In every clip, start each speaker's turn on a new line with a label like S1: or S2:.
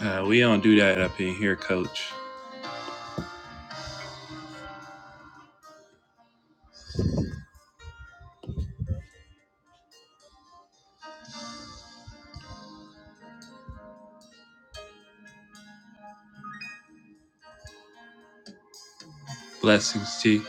S1: Uh, we don't do that up in here, coach. Blessings, T.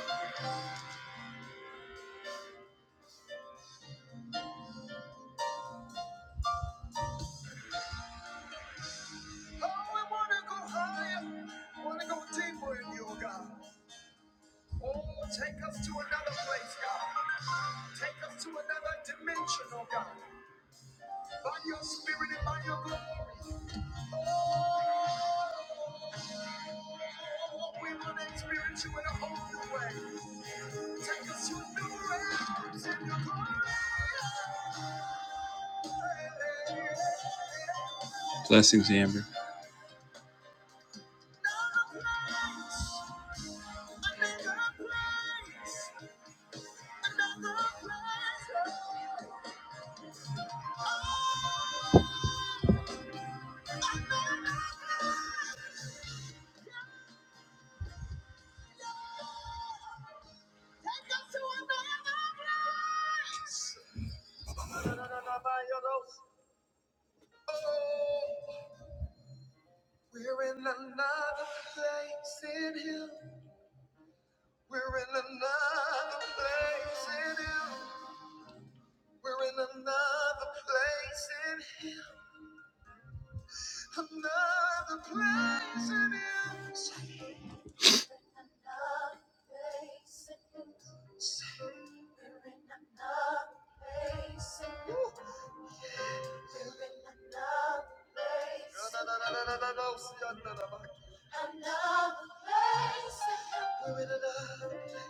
S1: Blessings, Amber.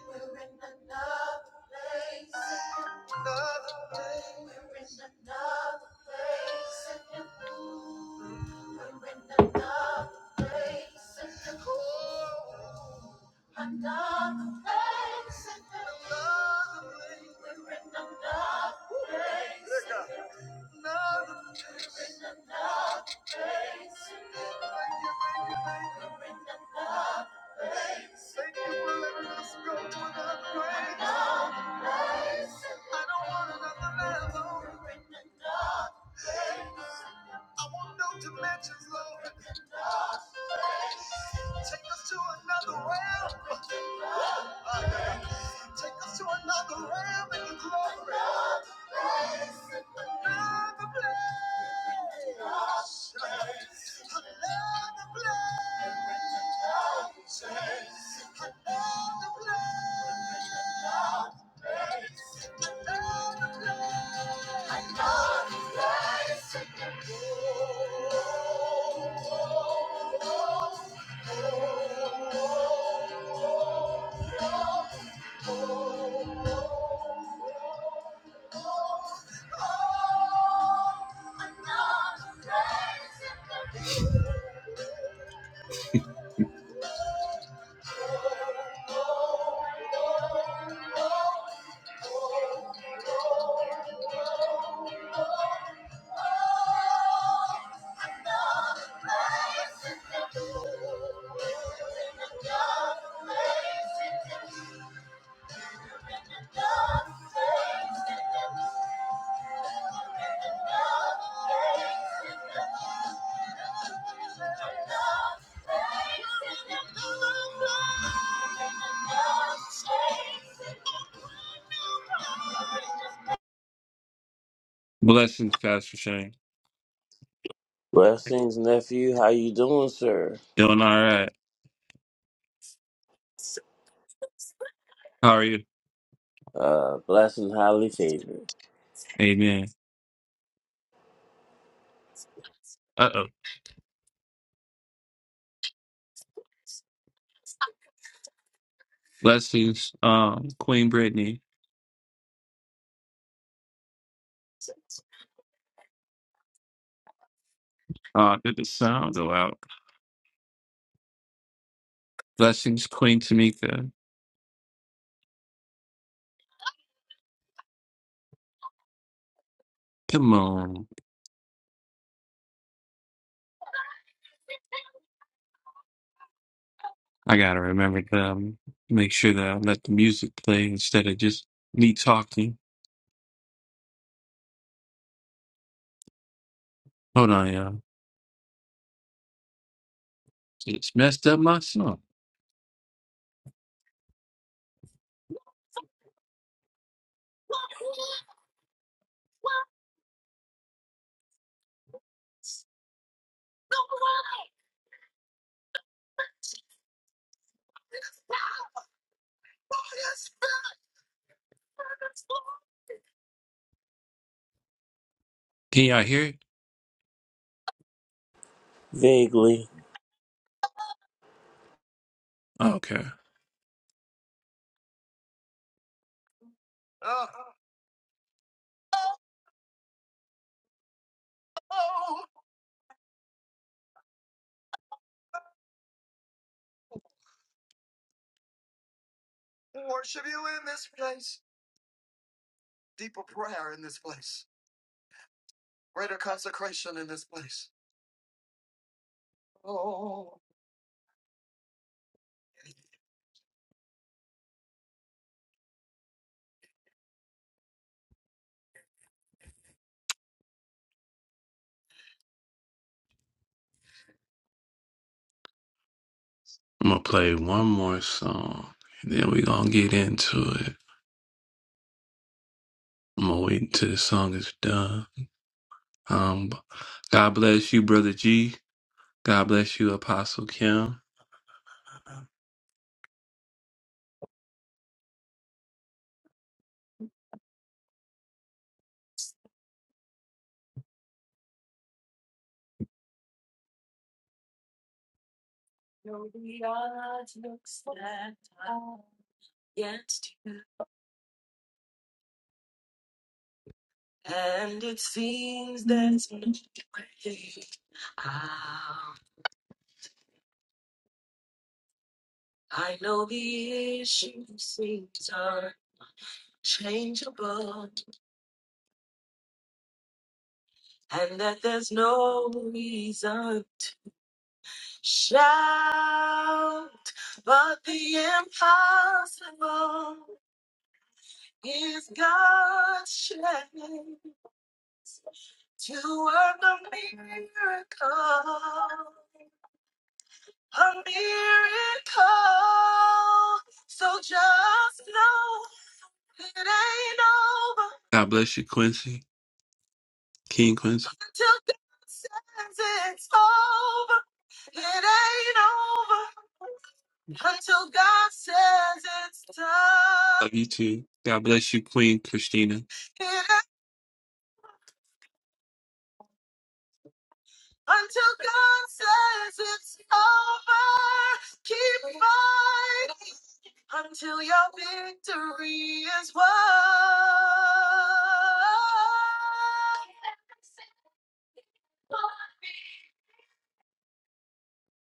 S1: We're in another place. We're in another place. We're in another place. Another place. We're in another. We're in another place. We're in another place. We're in Another place. We're in Another place. Another place. oh, you. Thank you. Blessings, Pastor Shane.
S2: Blessings, nephew. How you doing, sir?
S1: Doing all right. How are you?
S2: Uh, blessed and highly favored.
S1: Amen. Uh oh. Blessings, um, Queen Brittany. Uh, did the sound go out? Blessings, Queen Tamika. Come on. I gotta remember to um, make sure that I let the music play instead of just me talking. Hold on, y'all. It's messed up my song. Can y'all hear it?
S2: Vaguely.
S1: Okay. I'm gonna play one more song. And then we gonna get into it. I'm gonna wait until the song is done. Um God bless you, Brother G. God bless you, Apostle Kim. against you. And it seems there's no way out. I know the issues seems unchangeable, and that there's no reason to shout. But the impossible is God's strength to work a miracle. a miracle. So just know it ain't over God bless you, Quincy. King Quincy. until God says it's over. It ain't over until God says it's done. Love you too. God bless you, Queen Christina. It ain't until God says it's over. Keep fighting. until your victory is won.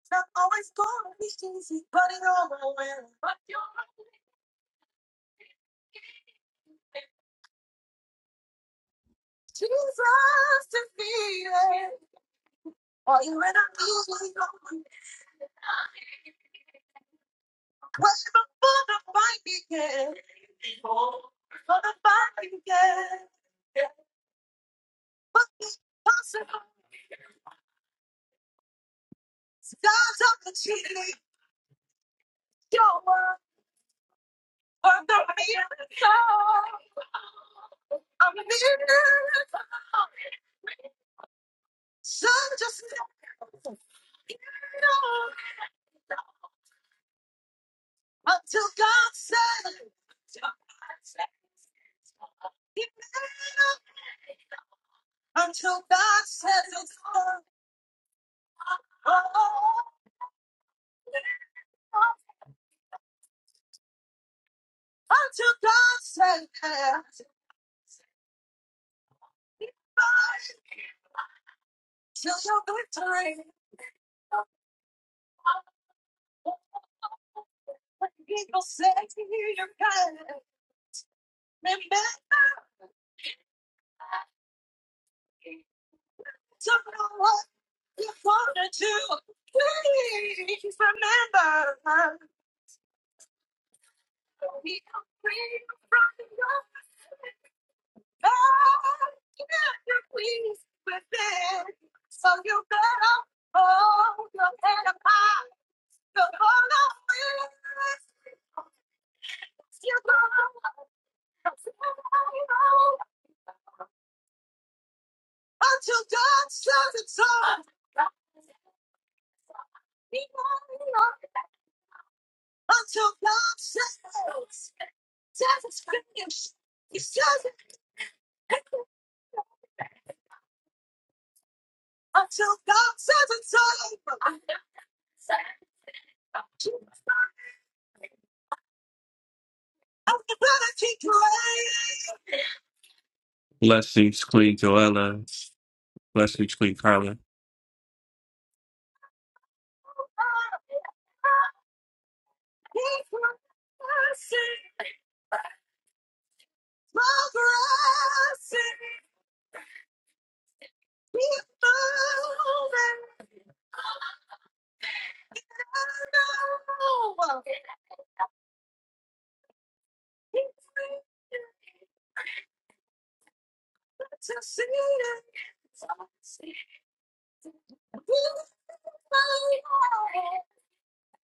S1: It's Not always gonna be easy, but you're my winner. Jesus defeated. Are you in a movie? Where before the fight began? Before the fight began. But it's possible. Stars of the cheating. You're worth the miracle. I'm beautiful. So just know, you know, until God says, you know, until God says it's all. Oh, until God says, till your victory. People say you're kind. Remember to know what you're gonna do. Please remember. So you better hold your head up high. The Lord is your God until God says it's on. Until God says, says it's finished. He says it. until God says it's over. I'm gonna keep praying. Blessings, Queen Joella. Blessings, Queen Carla. Keep pressing, progressing, keep moving. I know He's waiting to see it.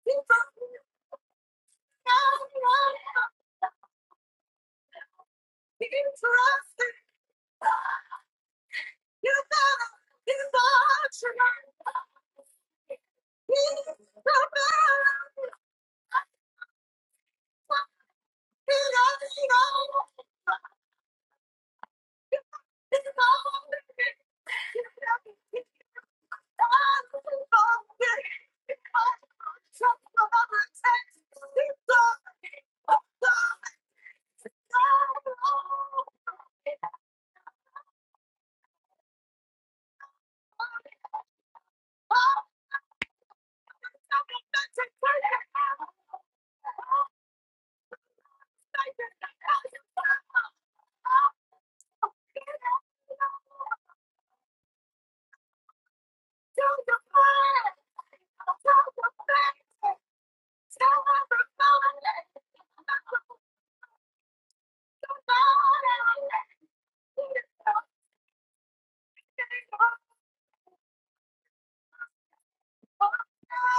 S1: Keep moving.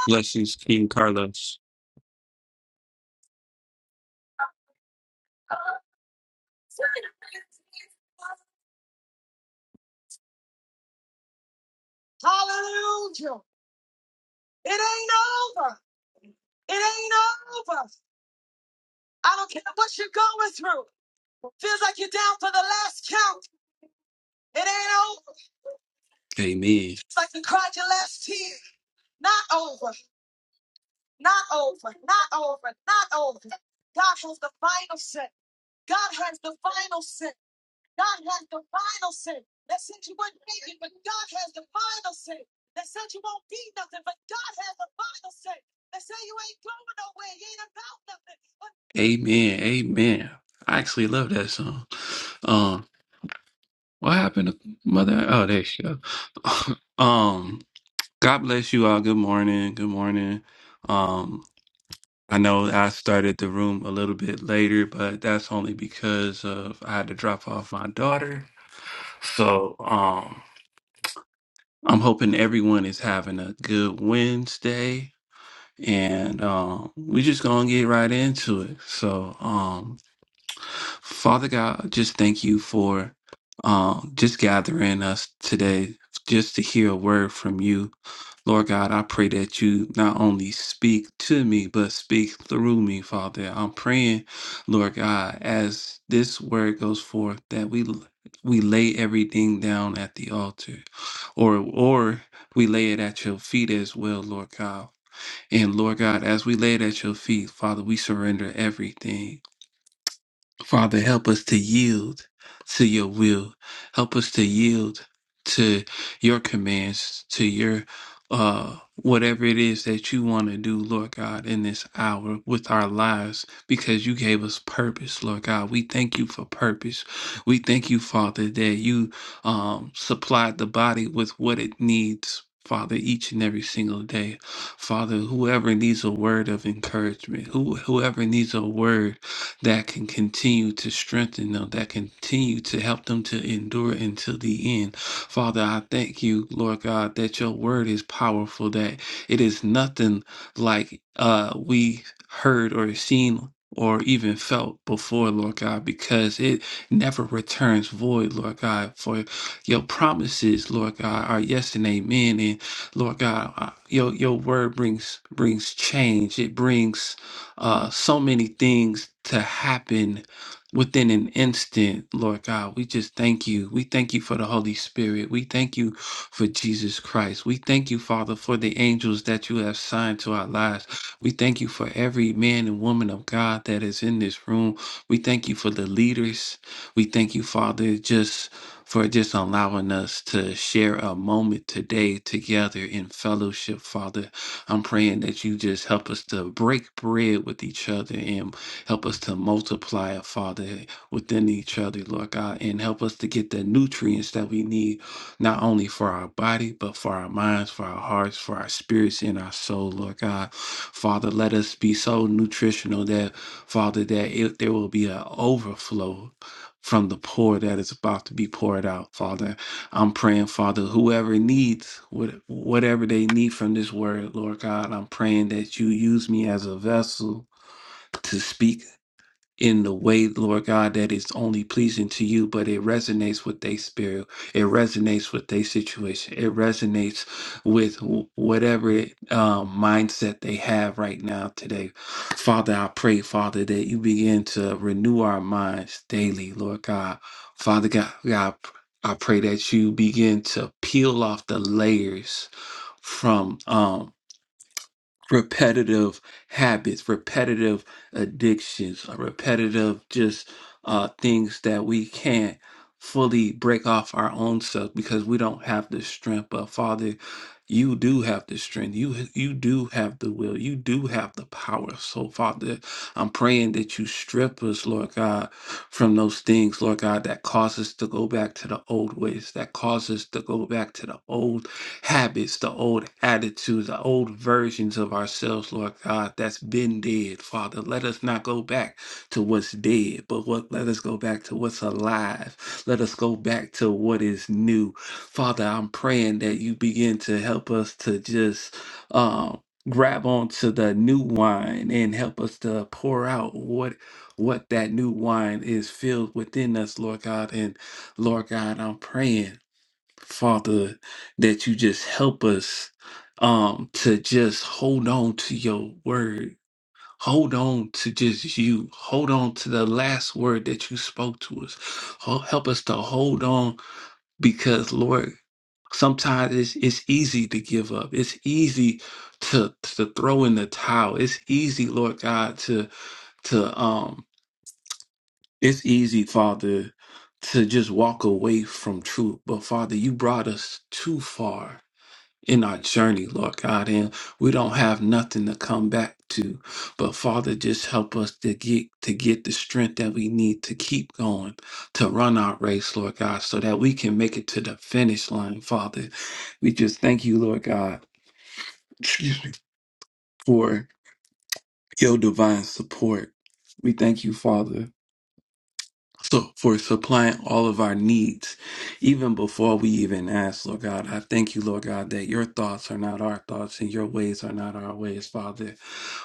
S1: Blessings, King Carlos. Hallelujah. It ain't over. It ain't over. I don't care what you're going through. Feels like you're down for the last count. It ain't over. Amen. It's like you cried your last tear. Not over. Not over. Not over. Not over. God has the final say. God has the final say. God has the final say. They said you wouldn't make it, but God has the final say. They said you won't be nothing, but God has the final say. They say you ain't going nowhere. You ain't about nothing. But Amen. Amen. I actually love that song. Um, what happened to mother? Oh, there she go. um, God bless you all. Good morning. Good morning. Um. I know I started the room a little bit later, but that's only because of I had to drop off my daughter. So um, I'm hoping everyone is having a good Wednesday, and um, we just gonna get right into it. So um, Father God, just thank you for um, just gathering us today, just to hear a word from you. Lord God, I pray that you not only speak to me, but speak through me, Father. I'm praying, Lord God, as this word goes forth, that we we lay everything down at the altar, or or we lay it at your feet as well, Lord God. And Lord God, as we lay it at your feet, Father, we surrender everything. Father, help us to yield to your will. Help us to yield to your commands, to your uh whatever it is that you want to do, Lord God, in this hour with our lives, because you gave us purpose, Lord God. We thank you for purpose. We thank you, Father, that you um supplied the body with what it needs. Father, each and every single day. Father, whoever needs a word of encouragement, who, whoever needs a word that can continue to strengthen them, that continue to help them to endure until the end. Father, I thank you, Lord God, that your word is powerful, that it is nothing like uh, we heard or seen. Or even felt before, Lord God, because it never returns void, Lord God. For your promises, Lord God, are yes and amen. And Lord God, I- your your word brings brings change. It brings uh, so many things to happen within an instant, Lord God. We just thank you. We thank you for the Holy Spirit. We thank you for Jesus Christ. We thank you, Father, for the angels that you have signed to our lives. We thank you for every man and woman of God that is in this room. We thank you for the leaders. We thank you, Father, just for just allowing us to share a moment today together in fellowship, Father. I'm praying that you just help us to break bread with each other and help us to multiply, Father, within each other, Lord God, and help us to get the nutrients that we need, not only for our body, but for our minds, for our hearts, for our spirits, and our soul, Lord God. Father, let us be so nutritional that, Father, that it, there will be an overflow from the pour that is about to be poured out, Father. I'm praying, Father, whoever needs what, whatever they need from this word, Lord God, I'm praying that you use me as a vessel to speak in the way, Lord God, that is only pleasing to you, but it resonates with their spirit. It resonates with their situation. It resonates with wh- whatever it, um, mindset they have right now today. Father, I pray, Father, that you begin to renew our minds daily, Lord God. Father God, God I pray that you begin to peel off the layers from um repetitive habits, repetitive addictions, uh, repetitive just uh, things that we can't fully break off our own self because we don't have the strength. But Father, you do have the strength. You you do have the will. You do have the power. So Father, I'm praying that you strip us, Lord God, from those things, Lord God, that cause us to go back to the old ways, that cause us to go back to the old habits, the old attitudes, the old versions of ourselves, Lord God, that's been dead, Father. Let us not go back to what's dead, but what let us go back to what's alive. Let us go back to what is new. Father, I'm praying that you begin to help us to just um grab onto the new wine and help us to pour out what what that new wine is filled within us, Lord God. And Lord God, I'm praying Father, that you just help us um to just hold on to your word. Hold on to just you. Hold on to the last word that you spoke to us. Ho- Help us to hold on because, Lord, sometimes it's, it's easy to give up. It's easy to, to throw in the towel. It's easy, Lord God, to, to, um, it's easy, Father, to just walk away from truth. But Father, you brought us too far in our journey, Lord God, and we don't have nothing to come back to. But Father, just help us to get to get the strength that we need to keep going, to run our race, Lord God, so that we can make it to the finish line, Father. We just thank you, Lord God, excuse me, for your divine support. We thank you, Father so for supplying all of our needs, even before we even ask, Lord God. I thank you, Lord God, that your thoughts are not our thoughts and your ways are not our ways, Father.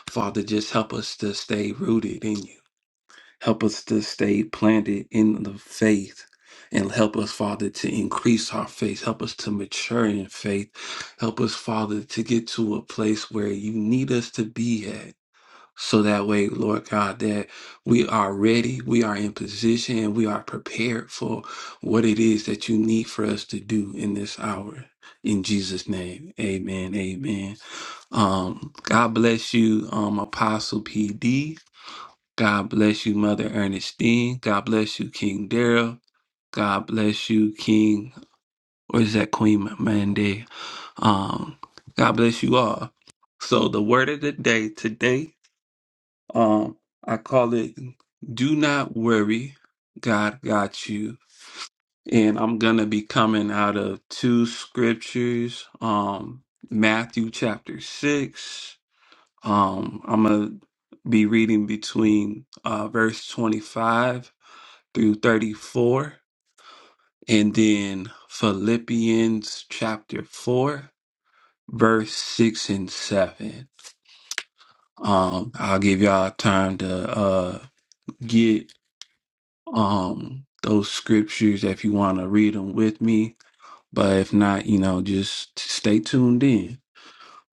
S1: Father, just help us to stay rooted in you. Help us to stay planted in the faith. And help us, Father, to increase our faith. Help us to mature in faith. Help us, Father, to get to a place where you need us to be at. So that way, Lord God, that we are ready, we are in position, and we are prepared for what it is that you need for us to do in this hour. In Jesus' name, amen, amen. Um, God bless you, um, Apostle PD. God bless you, Mother Ernestine. God bless you, King Daryl. God bless you, King, or is that Queen Mandy? Um, God bless you all. So the word of the day today um, I call it Do Not Worry, God Got You. And I'm going to be coming out of two scriptures, um, Matthew chapter 6. Um, I'm going to be reading between uh, verse 25 through 34, and then Philippians chapter 4, verse 6 and 7. Um, I'll give y'all time to uh, get um those scriptures if you want to read them with me but if not you know just stay tuned in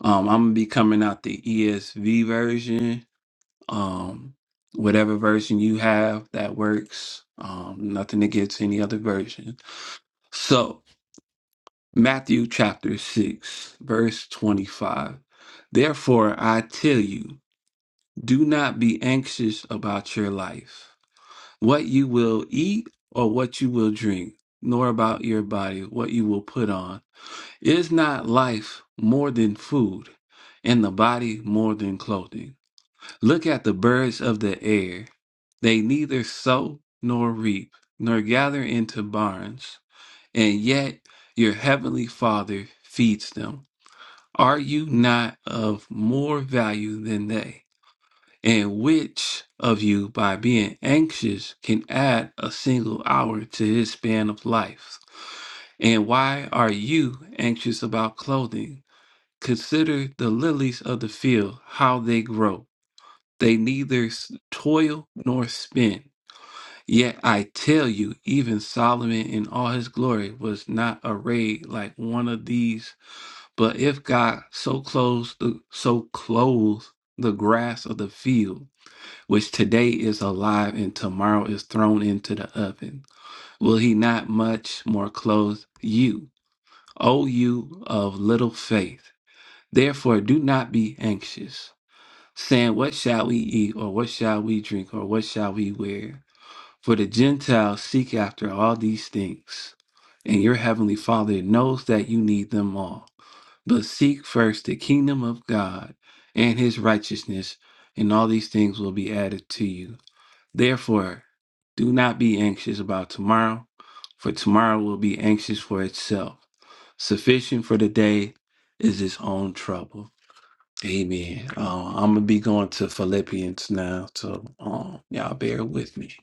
S1: um i'm gonna be coming out the esv version um whatever version you have that works um nothing against any other version so matthew chapter 6 verse 25 therefore i tell you do not be anxious about your life what you will eat or what you will drink, nor about your body what you will put on. Is not life more than food, and the body more than clothing? Look at the birds of the air. They neither sow nor reap, nor gather into barns, and yet your heavenly Father feeds them. Are you not of more value than they? And which of you, by being anxious, can add a single hour to his span of life? And why are you anxious about clothing? Consider the lilies of the field, how they grow. They neither s- toil nor spin. Yet I tell you, even Solomon in all his glory was not arrayed like one of these. But if God so clothes the so clothes the grass of the field, which today is alive and tomorrow is thrown into the oven. Will he not much more clothe you, O you of little faith? Therefore, do not be anxious, saying, What shall we eat, or what shall we drink, or what shall we wear? For the Gentiles seek after all these things, and your heavenly Father knows that you need them all. But seek first the kingdom of God and his righteousness, and all these things will be added to you. Therefore, do not be anxious about tomorrow, for tomorrow will be anxious for itself. Sufficient for the day is its own trouble. Amen. Uh, I'm gonna be going to Philippians now, so um, y'all bear with me.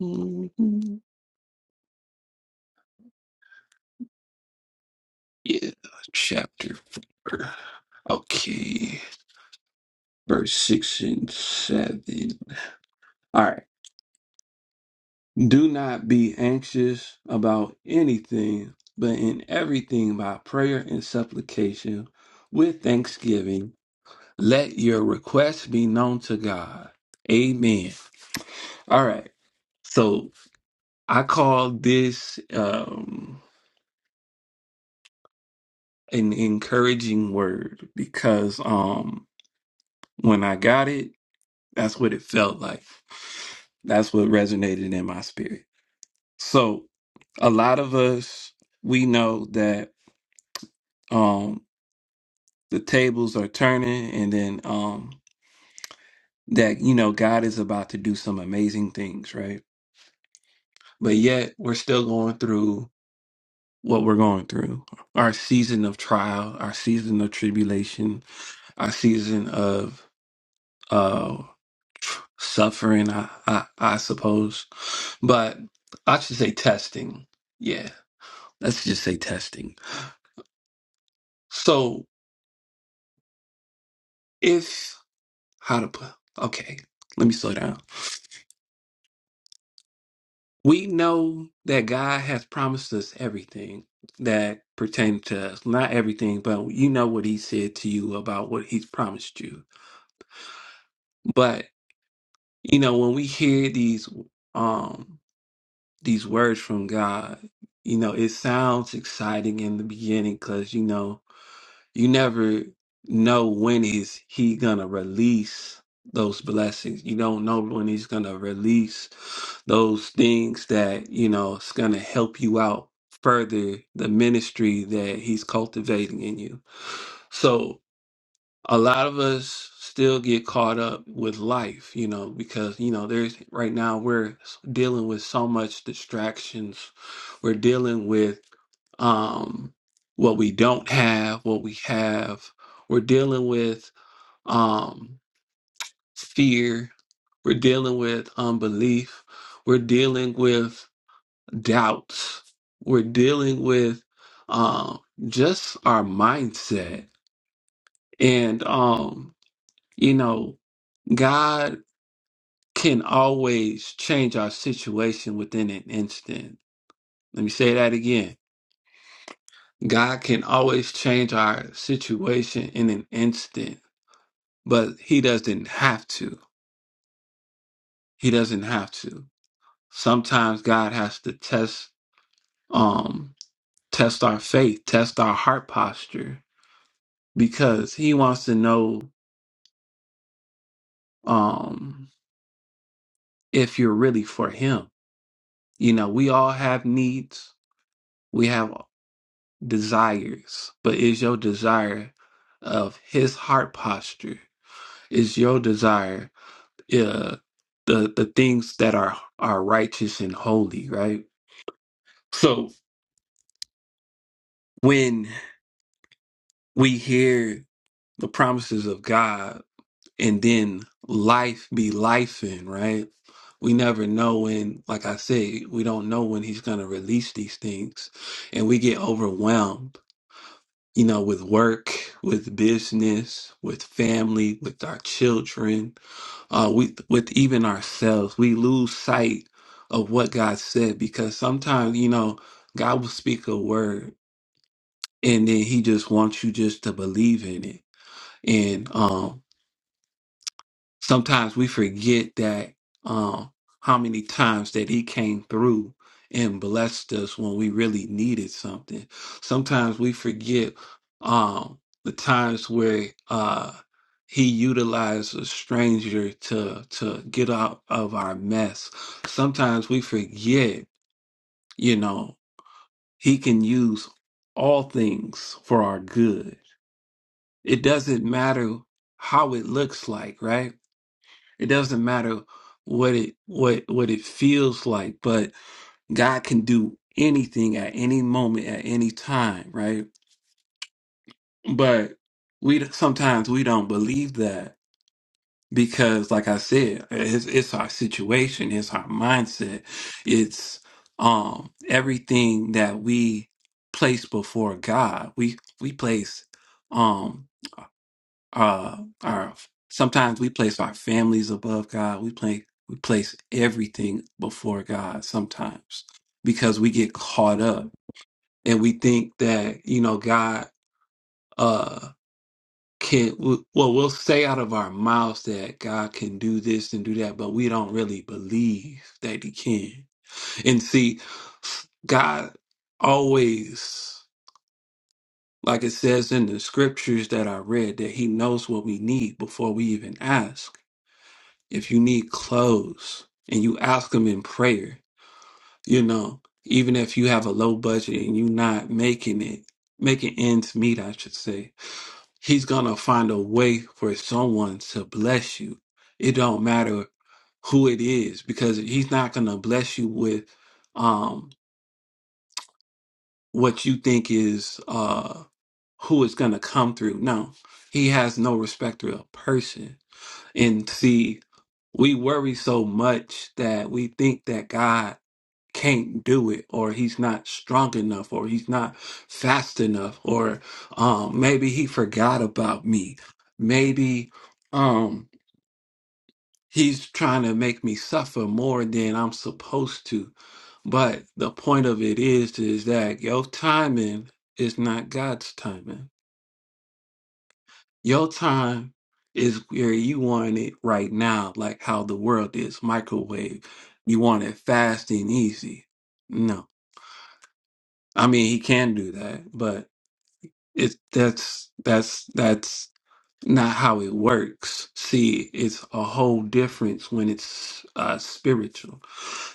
S1: Mhm. Yeah, chapter four. Okay, verse six and seven. All right. Do not be anxious about anything, but in everything by prayer and supplication with thanksgiving, let your requests be known to God. Amen. All right. So I call this um an encouraging word because um when I got it, that's what it felt like. That's what resonated in my spirit. So a lot of us we know that Um, the tables are turning and then um that you know God is about to do some amazing things, right? But yet we're still going through what we're going through. Our season of trial, our season of tribulation, our season of uh tr- suffering, I I, I suppose. But I should say testing. Yeah. Let's just say testing. So if how to put okay, let me slow down We know that God has promised us everything that pertains to us. Not everything, but you know what He said to you about what He's promised you. But you know, when we hear these um these words from God, you know, it sounds exciting in the beginning because you know You never know when is he gonna release those blessings. You don't know when he's gonna release those things that, you know, it's gonna help you out further the ministry that he's cultivating in you. So a lot of us still get caught up with life, you know, because, you know, there's right now we're dealing with so much distractions. We're dealing with um what we don't have, what we have. We're dealing with um fear. We're dealing with unbelief. We're dealing with doubts. We're dealing with um just our mindset. And um, you know, God can always change our situation within an instant. Let me say that again. God can always change our situation in an instant, but He doesn't have to. He doesn't have to. Sometimes God has to test, um, test our faith, test our heart posture, because He wants to know um, if you're really for Him. You know, we all have needs. We have desires, but is your desire of his heart posture? Is your desire uh, the the things that are are righteous and holy, right? So when we hear the promises of God and then life be life in, right? We never know when, like I said, we don't know when he's going to release these things and we get overwhelmed you know, with work, with business, with family, with our children, uh, we, with even ourselves. We lose sight of what God said because sometimes, you know, God will speak a word and then he just wants you just to believe in it. And, um, sometimes we forget that um how many times that he came through and blessed us when we really needed something sometimes we forget um the times where uh he utilized a stranger to to get out of our mess sometimes we forget you know he can use all things for our good it doesn't matter how it looks like right it doesn't matter what it what what it feels like, but God can do anything at any moment, at any time, right? But we sometimes we don't believe that because, like I said, it's, it's our situation, it's our mindset, it's um everything that we place before God. We we place. um, uh our sometimes we place our families above God. We play we place everything before God sometimes because we get caught up and we think that, you know, God uh can well we'll say out of our mouths that God can do this and do that, but we don't really believe that he can. And see God always like it says in the scriptures that I read that he knows what we need before we even ask if you need clothes and you ask him in prayer, you know, even if you have a low budget and you're not making it, making ends meet, I should say, he's gonna find a way for someone to bless you. It don't matter who it is because he's not gonna bless you with um what you think is uh who is gonna come through. No. He has no respecter of person And see, we worry so much that we think that God can't do it or he's not strong enough or he's not fast enough or um maybe he forgot about me. Maybe um he's trying to make me suffer more than I'm supposed to. But the point of it is is that your timing is not God's timing Your time is where you want it right now, like how the world is microwave. You want it fast and easy. No, I mean he can do that, but it's that's that's that's not how it works. See, it's a whole difference when it's uh, spiritual,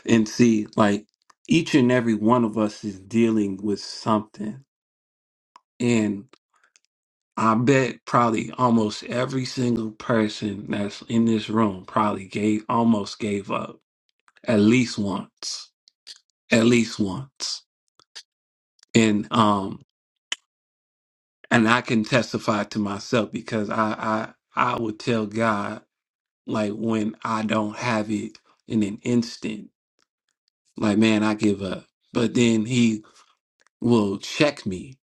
S1: and see, like each and every one of us is dealing with something, I bet probably almost every single person that's in this room probably gave almost gave up at least once, at least once. And um and I can testify to myself because I I I would tell God like when I don't have it in an instant, like man, I give up. But then he will check me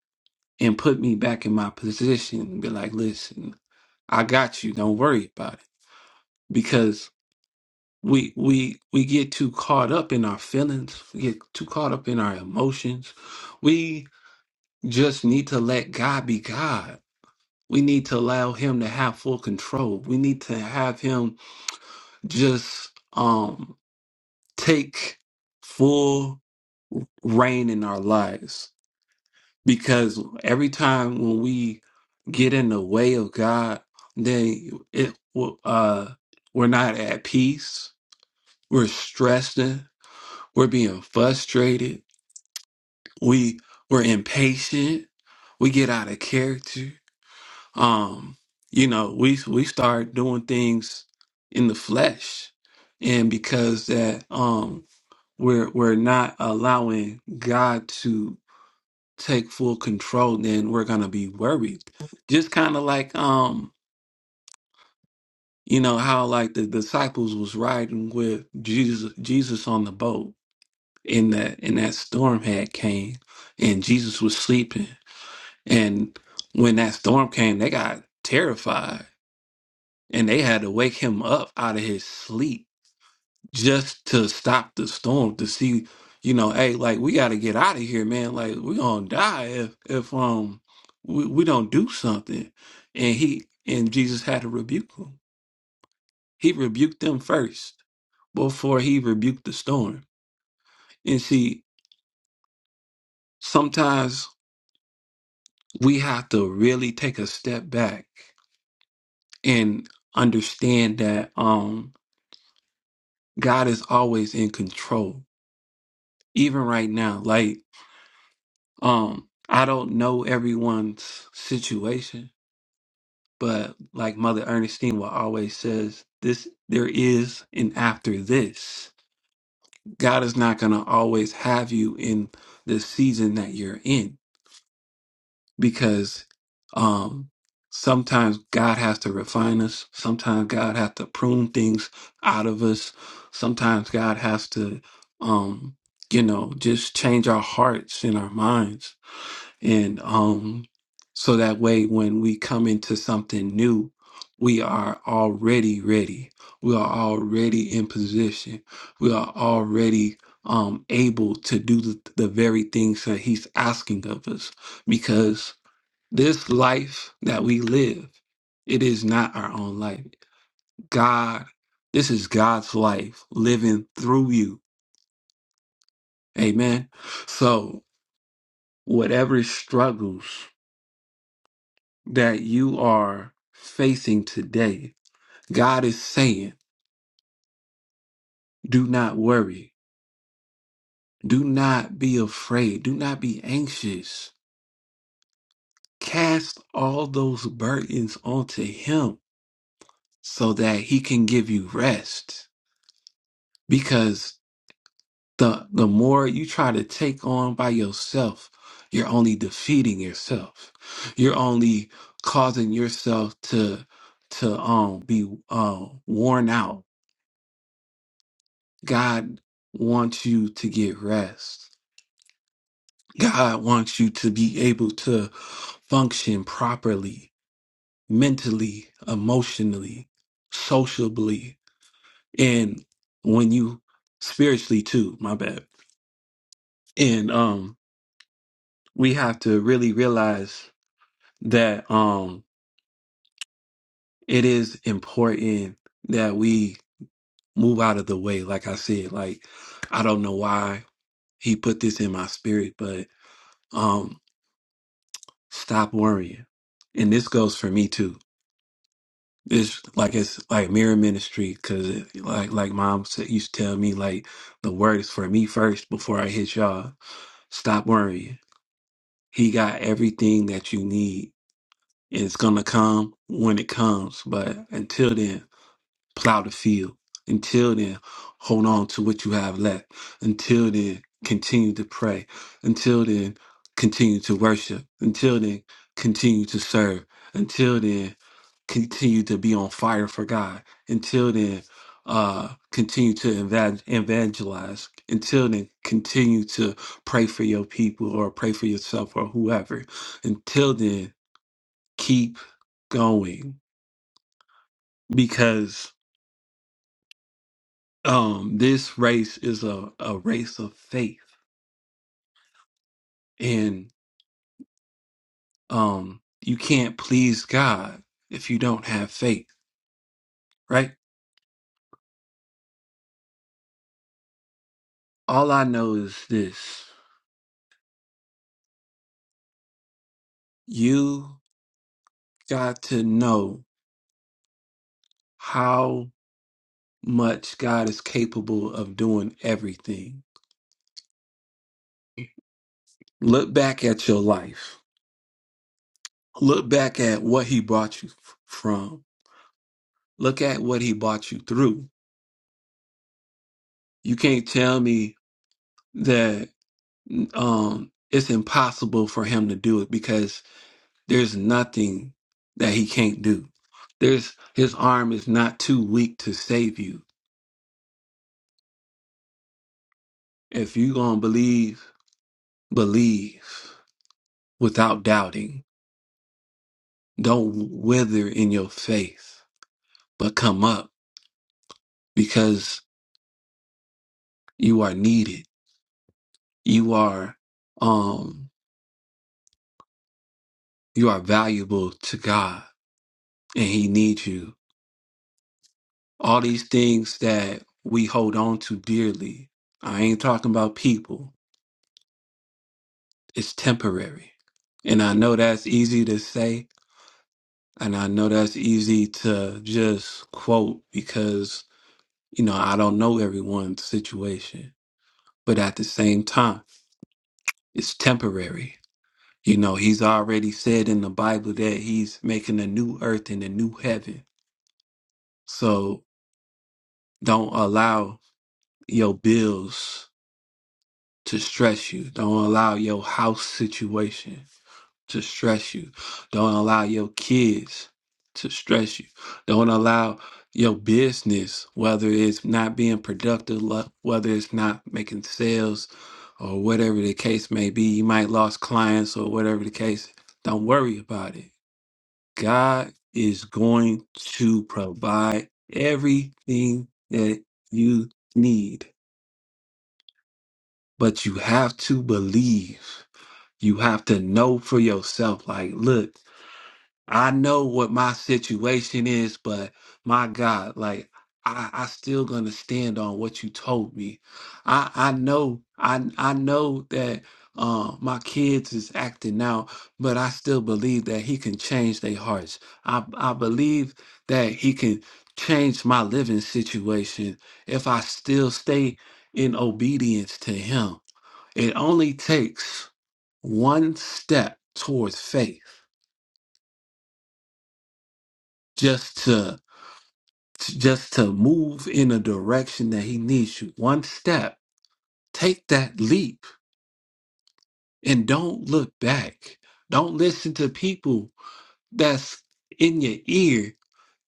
S1: and put me back in my position and be like, listen, I got you. Don't worry about it. because. we we we get too caught up in our feelings we get too caught up in our emotions we just need to let god be god we need to allow him to have full control we need to have him just um take full reign in our lives because every time when we get in the way of god then it will- uh we're not at peace we're stressing we're being frustrated we we're impatient we get out of character um you know we we start doing things in the flesh and because that um we're we're not allowing god to take full control then we're gonna be worried just kind of like um you know how like the disciples was riding with jesus jesus on the boat and that and that storm had came and jesus was sleeping And when that storm came, they got terrified and they had to wake him up out of his sleep just to stop the storm to see, you know, hey, like we got to get out of here, man. Like we're going to die if if um we, we don't do something. And he and Jesus had to rebuke him. He rebuked them first before he rebuked the storm. And see, sometimes we have to really take a step back and understand that um God is always in control, even right now. Like, um, I don't know everyone's situation, but like Mother Ernestine will always says, this there is an after this. God is not gonna always have you in the season that you're in because um sometimes God has to refine us, sometimes God has to prune things out of us, sometimes God has to um you know just change our hearts and our minds and um so that way when we come into something new we are already ready we are already in position we are already um able to do the, the very things that he's asking of us because this life that we live, it is not our own life. God, this is God's life living through you. Amen. So, whatever struggles that you are facing today, God is saying, do not worry. Do not be afraid. Do not be anxious. Cast all those burdens onto Him so that He can give you rest. Because The the more you try to take on by yourself, you're only defeating yourself. You're only causing yourself to to um be um worn out. God wants you to get rest. God wants you to be able to function properly, mentally, emotionally, sociably, and when you spiritually too, my bad. And um we have to really realize that um it is important that we move out of the way like i said like i don't know why he put this in my spirit but um stop worrying and this goes for me too it's like it's like mirror ministry because like like mom said, used to tell me like the word is for me first before i hit y'all stop worrying he got everything that you need and it's gonna come when it comes but until then plow the field. Until then, hold on to what you have left. Until then, continue to pray. Until then, continue to worship. Until then, continue to serve. Until then, continue to be on fire for God. Until then, uh, continue to eva- evangelize. Until then, continue to pray for your people or pray for yourself or whoever. Until then, keep going because um this race is a, a race of faith and um you can't please god if you don't have faith right all i know is this you got to know how much god is capable of doing everything look back at your life look back at what he brought you f- from look at what he brought you through you can't tell me that. um, it's impossible for him to do it because there's nothing that he can't do. There's his arm is not too weak to save you. If you gonna believe, believe without doubting. Don't wither in your faith, but come up because you are needed. You are um you are valuable to God and he needs you all these things that we hold on to dearly. I ain't talking about people. It's temporary. And I know that's easy to say. And I know that's easy to just quote because, you know, I don't know everyone's situation. But at the same time, it's temporary. You know, he's already said in the Bible that he's making a new earth and a new heaven. So don't allow your bills to stress you. Don't allow your house situation to stress you. Don't allow your kids to stress you. Don't allow your business, whether it's not being productive, lo- whether it's not making sales, or whatever the case may be. You might lost clients or whatever the case. Don't worry about it. God is going to provide everything that you need, but you have to believe. You have to know for yourself, like, look, I know what my situation is, but my God, like, I, I still gonna stand on what you told me. I I know I I know that uh, my kids is acting out, but I still believe that he can change their hearts. I I believe that he can change my living situation if I still stay in obedience to him. It only takes one step towards faith just to just to move in a direction that he needs you. One step. Take that leap and don't look back. Don't listen to people that's in your ear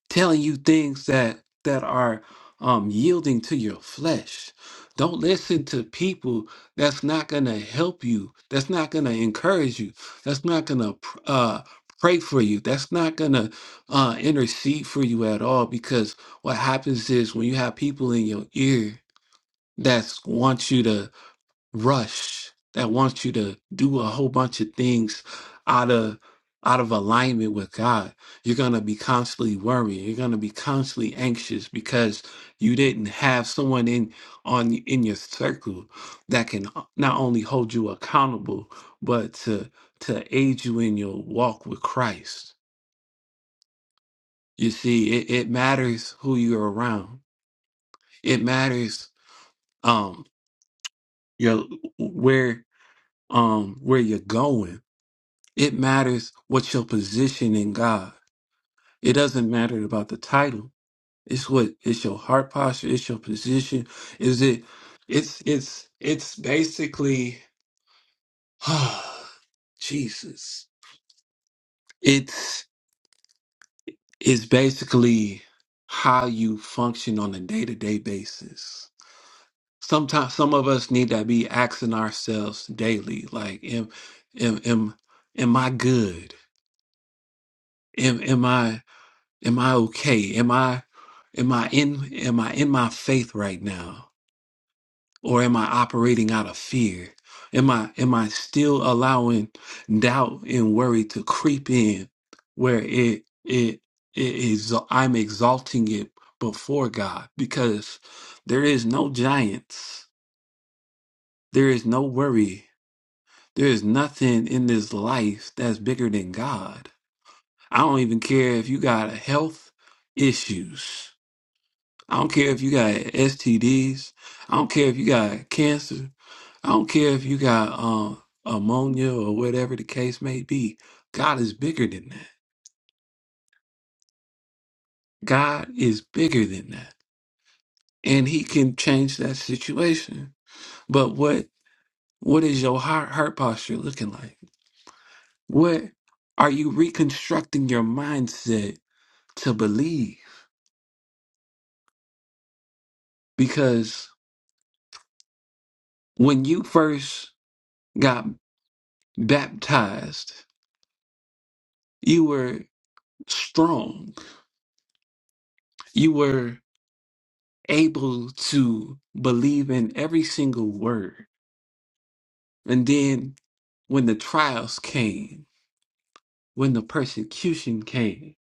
S1: telling you things that that are um, yielding to your flesh. Don't listen to people that's not going to help you, that's not going to encourage you, that's not going to uh, pray for you, that's not going to uh, intercede for you at all. Because what happens is when you have people in your ear that want you to rush that wants you to do a whole bunch of things out of out of alignment with God. You're going to be constantly worrying. You're going to be constantly anxious because you didn't have someone in on in your circle that can not only hold you accountable but to to aid you in your walk with Christ. You see, it, it matters who you're around. It matters um your where um where you're going It matters what your position in God. It doesn't matter about the title. It's what it's your heart posture. It's your position. Is it? It's it's it's basically Jesus. It's it's basically how you function on a day to day basis. Sometimes some of us need to be asking ourselves daily, like, am am am am I good? Am am I? Am I okay? Am I am I in am I in my faith right now? Or am I operating out of fear? Am I am I still allowing doubt and worry to creep in where it it it is I'm exalting it before God because there is no giants. There is no worry. There is nothing in this life that's bigger than God. I don't even care if you got health issues. I don't care if you got STDs. I don't care if you got cancer. I don't care if you got uh, ammonia or whatever the case may be. God is bigger than that. God is bigger than that, and He can change that situation. But what what is your heart heart posture looking like? What are you reconstructing your mindset to believe? Because when you first got baptized, you were strong you were able to believe in every single word. And then when the trials came, when the persecution came,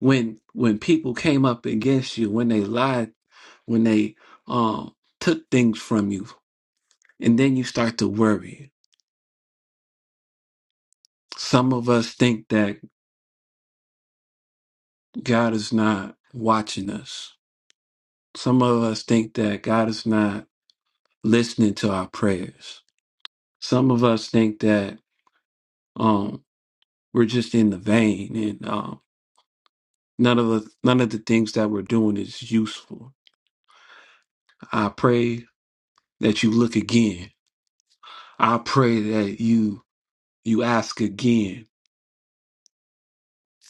S1: when when people came up against you, when they lied, when they um took things from you, and then you start to worry. Some of us think that God is not watching us. Some of us think that God is not listening to our prayers. Some of us think that um, We're just in the vein, and um, none of the none of the things that we're doing is useful. I pray that you look again. I pray that you you ask again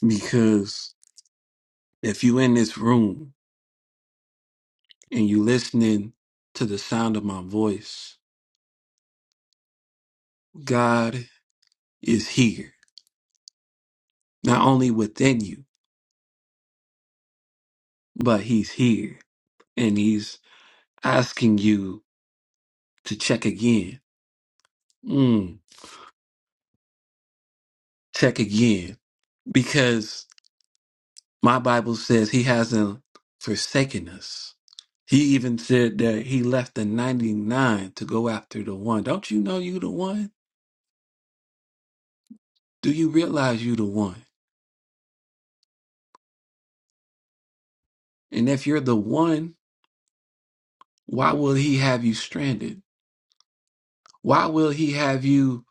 S1: because if you in this room and you listening to the sound of my voice, God is here, not only within you, but He's here and He's asking you to check again. Mm, check again because My Bible says he hasn't forsaken us. He even said that he left the 99 to go after the one. Don't you know you the one? Do you realize you the one? And if you're the one, why will he have you stranded? Why will he have you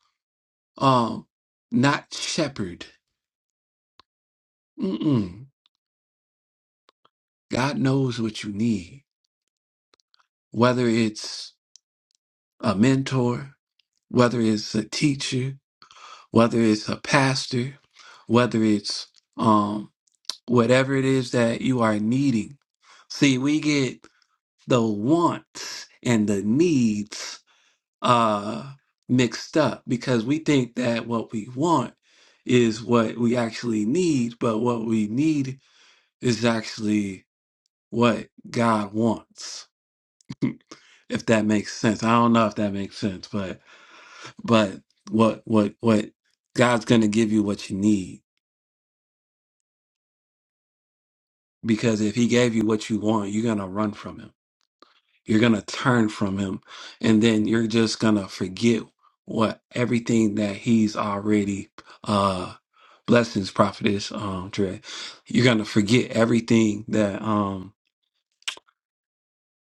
S1: um not shepherd? Mm-mm. God knows what you need. Whether it's a mentor, whether it's a teacher, whether it's a pastor, whether it's um, whatever it is that you are needing. See, we get the wants and the needs uh mixed up because we think that what we want is what we actually need, but what we need is actually what God wants. If that makes sense. I don't know if that makes sense, but but what what what God's going to give you what you need because if he gave you what you want, you're going to run from him. You're going to turn from him and then you're just going to forget what everything that he's already uh blessings prophetess um Dre. You're going to forget everything that um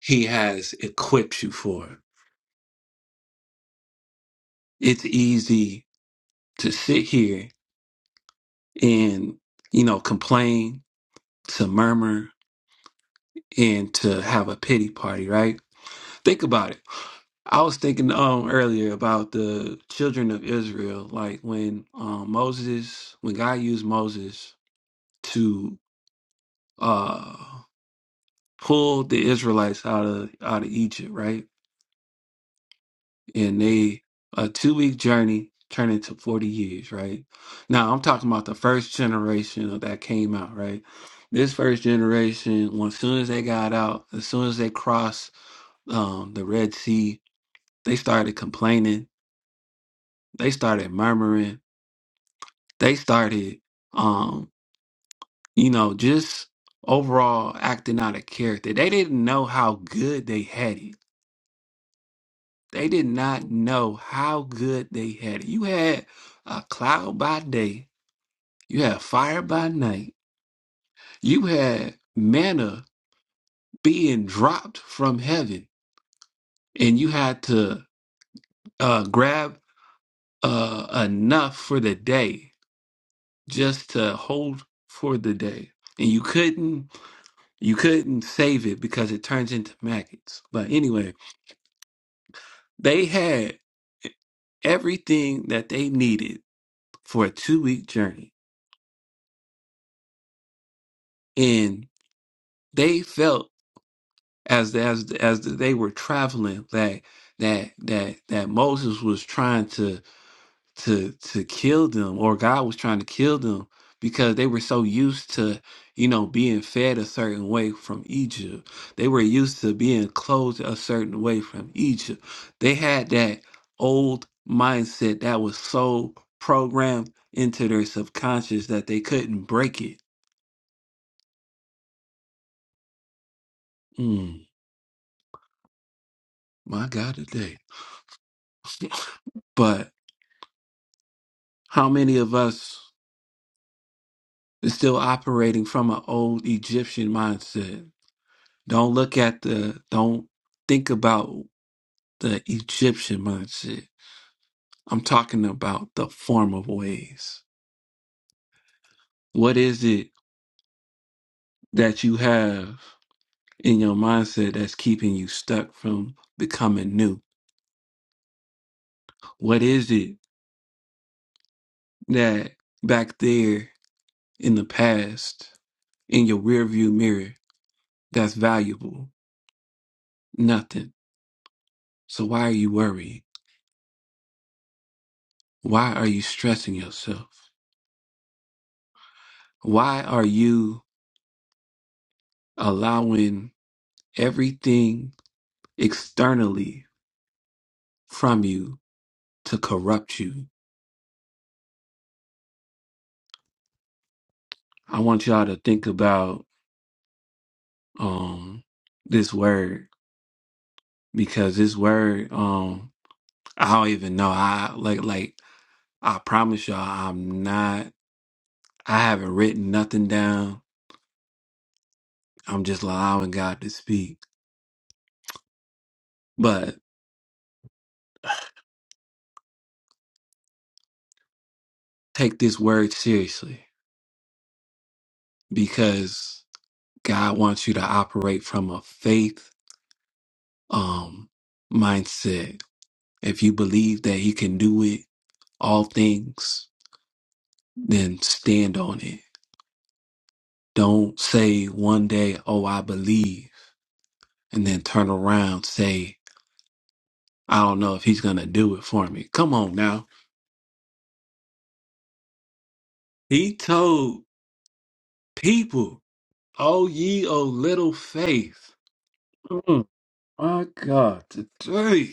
S1: he has equipped you for. It's easy to sit here and you know complain, to murmur and to have a pity party, right? Think about it. I was thinking um earlier about the children of Israel, like when um Moses, when God used Moses to uh pull the Israelites out of out of Egypt, right? And they a two week journey turned into forty years, right? Now I'm talking about the first generation that came out, right? This first generation, when as soon as they got out, as soon as they crossed um the Red Sea, they started complaining They started murmuring. They started, um, you know, just overall acting out of character. They didn't know how good they had it. They did not know how good they had it. You had a cloud by day. You had fire by night. You had manna being dropped from heaven, and you had to uh, grab uh, enough for the day just to hold for the day and you couldn't You couldn't save it because it turns into maggots. But anyway, they had e, everything that they needed for a two week journey. And they felt as as as they were traveling that that that that Moses was trying to to to kill them or God was trying to kill them because they were so used to you know being fed a certain way from Egypt. They were used to being clothed a certain way from Egypt. They had that old mindset that was so programmed into their subconscious that they couldn't break it. Mm, my God today. But how many of us is still operating from an old Egyptian mindset? Don't look at the don't think about the Egyptian mindset. I'm talking about the former ways. What is it that you have in your mindset that's keeping you stuck from becoming new? What is it that back there in the past, in your rearview mirror, that's valuable? Nothing. So why are you worried? Why are you stressing yourself? Why are you allowing everything externally from you to corrupt you. I want y'all to think about um this word because this word um I don't even know. I like like I promise y'all I'm not I haven't written nothing down. I'm just allowing God to speak. But take this word seriously because God wants you to operate from a faith um mindset. If you believe that he can do it all things, then stand on it Don't say one day, oh, I believe, and then turn around, say, I don't know if he's going to do it for me. Come on now. He told people, oh, ye of little faith. Mm, my God, today,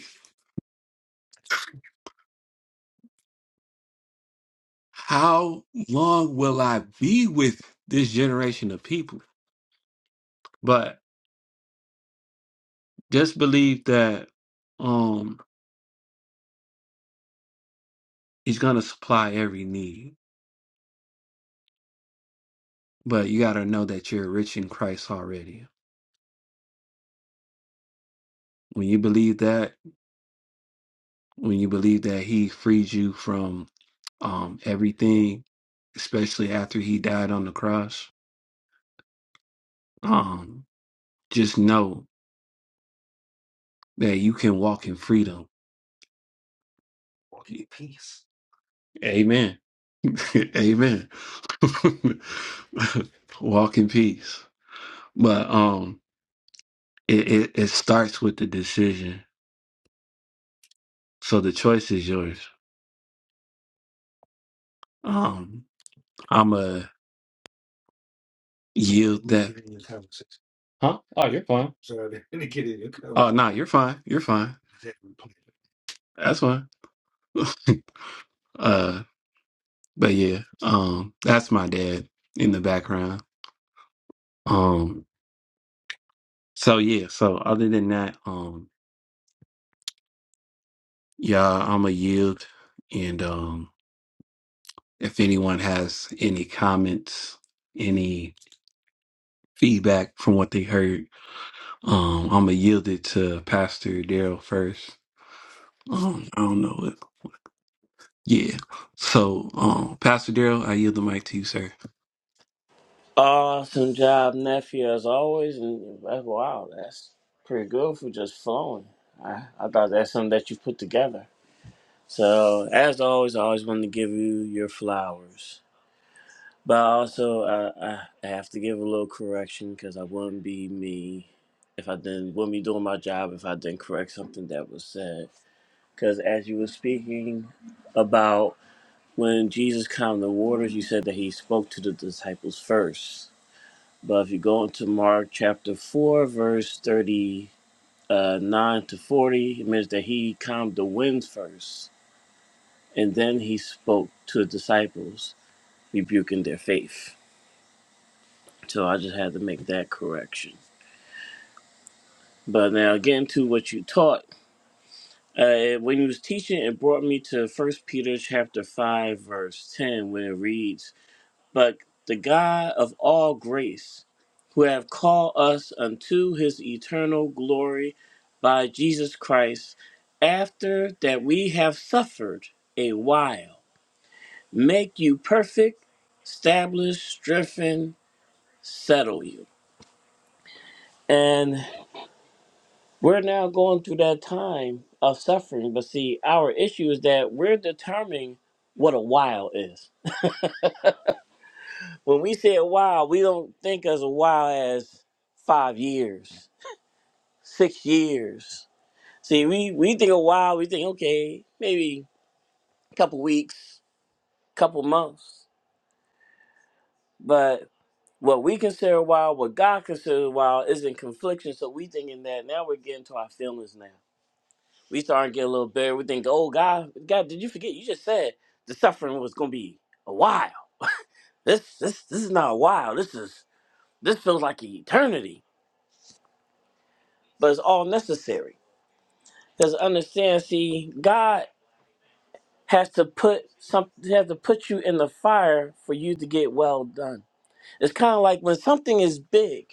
S1: how long will I be with this generation of people? But just believe that um, he's going to supply every need. But you got to know that you're rich in Christ already. When you believe that, when you believe that he freed you from um everything especially after he died on the cross um just know that you can walk in freedom amen amen walk in peace but um it, it it starts with the decision so the choice is yours um i'm a yield that huh fine oh no nah, you're fine you're fine that's fine uh but yeah um that's my dad in the background um so yeah so other than that um yeah i'm a yield and um if anyone has any comments any feedback from what they heard um i'm a yield it to pastor daryl first um i don't know if yeah so um pastor daryl i yield the mic to you sir
S2: Awesome job, nephew, as always. And uh, wow, that's pretty good for just flowing. I, I thought that's something that you put together. So, as always, I always want to give you your flowers. But also, uh, I I have to give a little correction because I wouldn't be me if I didn't, wouldn't be doing my job if I didn't correct something that was said. Because as you were speaking, about When Jesus calmed the waters, you said that he spoke to the disciples first. But if you go into Mark chapter 4, verse 39 to 40, it means that he calmed the winds first, and then he spoke to the disciples, rebuking their faith. So I just had to make that correction. But now getting to what you taught, uh, when you was teaching, it brought me to First Peter chapter 5, verse 10, where it reads, but the God of all grace, who have called us unto his eternal glory by Jesus Christ, after that we have suffered a while, make you perfect, establish, strengthen, settle you. And we're now going through that time of suffering, but see, our issue is that we're determining what a while is. When we say a while, we don't think as a while as five years Six years. See, we, we think a while, we think, okay, maybe a couple weeks, couple months. But what we consider a while, what God considers a while, is in confliction. So we thinking that now we're getting to our feelings now. We starting to get a little bitter. We think, oh God, God, did you forget? You just said the suffering was gonna be a while. This this this is not a while. This is this feels like eternity. But it's all necessary. Because understand, see, God has to put some has to put you in the fire for you to get well done. It's kind of like when something is big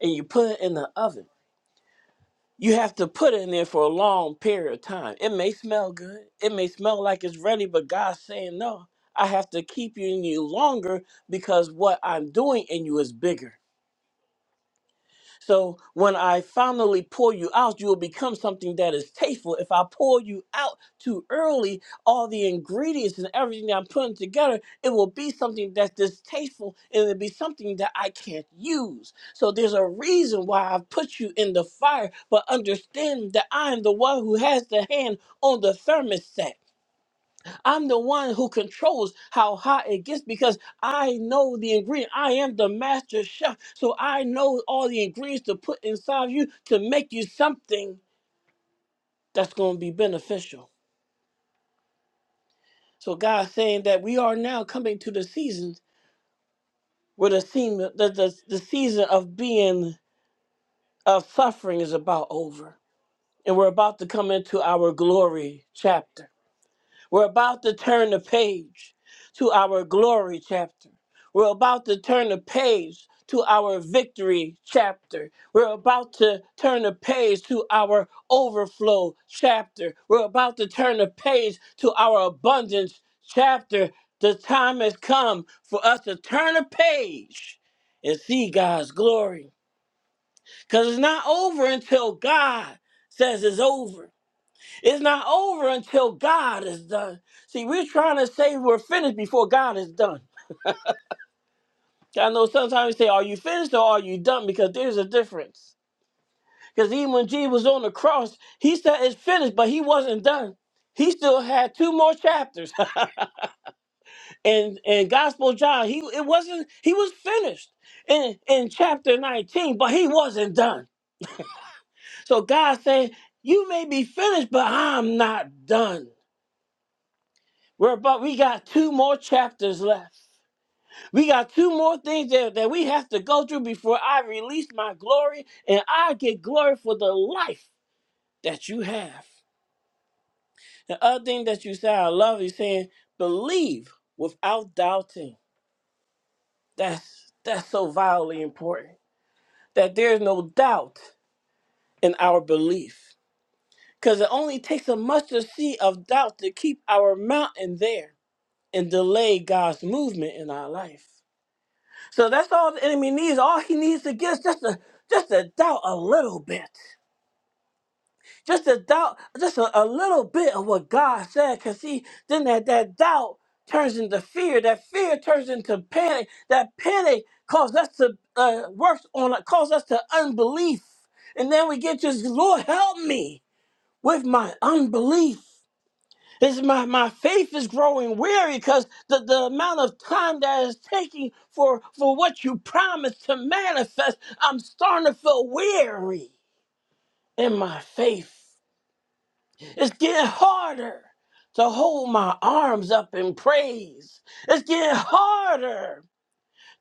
S2: and you put it in the oven. You have to put it in there for a long period of time. It may smell good. It may smell like it's ready, but God's saying no. I have to keep you in you longer because what I'm doing in you is bigger. So when I finally pour you out, you will become something that is tasteful. If I pour you out too early, all the ingredients and everything that I'm putting together, it will be something that's distasteful and it'll be something that I can't use. So there's a reason why I've put you in the fire, but understand that I am the one who has the hand on the thermostat. I'm the one who controls how hot it gets because I know the ingredient. I am the master chef. So I know all the ingredients to put inside you to make you something that's going to be beneficial. So God's saying that we are now coming to the season where the, seam, the, the, the season of being, of suffering is about over. And we're about to come into our glory chapter. We're about to turn the page to our glory chapter. We're about to turn the page to our victory chapter. We're about to turn the page to our overflow chapter. We're about to turn the page to our abundance chapter. The time has come for us to turn a page and see God's glory. Because it's not over until God says it's over. It's not over until God is done. See, we're trying to say we're finished before God is done. I know sometimes we say, Are you finished or are you done? Because there's a difference. Because even when Jesus was on the cross, he said it's finished, but he wasn't done. He still had two more chapters. and in Gospel of John, he it wasn't he was finished in, in chapter 19, but he wasn't done. So God said, You may be finished, but I'm not done. We're about we got two more chapters left. We got two more things that, that we have to go through before I release my glory and I get glory for the life that you have. The other thing that you said I love is saying believe without doubting. That's that's so vitally important. That there's no doubt in our belief. Because it only takes a mustard seed of doubt to keep our mountain there and delay God's movement in our life. So that's all the enemy needs. All he needs to get is just a just to doubt a little bit. Just a doubt just a, a little bit of what God said. Cause see, then that, that doubt turns into fear. That fear turns into panic. That panic causes us to uh, work on it, causes us to unbelief. And then we get just, Lord help me with my unbelief. This my, my faith is growing weary because the, the amount of time that is taking for, for what you promised to manifest, I'm starting to feel weary in my faith. It's getting harder to hold my arms up in praise. It's getting harder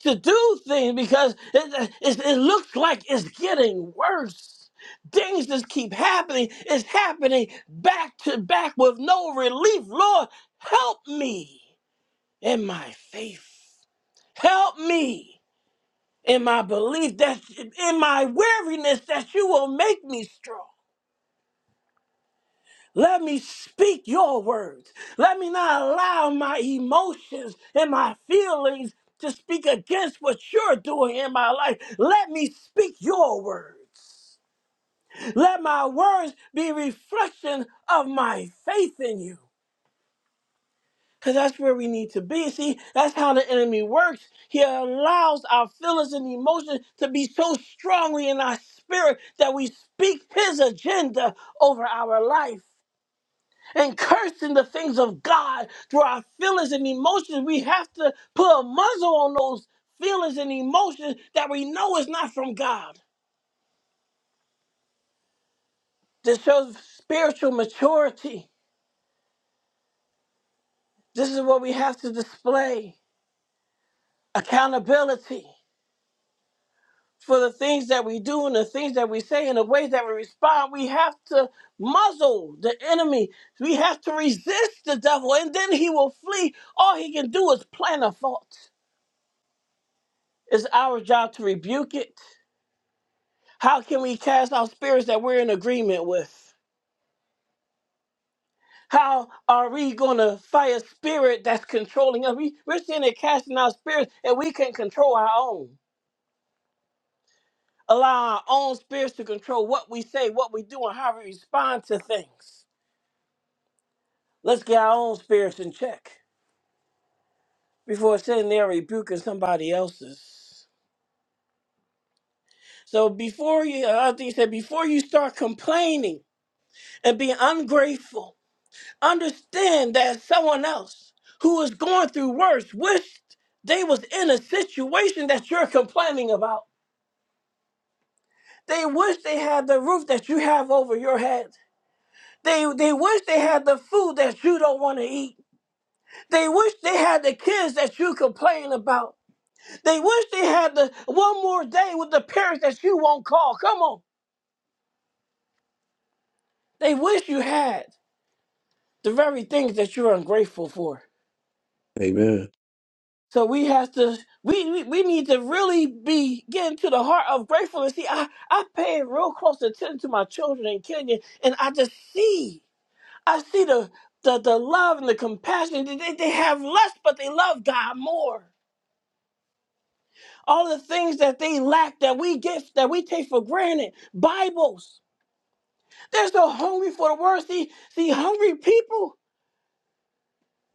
S2: to do things because it, it, it looks like it's getting worse. Things just keep happening. It's happening back to back with no relief. Lord, help me in my faith. Help me in my belief that in my weariness that you will make me strong. Let me speak your words. Let me not allow my emotions and my feelings to speak against what you're doing in my life. Let me speak your words. Let my words be a reflection of my faith in you. Because that's where we need to be. See, that's how the enemy works. He allows our feelings and emotions to be so strongly in our spirit that we speak his agenda over our life. and cursing the things of God through our feelings and emotions. We have to put a muzzle on those feelings and emotions that we know is not from God. This shows spiritual maturity. This is what we have to display accountability for the things that we do and the things that we say and the ways that we respond. We have to muzzle the enemy. We have to resist the devil, and then he will flee. All he can do is plant a fault. It's our job to rebuke it How can we cast out spirits that we're in agreement with? How are we going to fight a spirit that's controlling us? We, we're sitting there casting out spirits and we can control our own. Allow our own spirits to control what we say, what we do, and how we respond to things. Let's get our own spirits in check before sitting there rebuking somebody else's. So before you, I think you said, before you start complaining and being ungrateful, understand that someone else who is going through worse wished they was in a situation that you're complaining about. They wish they had the roof that you have over your head. They they wish they had the food that you don't want to eat. They wish they had the kids that you complain about. They wish they had the one more day with the parents that you won't call. Come on. They wish you had the very things that you're ungrateful for.
S1: amen
S2: So we have to we, we we need to really be getting to the heart of gratefulness. See, I I pay real close attention to my children in Kenya, and I just see I see the the, the love and the compassion. They, they they have less, but they love God more. All the things that they lack that we get that we take for granted. Bibles. They're so hungry for the word. See, see, hungry people,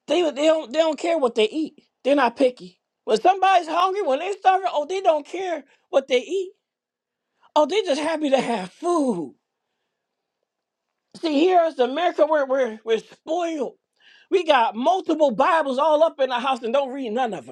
S2: they they don't they don't care what they eat. They're not picky. When somebody's hungry, when they starving, oh, they don't care what they eat Oh, they just happy to have food. See, here us in America, we're, we're, we're spoiled. We got multiple Bibles all up in the house and don't read none of them.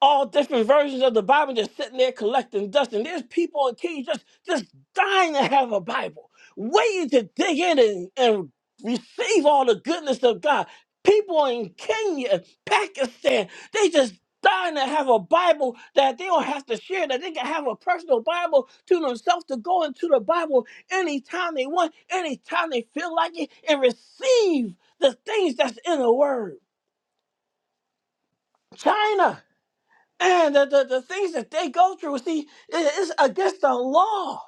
S2: all different versions of the Bible just sitting there collecting dust. And there's people in cages just, just dying to have a Bible, waiting to dig in and, and receive all the goodness of God. People in Kenya, Pakistan, they just dying to have a Bible that they don't have to share, that they can have a personal Bible to themselves to go into the Bible anytime they want, anytime they feel like it, and receive the things that's in the Word. China. And the, the, the things that they go through, see, it- it's against the law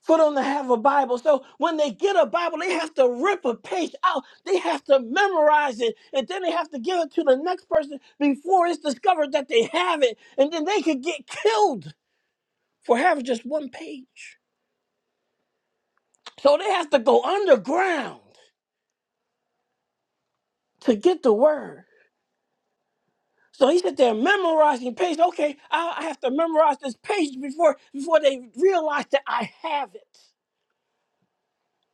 S2: for them to have a Bible. So when they get a Bible, they have to rip a page out. They have to memorize it. And then they have to give it to the next person before it's discovered that they have it. And then they could get killed for having just one page. So they have to go underground to get the word. So he said they're memorizing pages. Okay, I I have to memorize this page before before they realize that I have it.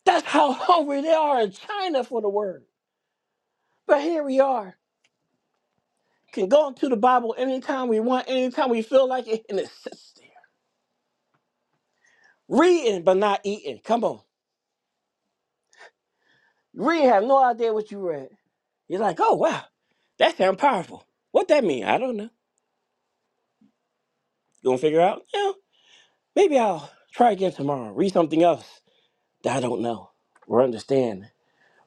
S2: That's how hungry they are in China for the word. But here we are. Can go into the Bible anytime we want, anytime we feel like it, and it sits there. Reading but not eating. Come on. Read have no idea what you read. You're like, oh wow, that sounds powerful. What that mean? I don't know. You gonna figure out? Yeah, maybe I'll try again tomorrow. Read something else that I don't know or understand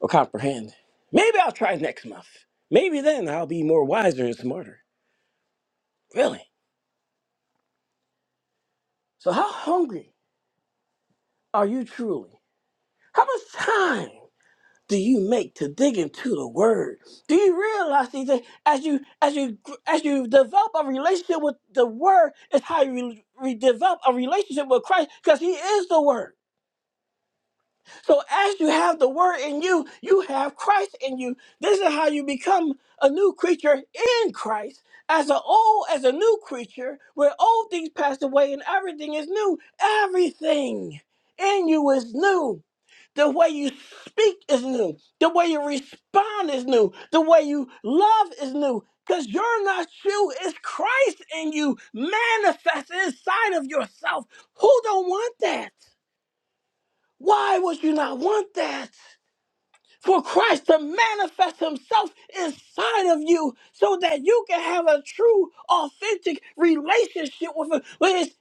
S2: or comprehend. Maybe I'll try next month. Maybe then I'll be more wiser and smarter. Really? So how hungry are you truly? How much time do you make to dig into the word? Do you realize these things as you as you as you develop a relationship with the word is how you re- re- develop a relationship with Christ because he is the word. So as you have the word in you, you have Christ in you. This is how you become a new creature in Christ. As a old as a new creature, where old things passed away and everything is new. Everything in you is new. The way you speak is new. The way you respond is new. The way you love is new. Because you're not you, it's Christ in you manifest inside of yourself. Who don't want that? Why would you not want that? For Christ to manifest himself inside of you so that you can have a true, authentic relationship with him. Where it's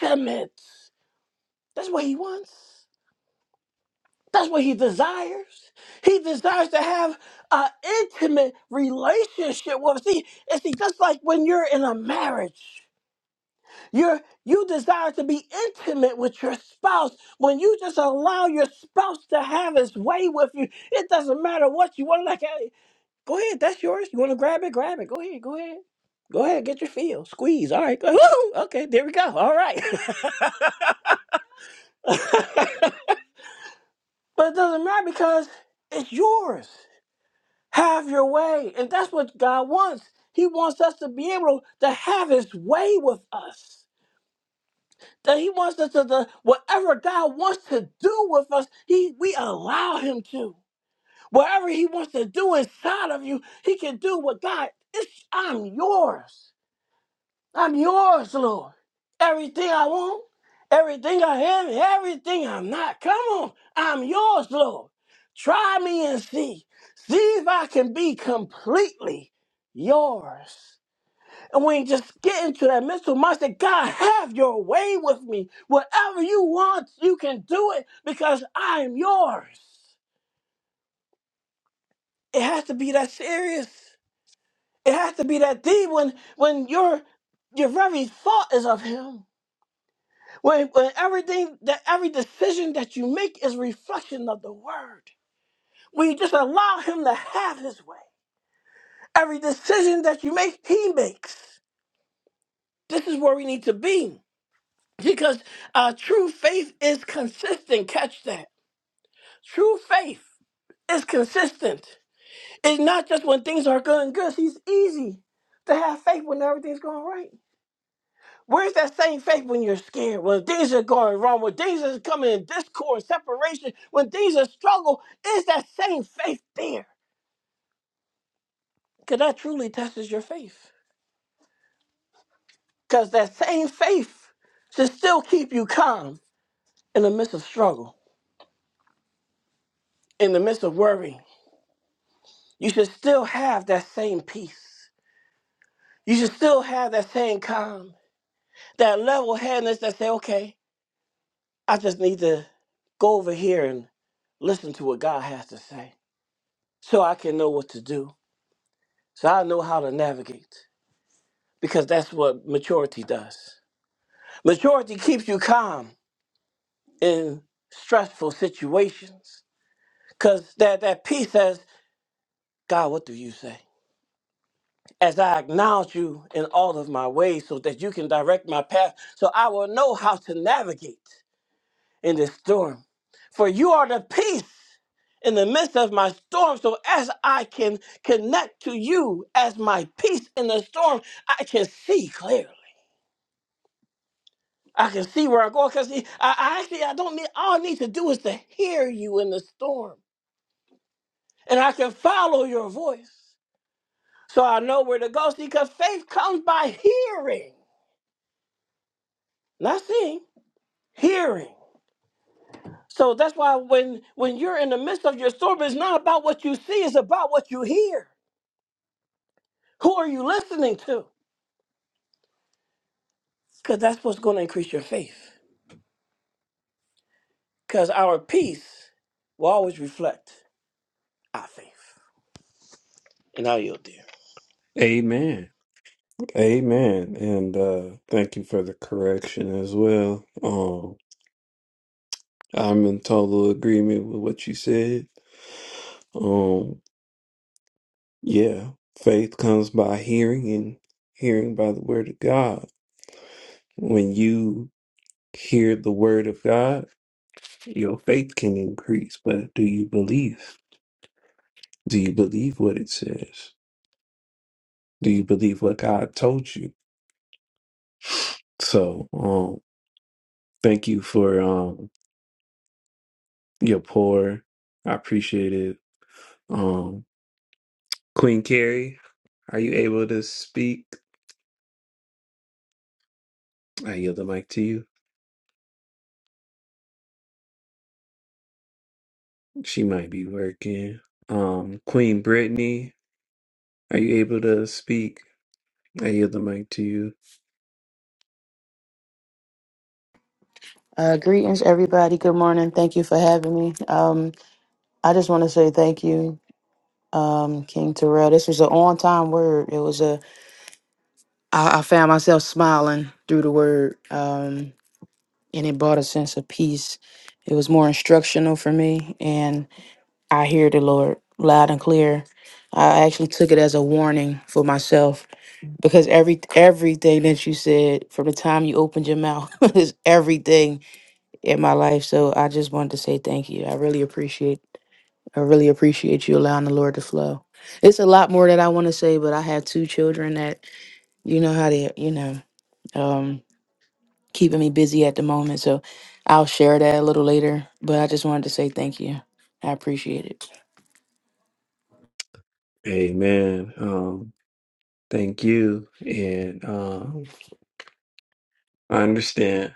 S2: intimate. That's what he wants. That's what he desires. He desires to have an intimate relationship with. See, and see, just like when you're in a marriage, you're you desire to be intimate with your spouse. When you just allow your spouse to have his way with you, it doesn't matter what you want. Like, hey, go ahead, that's yours. You want to grab it, grab it. Go ahead, go ahead. Go ahead, get your feel. Squeeze. All right. go- Woo! Okay, there we go. All right. but it doesn't matter because it's yours. Have your way. And that's what God wants. He wants us to be able to have his way with us. That he wants us to, to whatever God wants to do with us, he we allow him to. Whatever he wants to do inside of you, he can do what God, it's I'm yours. I'm yours, Lord. Everything I want, everything I have, everything I'm not. Come on, I'm yours, Lord. Try me and see. See if I can be completely yours. And we just get into that mental mindset, God, have your way with me. Whatever you want, you can do it because I'm yours. It has to be that serious. It has to be that deep when when your your very thought is of him. When, when everything that every decision that you make is reflection of the word. When you just allow him to have his way. Every decision that you make, he makes. This is where we need to be. Because uh, true faith is consistent. Catch that. True faith is consistent. It's not just when things are good and good. It's easy to have faith when everything's going right. Where's that same faith when you're scared? When things are going wrong, when things are coming in discord, separation, when things are struggle, is that same faith there? Because that truly tests your faith. Because that same faith should still keep you calm in the midst of struggle, in the midst of worry. You should still have that same peace. You should still have that same calm, that level headedness that say, okay, I just need to go over here and listen to what God has to say so I can know what to do So I know how to navigate because that's what maturity does. Maturity keeps you calm in stressful situations because that, that peace says, God, what do you say? As I acknowledge you in all of my ways so that you can direct my path, so I will know how to navigate in this storm. For you are the peace in the midst of my storm. So as I can connect to you as my peace in the storm, I can see clearly. I can see where I'm going because I, I actually I don't need all I need to do is to hear you in the storm, and I can follow your voice, so I know where to go. See, because faith comes by hearing, not seeing, hearing. So that's why when when you're in the midst of your storm, it's not about what you see; it's about what you hear. Who are you listening to? Because that's what's going to increase your faith. Because our peace will always reflect our faith. And how yield, do.
S1: amen Amen. And uh thank you for the correction as well. Um I'm in total agreement with what you said. Um yeah, faith comes by hearing and hearing by the word of God. When you hear the word of God, your faith can increase, but do you believe? Do you believe what it says? Do you believe what God told you? So, um thank you for um your pour. I appreciate it Um, Queen Carrie, are you able to speak? I yield the mic to you. She might be working. Um, Queen Brittany, are you able to speak? I yield the mic to you.
S3: Uh, greetings, everybody. Good morning. Thank you for having me. Um, I just want to say thank you, um, King Terrell. This was an on-time word. It was a. I, I found myself smiling through the word, um, and it brought a sense of peace. It was more instructional for me, and I hear the Lord loud and clear. I actually took it as a warning for myself because every everything that you said from the time you opened your mouth is everything in my life. So I just wanted to say thank you. I really appreciate I really appreciate you allowing the Lord to flow. It's a lot more that I want to say, but I have two children that you know how they you know um keeping me busy at the moment. So I'll share that a little later, but I just wanted to say thank you. I appreciate it.
S1: Amen. Um, thank you. And um, I understand.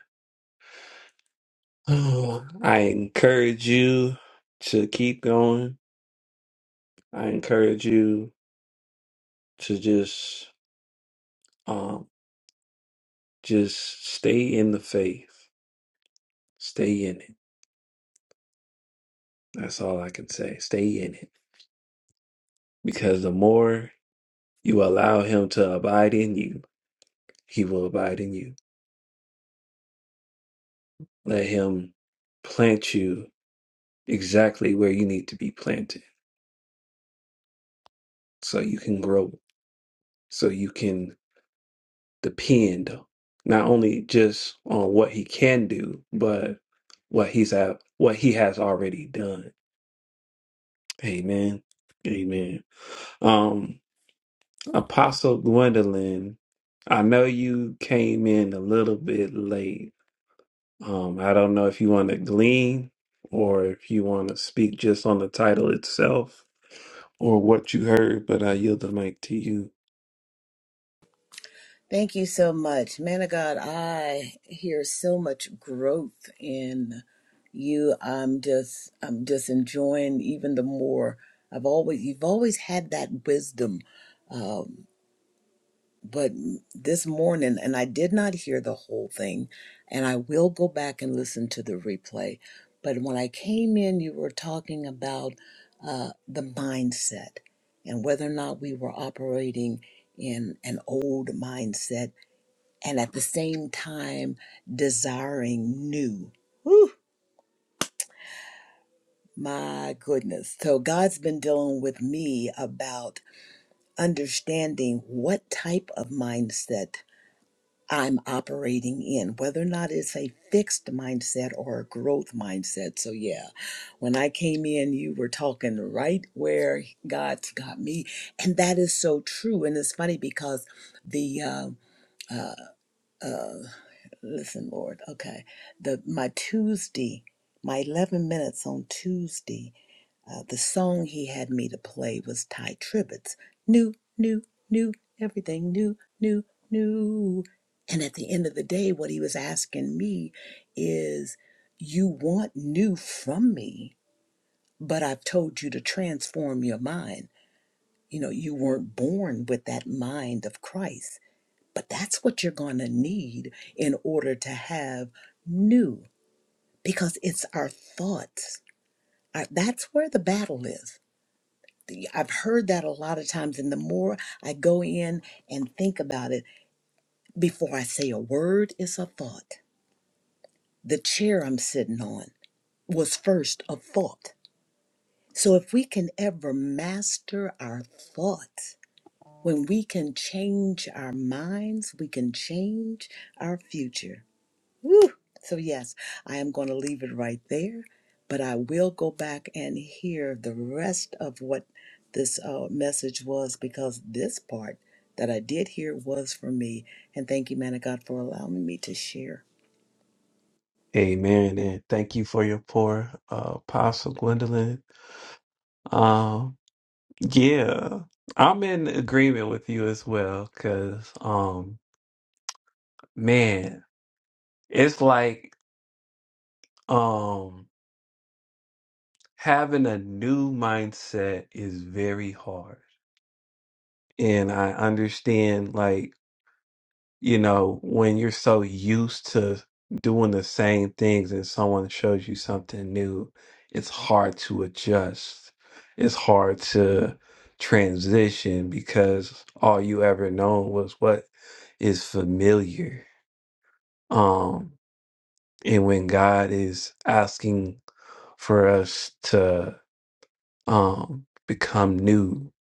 S1: Oh, I encourage you to keep going. I encourage you to just um just stay in the faith. Stay in it. That's all I can say. Stay in it because the more you allow him to abide in you, he will abide in you. Let him plant you exactly where you need to be planted so you can grow, so you can depend not only just on what he can do, but what he's at, what he has already done. Amen. Amen. Um Apostle Gwendolyn, I know you came in a little bit late Um, I don't know if you want to glean or if you want to speak just on the title itself or what you heard, but I yield the mic to you.
S4: Thank you so much. Man of God, I hear so much growth in you. I'm just I'm just enjoying even the more. I've always you've always had that wisdom. Um, but this morning, and I did not hear the whole thing, and I will go back and listen to the replay. But when I came in, you were talking about uh, the mindset and whether or not we were operating in an old mindset and at the same time desiring new. Whew, my goodness. So God's been dealing with me about understanding what type of mindset I'm operating in, whether or not it's a fixed mindset or a growth mindset. So yeah, when I came in, you were talking right where God's got me. And that is so true. And it's funny because the uh, uh, Listen, Lord. Okay. The my Tuesday, my 11 minutes on Tuesday, uh, the song he had me to play was Ty Tribbett's New, New, New, Everything New, New, New. And at the end of the day, what he was asking me is, You want new from me, but I've told you to transform your mind. You know, you weren't born with that mind of Christ but that's what you're going to need in order to have new, because it's our thoughts. I, that's where the battle is. The- I've heard that a lot of times, and the more I go in and think about it, before I say a word, it's a thought. The chair I'm sitting on was first a thought. So if we can ever master our thoughts, when we can change our minds, we can change our future. Whew. So, yes, I am going to leave it right there, but I will go back and hear the rest of what this uh, message was because this part that I did hear was for me. And thank you, man of God, for allowing me to share.
S1: Amen. And thank you for your poor uh, Apostle Gwendolyn. Um, yeah, I'm in agreement with you as well because, um, man, it's like um, having a new mindset is very hard. And I understand, like, you know, when you're so used to doing the same things and someone shows you something new, it's hard to adjust. It's hard to transition because all you ever known was what is familiar. Um, and when God is asking for us to um, become new,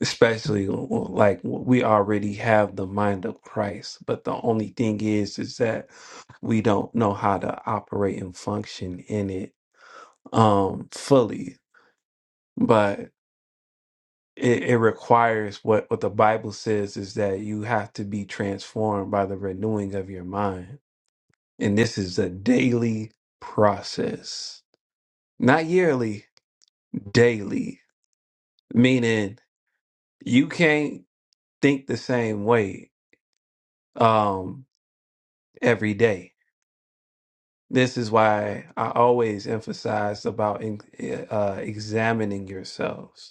S1: especially like we already have the mind of Christ, but the only thing is, is that we don't know how to operate and function in it um fully but it, it requires what what the bible says is that you have to be transformed by the renewing of your mind and this is a daily process not yearly daily meaning you can't think the same way um every day this is why i always emphasize about in, eh, uh examining yourselves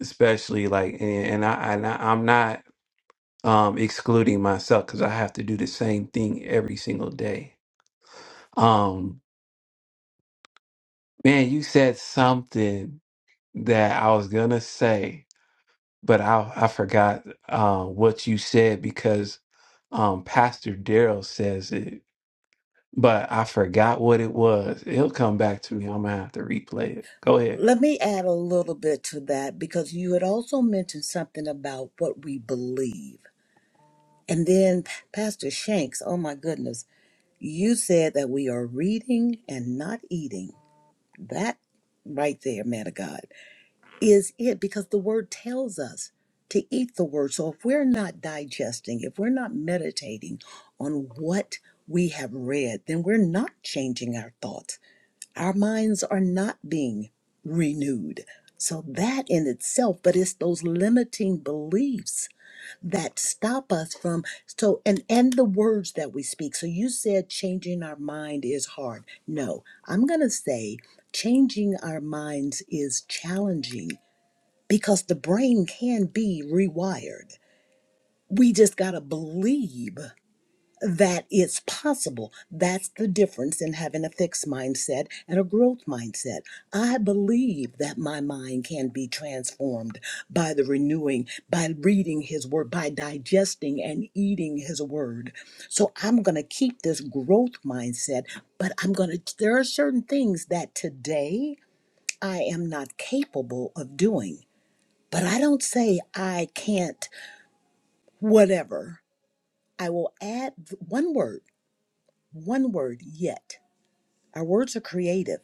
S1: especially like and, and I and I, I'm not um excluding myself because I have to do the same thing every single day. Um, man, you said something that I was gonna say, but I I forgot uh, what you said because um Pastor Daryl says it, but I forgot back to it. Go ahead.
S4: Let me add a little bit to that because you had also mentioned something about what we believe. And then, Pastor Shanks, oh my goodness, you said that we are reading and not eating. That right there, man of God. is it because the word tells us to eat the word. So if we're not digesting, if we're not meditating on what we have read, then we're not changing our thoughts. Our minds are not being renewed. So that in itself, but it's those limiting beliefs that stop us from so and and the words that we speak. So you said changing our mind is hard. No, I'm going to say changing our minds is challenging because the brain can be rewired. We just got to believe that it's possible. That's the difference in having a fixed mindset and a growth mindset. I believe that my mind can be transformed by the renewing, by reading his word, by digesting and eating his word. So I'm going to keep this growth mindset, but I'm going to, there are certain things that today I am not capable of doing but I don't say I can't, whatever. I will add th- one word, one word yet. Our words are creative.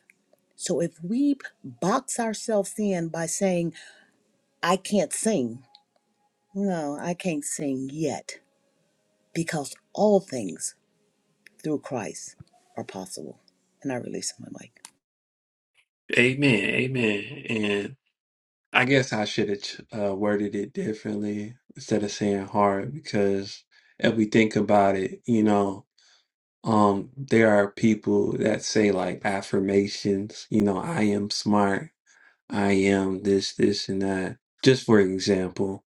S4: So if we box ourselves in by saying, I can't sing, no, I can't sing yet, because all things through Christ are possible. And I release my mic.
S1: Amen, amen. And I guess I should have uh, worded it differently instead of saying hard because if we think about it, you know. Um, there are people that say like affirmations, you know, I am smart, I am this, this, and that, just for example,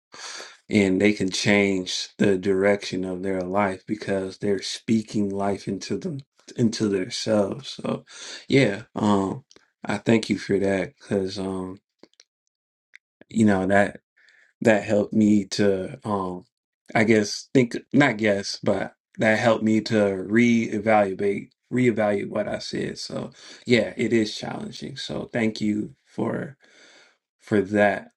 S1: and they can change the direction of their life because they're speaking life into them, into themselves. So, yeah, um, I thank you for that because, um, you know, that that helped me to, um. I guess think not guess, but that helped me to reevaluate reevaluate what I said. So yeah, it is challenging. So thank you for for that.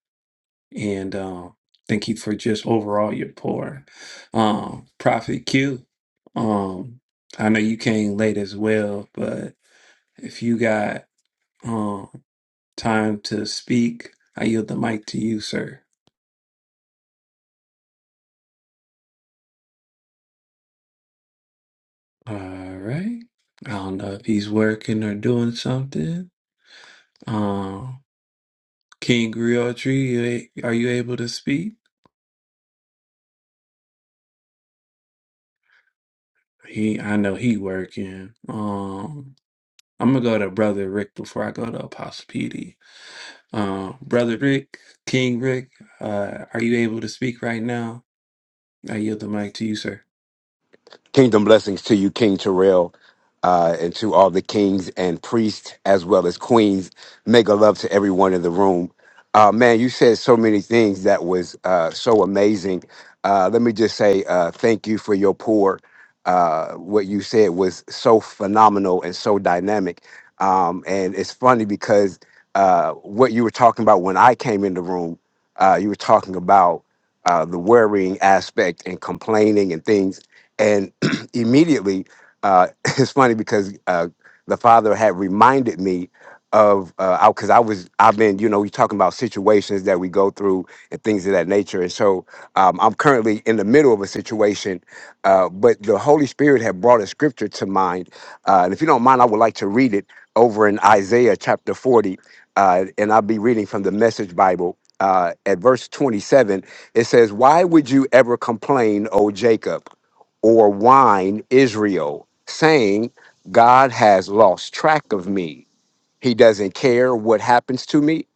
S1: And um thank you for just overall your pour. Um Prophet Q, um I know you came late as well, but if you got um time to speak, I yield the mic to you, sir. All right. I don't know if he's working or doing something. Um, King Griotry, you a- are you able to speak? He, I know he working. Um, I'm gonna go to Brother Rick before I go to Apostle PD. Um, Brother Rick, King Rick, uh, are you able to speak right now? I yield the mic to you, sir.
S5: Kingdom blessings to you, King Terrell, uh, and to all the kings and priests as well as queens. Mega love to everyone in the room. Uh, man, you said so many things that was uh, so amazing. Uh, let me just say uh, thank you for your pour. Uh, what you said was so phenomenal and so dynamic. Um, and it's funny because uh, what you were talking about when I came in the room, uh, you were talking about uh, the worrying aspect and complaining and things immediately, uh, it's funny because uh, the father had reminded me of uh because I, 'cause I was I've been you know you're talking about situations that we go through and things of that nature and so um, I'm currently in the middle of a situation uh, but the Holy Spirit had brought a scripture to mind uh, and if you don't mind I would like to read it over in Isaiah chapter 40 uh, and I'll be reading from the Message Bible uh, at verse 27 it says why would you ever complain O Jacob or whine Israel, saying, God has lost track of me. He doesn't care what happens to me.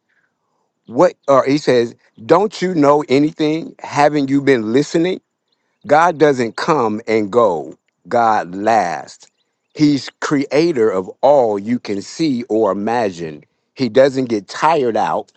S5: What or he says, Don't you know anything? Haven't you been listening? God doesn't come and go. God lasts. He's creator of all you can see or imagine. He doesn't get tired out,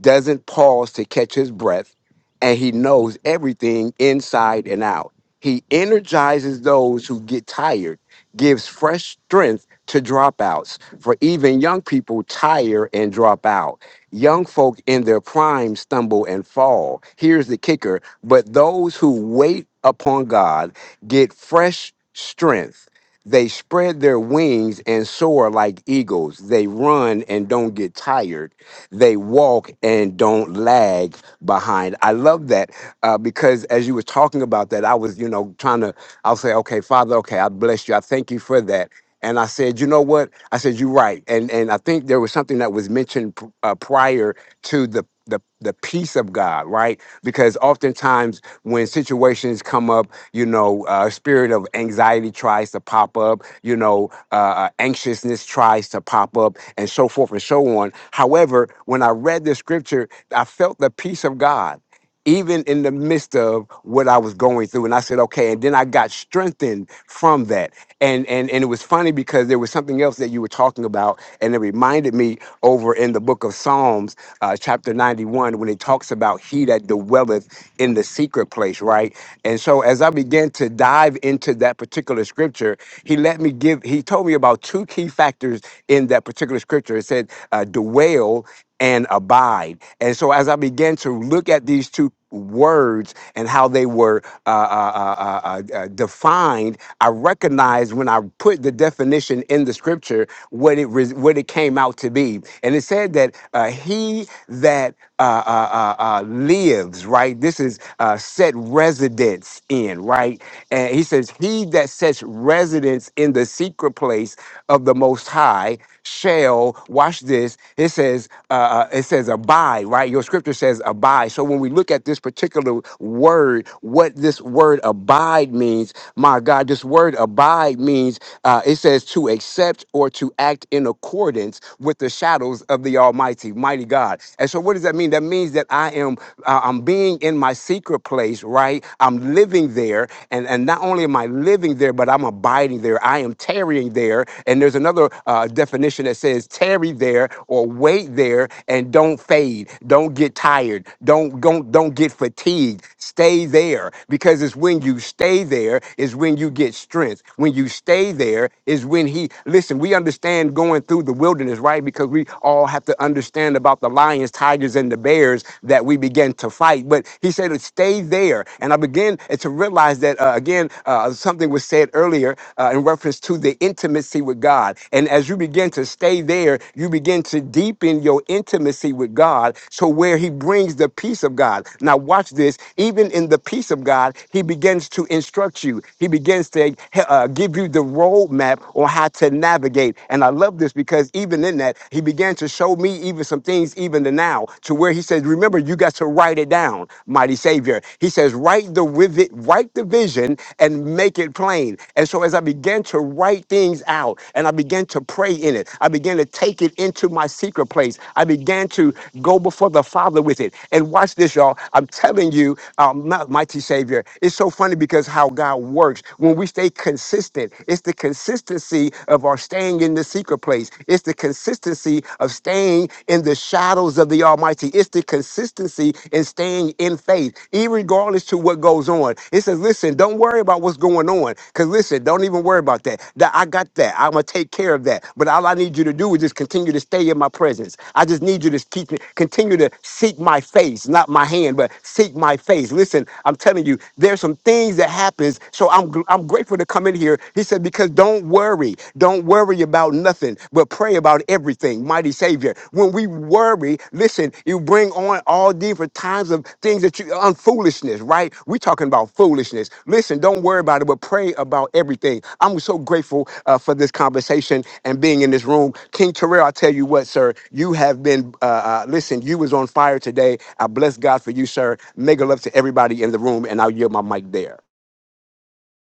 S5: doesn't pause to catch his breath, and he knows everything inside and out. He energizes those who get tired, gives fresh strength to dropouts, for even young people tire and drop out. Young folk in their prime stumble and fall. Here's the kicker but those who wait upon God get fresh strength. They spread their wings and soar like eagles. They run and don't get tired. They walk and don't lag behind. I love that uh, because as you were talking about that, I was, you know, trying to, I'll say, okay, Father, okay, I bless you. I thank you for that and I said, you know what? I said, you're right. And and I think there was something that was mentioned pr- uh, prior to the the the peace of God, right? Because oftentimes when situations come up, you know, uh, spirit of anxiety tries to pop up, you know, uh, uh, anxiousness tries to pop up, and so forth and so on. However, when I read the scripture, I felt the peace of God even in the midst of what I was going through. And I said, okay. And then I got strengthened from that. And and and it was funny because there was something else that you were talking about, and it reminded me over in the book of Psalms, uh, chapter 91, when it talks about he that dwelleth in the secret place, right? And so as I began to dive into that particular scripture, he let me give, he told me about two key factors in that particular scripture. It said, uh, dwell and abide. And so, as I began to look at these two words and how they were uh, uh, uh, uh, uh, uh, defined, I recognized when I put the definition in the scripture what it re- what it came out to be. And it said that uh, he that uh, uh, uh, uh, lives, right? This is uh, set residence in, right? And he says, he that sets residence in the secret place of the Most High shall watch this. It says uh, uh, it says abide, right? Your scripture says abide. So when we look at this particular word, what this word abide means, my God, this word abide means uh, it says to accept or to act in accordance with the shadows of the Almighty, mighty God. And so what does that mean? That means that I am uh, I'm being in my secret place, right? I'm living there, and and not only am I living there, but I'm abiding abiding there. I am tarrying there. And there's another uh, definition that says tarry there or wait there and don't fade. Don't get tired. Don't don't don't get fatigued. Stay there because it's when you stay there is when you get strength. When you stay there is when he listen. We understand going through the wilderness, right? Because we all have to understand about the lions, tigers, and the bears that we begin to fight. But he said, "Stay there." And I began I began to realize that, uh, again, uh, something was said earlier uh, in reference to the intimacy with God. And as you begin to stay there, you begin to deepen your intimacy with God. So, where He brings the peace of God. Now, watch this. Even in the peace of God, He begins to instruct you, He begins to uh, give you the roadmap on how to navigate. And I love this because even in that, He began to show me even some things, even to now, to where He says remember, you got to write it down, mighty Savior. He says, write the with it, write the vision and make it plain. And so as I began to write things out and I began to pray in it, I began to take it into my secret place. I began to go before the Father with it. And watch this, y'all. I'm telling you, um, my- mighty Savior, it's so funny because how God works when we stay consistent. It's the consistency of our staying in the secret place. It's the consistency consistency of staying in the shadows of the Almighty. It's the consistency in staying in faith, even regardless to what goes on. It says, listen, don't worry about what's going on. Because listen, don't even worry about that. That I got that. I'm gonna take care of that. But all I need you to do is just continue to stay in my presence. I just need you to keep continue to seek my face, not my hand, but seek my face. Listen, I'm telling you, there's some things that happens. So I'm gr- I'm grateful to come in here. He said, because don't don't worry. Don't worry about nothing, but pray about everything. Mighty Savior. When we worry, listen, you bring on all different times of things that you on foolishness, right? We're talking about foolishness. Listen, don't worry about it, but pray about everything. I'm so grateful uh, for this conversation and being in this room. King Terrell, I tell you what, sir, you have been uh, uh, listen, you was on fire today. I bless God for you, sir. Mega love to everybody in the room, and I'll yield my mic there.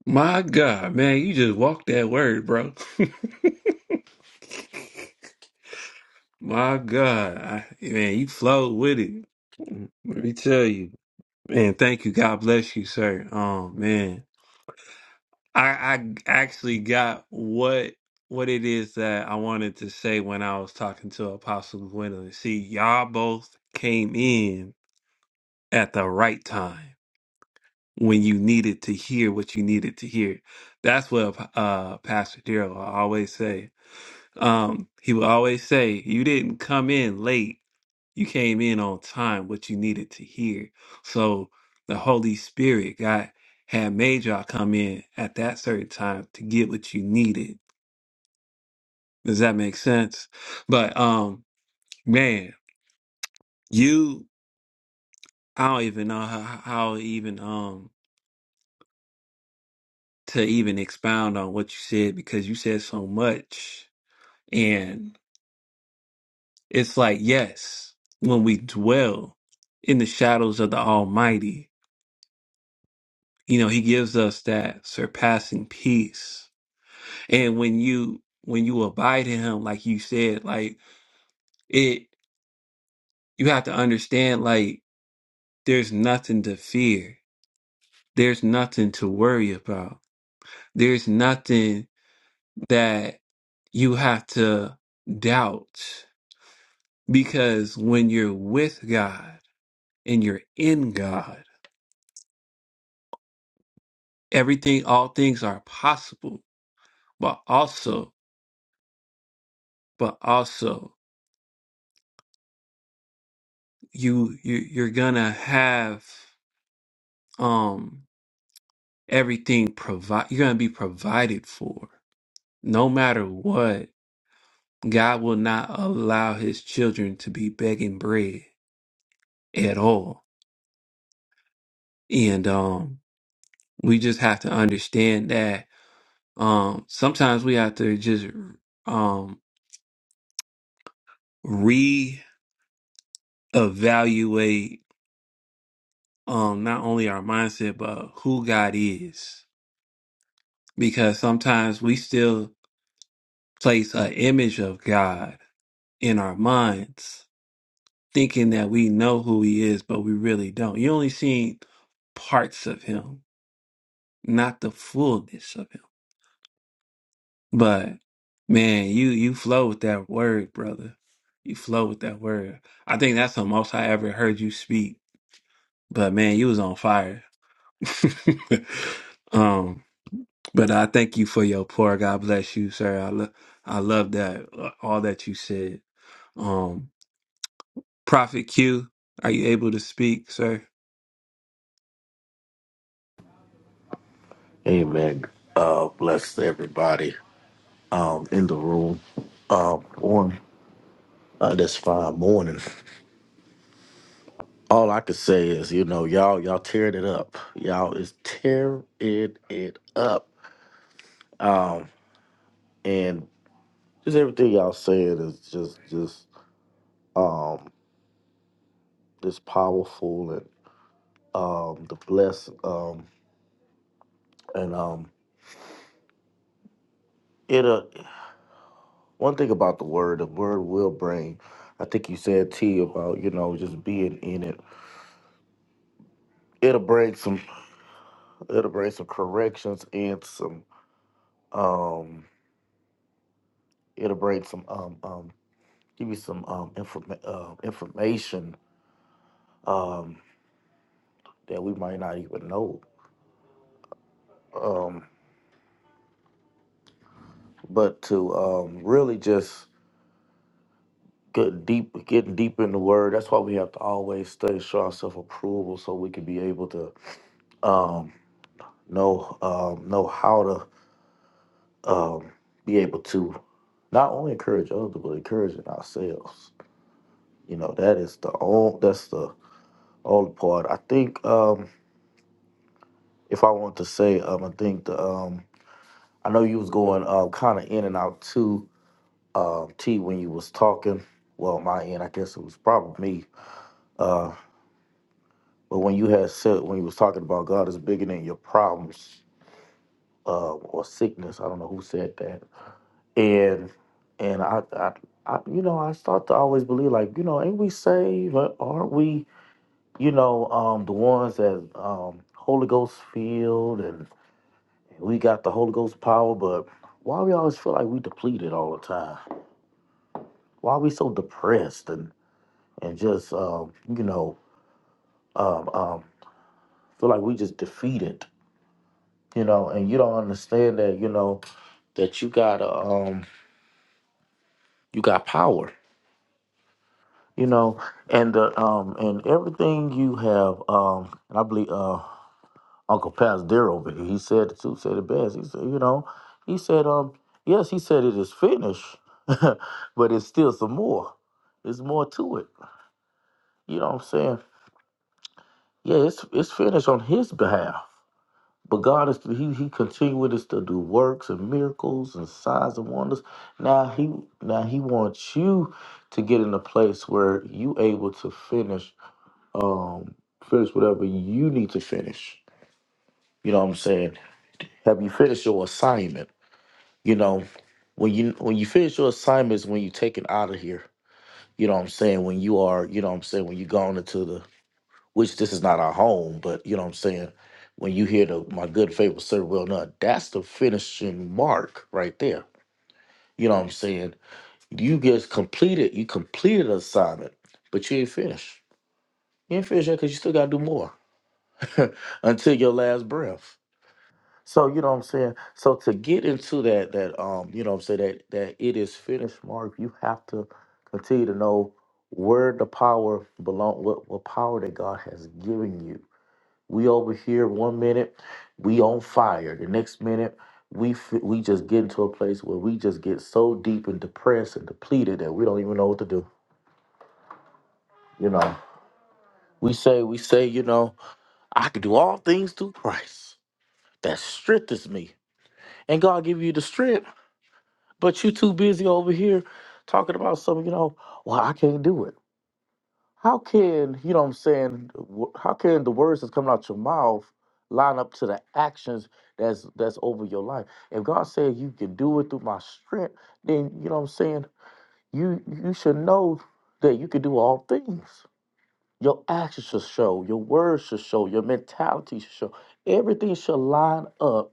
S1: My God, man, you just walked that word, bro. My God, I, man, you flowed with it. Let me tell you, man. Thank you. God bless you, sir. Um, man. I I actually got what what it is that I wanted to say when I was talking to Apostle Gwendolyn. See, y'all both came in at the right time when you needed to hear what you needed to hear. That's what uh Pastor Daryl always say. Um, he would always say, "You didn't come in late. You came in on time. What you needed to hear." So the Holy Spirit got had made y'all come in at that certain time to get what you needed Does that make sense? But um, man, you I don't even know how, how even um to even expound on what you said because you said so much, and it's like yes, when we dwell in the shadows of the Almighty, you know He gives us that surpassing peace, and when you when you abide in Him, like you said, like it, you have to understand like there's nothing to fear, there's nothing to worry about There's nothing that you have to doubt because when you're with God and you're in God, everything, all things are possible. But also, but also, you, you you're gonna have um everything provide. You're gonna be provided for, no matter what. God will not allow His children to be begging bread at all, and um, we just have to understand that Um, sometimes we have to just um reevaluate um not only our mindset but who God is. Because sometimes we still place an image of God in our minds, thinking that we know who he is, but we really don't. You only seen parts of him, not the fullness of him. But man, you you flow with that word, brother. You flow with that word. I think that's the most I ever heard you speak But man, you was on fire. um, but I thank you for your pour. God bless you, sir. I love I love that uh, all that you said. Um, Prophet Q, are you able to speak, sir?
S6: Amen. Uh, bless everybody um, in the room uh, on uh, this fine morning. All I could say is, you know, y'all, y'all tearing it up. Y'all is tearing it up. Um, and just everything y'all saying is just, just, um, just powerful and um, the bless. Um, and um, it. Uh, one thing about the word, the word will bring. I think you said T about you know just being in it it'll bring some It'll bring some corrections and some um. It'll bring some um um. Give you some um informa- uh, information um that we might not even know um. But to um really just get deep, getting deep in the word. That's why we have to always study, show ourselves approval, so we can be able to um know um know how to um be able to not only encourage others but encouraging ourselves. You know that is the only that's the old part. I think um, if I want to say, um, I think the um, I know you was going uh, kind of in and out too, uh, T, when you was talking. Well, my end, I guess it was probably me. Uh, but when you had said when you was talking about God is bigger than your problems uh, or sickness, I don't know who said that. And and I, I, I, you know, I start to always believe like, you know, ain't we saved? Aren't we, you know, um, the ones that um, Holy Ghost filled and We got the Holy Ghost power, but why we always feel like we depleted all the time? Why we so depressed and and just um, you know um, um, feel like we just defeated, you know? And you don't understand that, you know, that you got um you got power, you know, and uh, um and everything you have um and I believe uh. Uncle Pastor over here. He said the two said it best. He said, you know, he said, um, yes, he said it is finished, but it's still some more. It's more to it. You know what I'm saying? Yeah, it's it's finished on his behalf. But God is he he continues to do works and miracles and signs and wonders. Now he now he wants you to get in a place where you able to finish um finish whatever you need to finish. You know what I'm saying? Have you finished your assignment? You know, when you when you finish your assignments, when you take it out of here. You know what I'm saying? When you are, you know what I'm saying, when you gone into the which this is not our home, but you know what I'm saying, when you hear the my good favorite servant well done, that's the finishing mark right there. You know what I'm saying? You just completed, you completed an assignment, but you ain't finished. You ain't finished yet because you still gotta do more until your last breath. So you know what I'm saying? So to get into that that um, you know what I'm saying, that that it is finished mark, you have to continue to know where the power belong what what power that God has given you. We over here one minute, we on fire. The next minute, we f- we just get into a place where we just get so deep and depressed and depleted that we don't even know what to do. You know, we say we say, you know, I can do all things through Christ that strengthens me, and God give you the strength But you too busy over here talking about something, you know, well, I can't do it. How can, you know what I'm saying, wh- how can the words that's coming out your mouth line up to the actions that's that's over your life? If God said you can do it through my strength, then you know what I'm saying, you you should know that you can do all things. Your actions should show, your words should show, your mentality should show. Everything should line up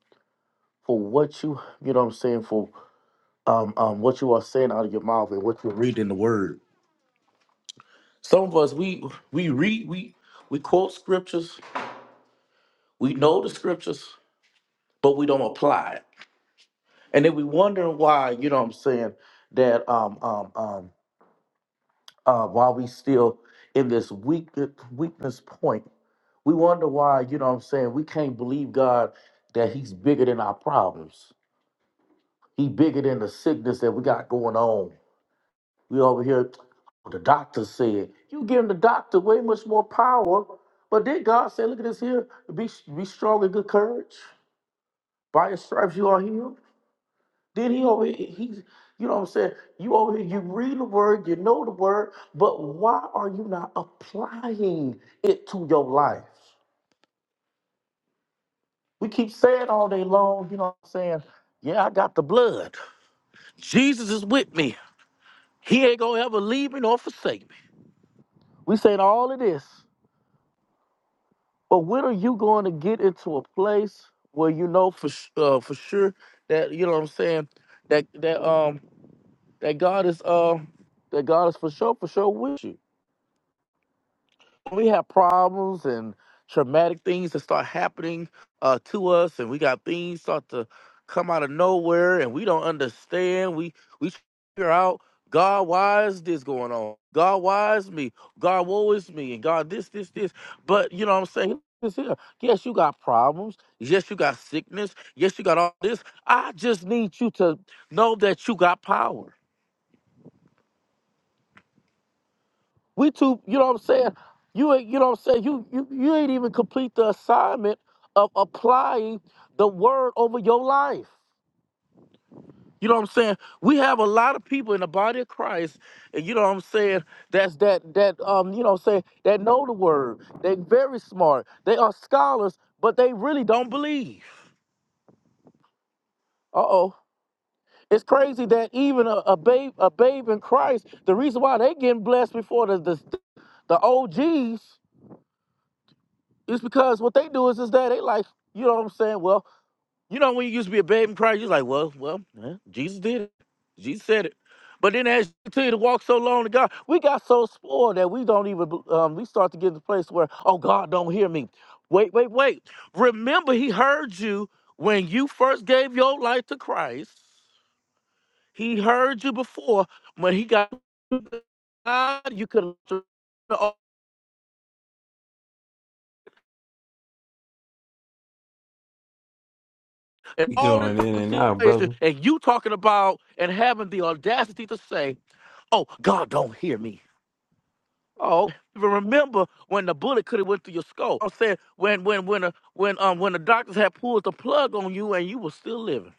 S6: for what you, you know what I'm saying, for um, um, what you are saying out of your mouth and what you read in the Word. Some of us we we read we we quote scriptures, we know the scriptures, but we don't apply it, and then we wonder why. You know what I'm saying? That um um um uh, why we still in this weak weakness point. We wonder why. You know what I'm saying? We can't believe God that He's bigger than our problems. He bigger than the sickness that we got going on. We over here, the doctor said, you giving the doctor way much more power. But then God said, look at this here, be be strong and good courage. By his stripes you are healed. Then he over here, he's, you know what I'm saying? You over here, you read the word, you know the word, but why are you not applying it to your life? We keep saying all day long, you know what I'm saying? Yeah, I got the blood. Jesus is with me. He ain't gonna ever leave me nor forsake me. We saying all of this, But when are you going to get into a place where you know for s- uh, for sure that you know what I'm saying that that um that God is uh that God is for sure for sure with you we have problems and traumatic things that start happening uh, to us, and we got things start to come out of nowhere, and we don't understand. We we figure out God, why is this going on? God, why is me? God, woe is me, and God, this, this, this. But you know what I'm saying? This here. Yes, you got problems. Yes, you got sickness. Yes, you got all this. I just need you to know that you got power. We too, you know what I'm saying? You ain't, you know what I'm saying? You you you ain't even complete the assignment of applying the word over your life. You know what I'm saying? We have a lot of people in the body of Christ, and you know what I'm saying, that's that that um, you know what I'm saying, that know the word. They're very smart. They are scholars, but they really don't believe. Uh-oh. It's crazy that even a, a babe, a babe in Christ, the reason why they getting blessed before the the, the OGs It's because what they do is is that they like, you know what I'm saying? Well, you know when you used to be a babe in Christ, you're like, well, well, eh, Jesus did it. Jesus said it. But then as you continue to walk so long to God, we got so spoiled that we don't even, um, we start to get to the place where, oh, God don't hear me. Wait, wait, wait. Remember, he heard you when you first gave your life to Christ. He heard you before when he got to God, you could have and
S1: You
S6: all this
S1: going in
S6: type of
S1: and out,
S6: situation,
S1: brother.
S6: and you talking about and having the audacity to say, "Oh, God don't hear me." Oh, even remember when the bullet could have went through your skull? I'm saying when when when uh, when um when the doctors had pulled the plug on you and you were still living.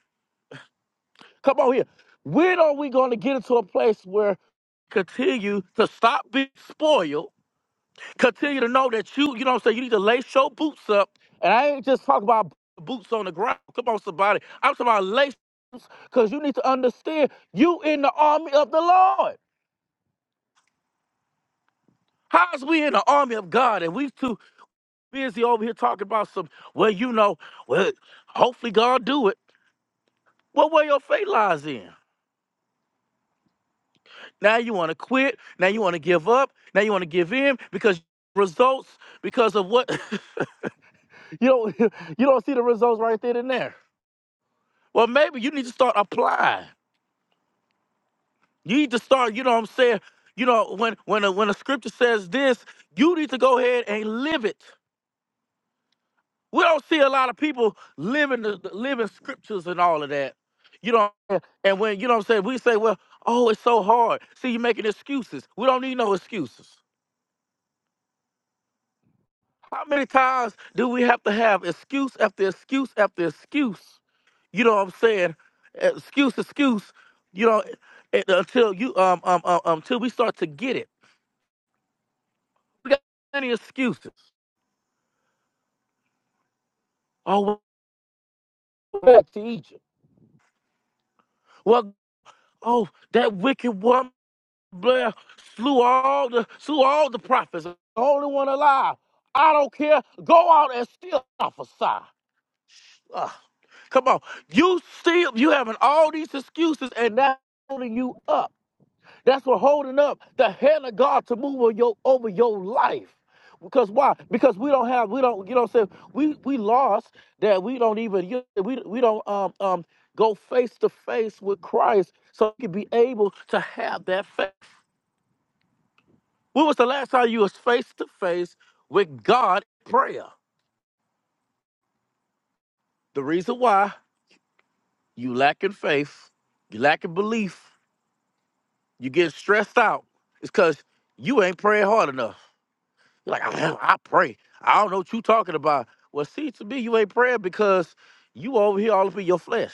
S6: Come on here. When are we going to get into a place where continue to stop being spoiled? continue to know that you, you know what I'm saying, you need to lace your boots up. And I ain't just talking about boots on the ground. Come on, somebody. I'm talking about lace boots because you need to understand you in the army of the Lord. How's we in the army of God and we too busy over here talking about some, well, you know, well, hopefully God do it. Well, where your faith lies in? Now you want to quit. Now you want to give up. Now you want to give in because results, because of what, you don't, you don't see the results right then and there. Well, maybe you need to start applying. You need to start, you know what I'm saying? You know, when when a, when a scripture says this, you need to go ahead and live it. We don't see a lot of people living the the- living scriptures and all of that. You know, and when you know what I'm saying, we say, well, oh, it's so hard. See, you're making excuses. We don't need no excuses. How many times do we have to have excuse after excuse after excuse? You know what I'm saying? Excuse, excuse. You know, eh, until you um um um um, until we start to get it. We got many excuses. Oh, we went back to Egypt. Well, oh, that wicked woman Blair slew all the slew all the prophets. The only one alive. I don't care. Go out and still prophesy. Ugh. Come on. You still you having all these excuses and that's holding you up. That's what holding up the hand of God to move over your over your life. Because why? Because we don't have we don't you know what I'm saying we we lost that we don't even you- we we don't um um go face to face with Christ so we can be able to have that faith. When was the last time you was face to face with God in prayer? The reason why you lacking faith, you lacking belief, You get stressed out. It's because you ain't praying hard enough. You're like, I, I pray. I don't know what you talking about. Well, see, to me, you ain't praying because you over here all up in your flesh.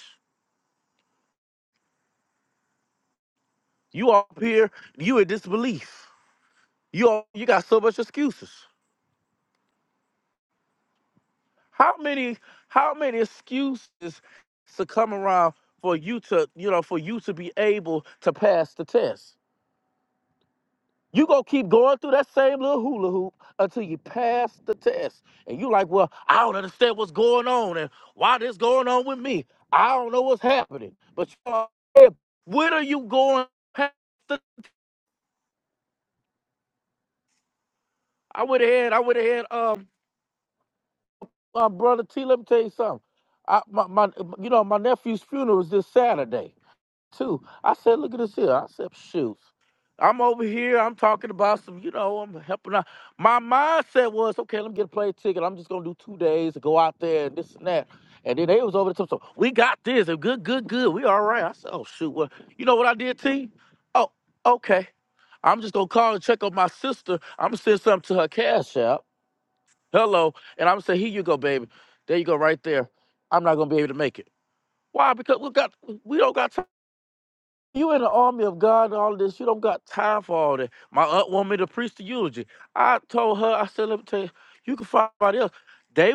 S6: You up here, you in disbelief. You all, you got so much excuses. How many, how many excuses to come around for you to, you know, for you to be able to pass the test? You gonna keep going through that same little hula hoop until you pass the test. And you like, well, I don't understand what's going on and why this going on with me. I don't know what's happening. But you are, hey, when are you going past the I went ahead, I went ahead, um, my brother T, let me tell you something. I, my, my you know, my nephew's funeral is this Saturday. too. I said, look at this here. I said, shoot. I'm over here. I'm talking about some, you know, I'm helping out. My mindset was, okay, let me get a plane ticket. I'm just gonna do two days and go out there and this and that. And then they was over the top. So we got this. And good, good, good. We all right. I said, oh shoot. Well, you know what I did, T? Oh, okay. I'm just gonna call and check on my sister. I'm gonna send something to her cash app. Hello. And I'm gonna say, here you go, baby. There you go, right there. I'm not gonna be able to make it. Why? Because we got we don't got time. You in the army of God and all this. You don't got time for all that. My aunt want me to preach the eulogy. I told her, I said, let me tell you, you can find somebody else. They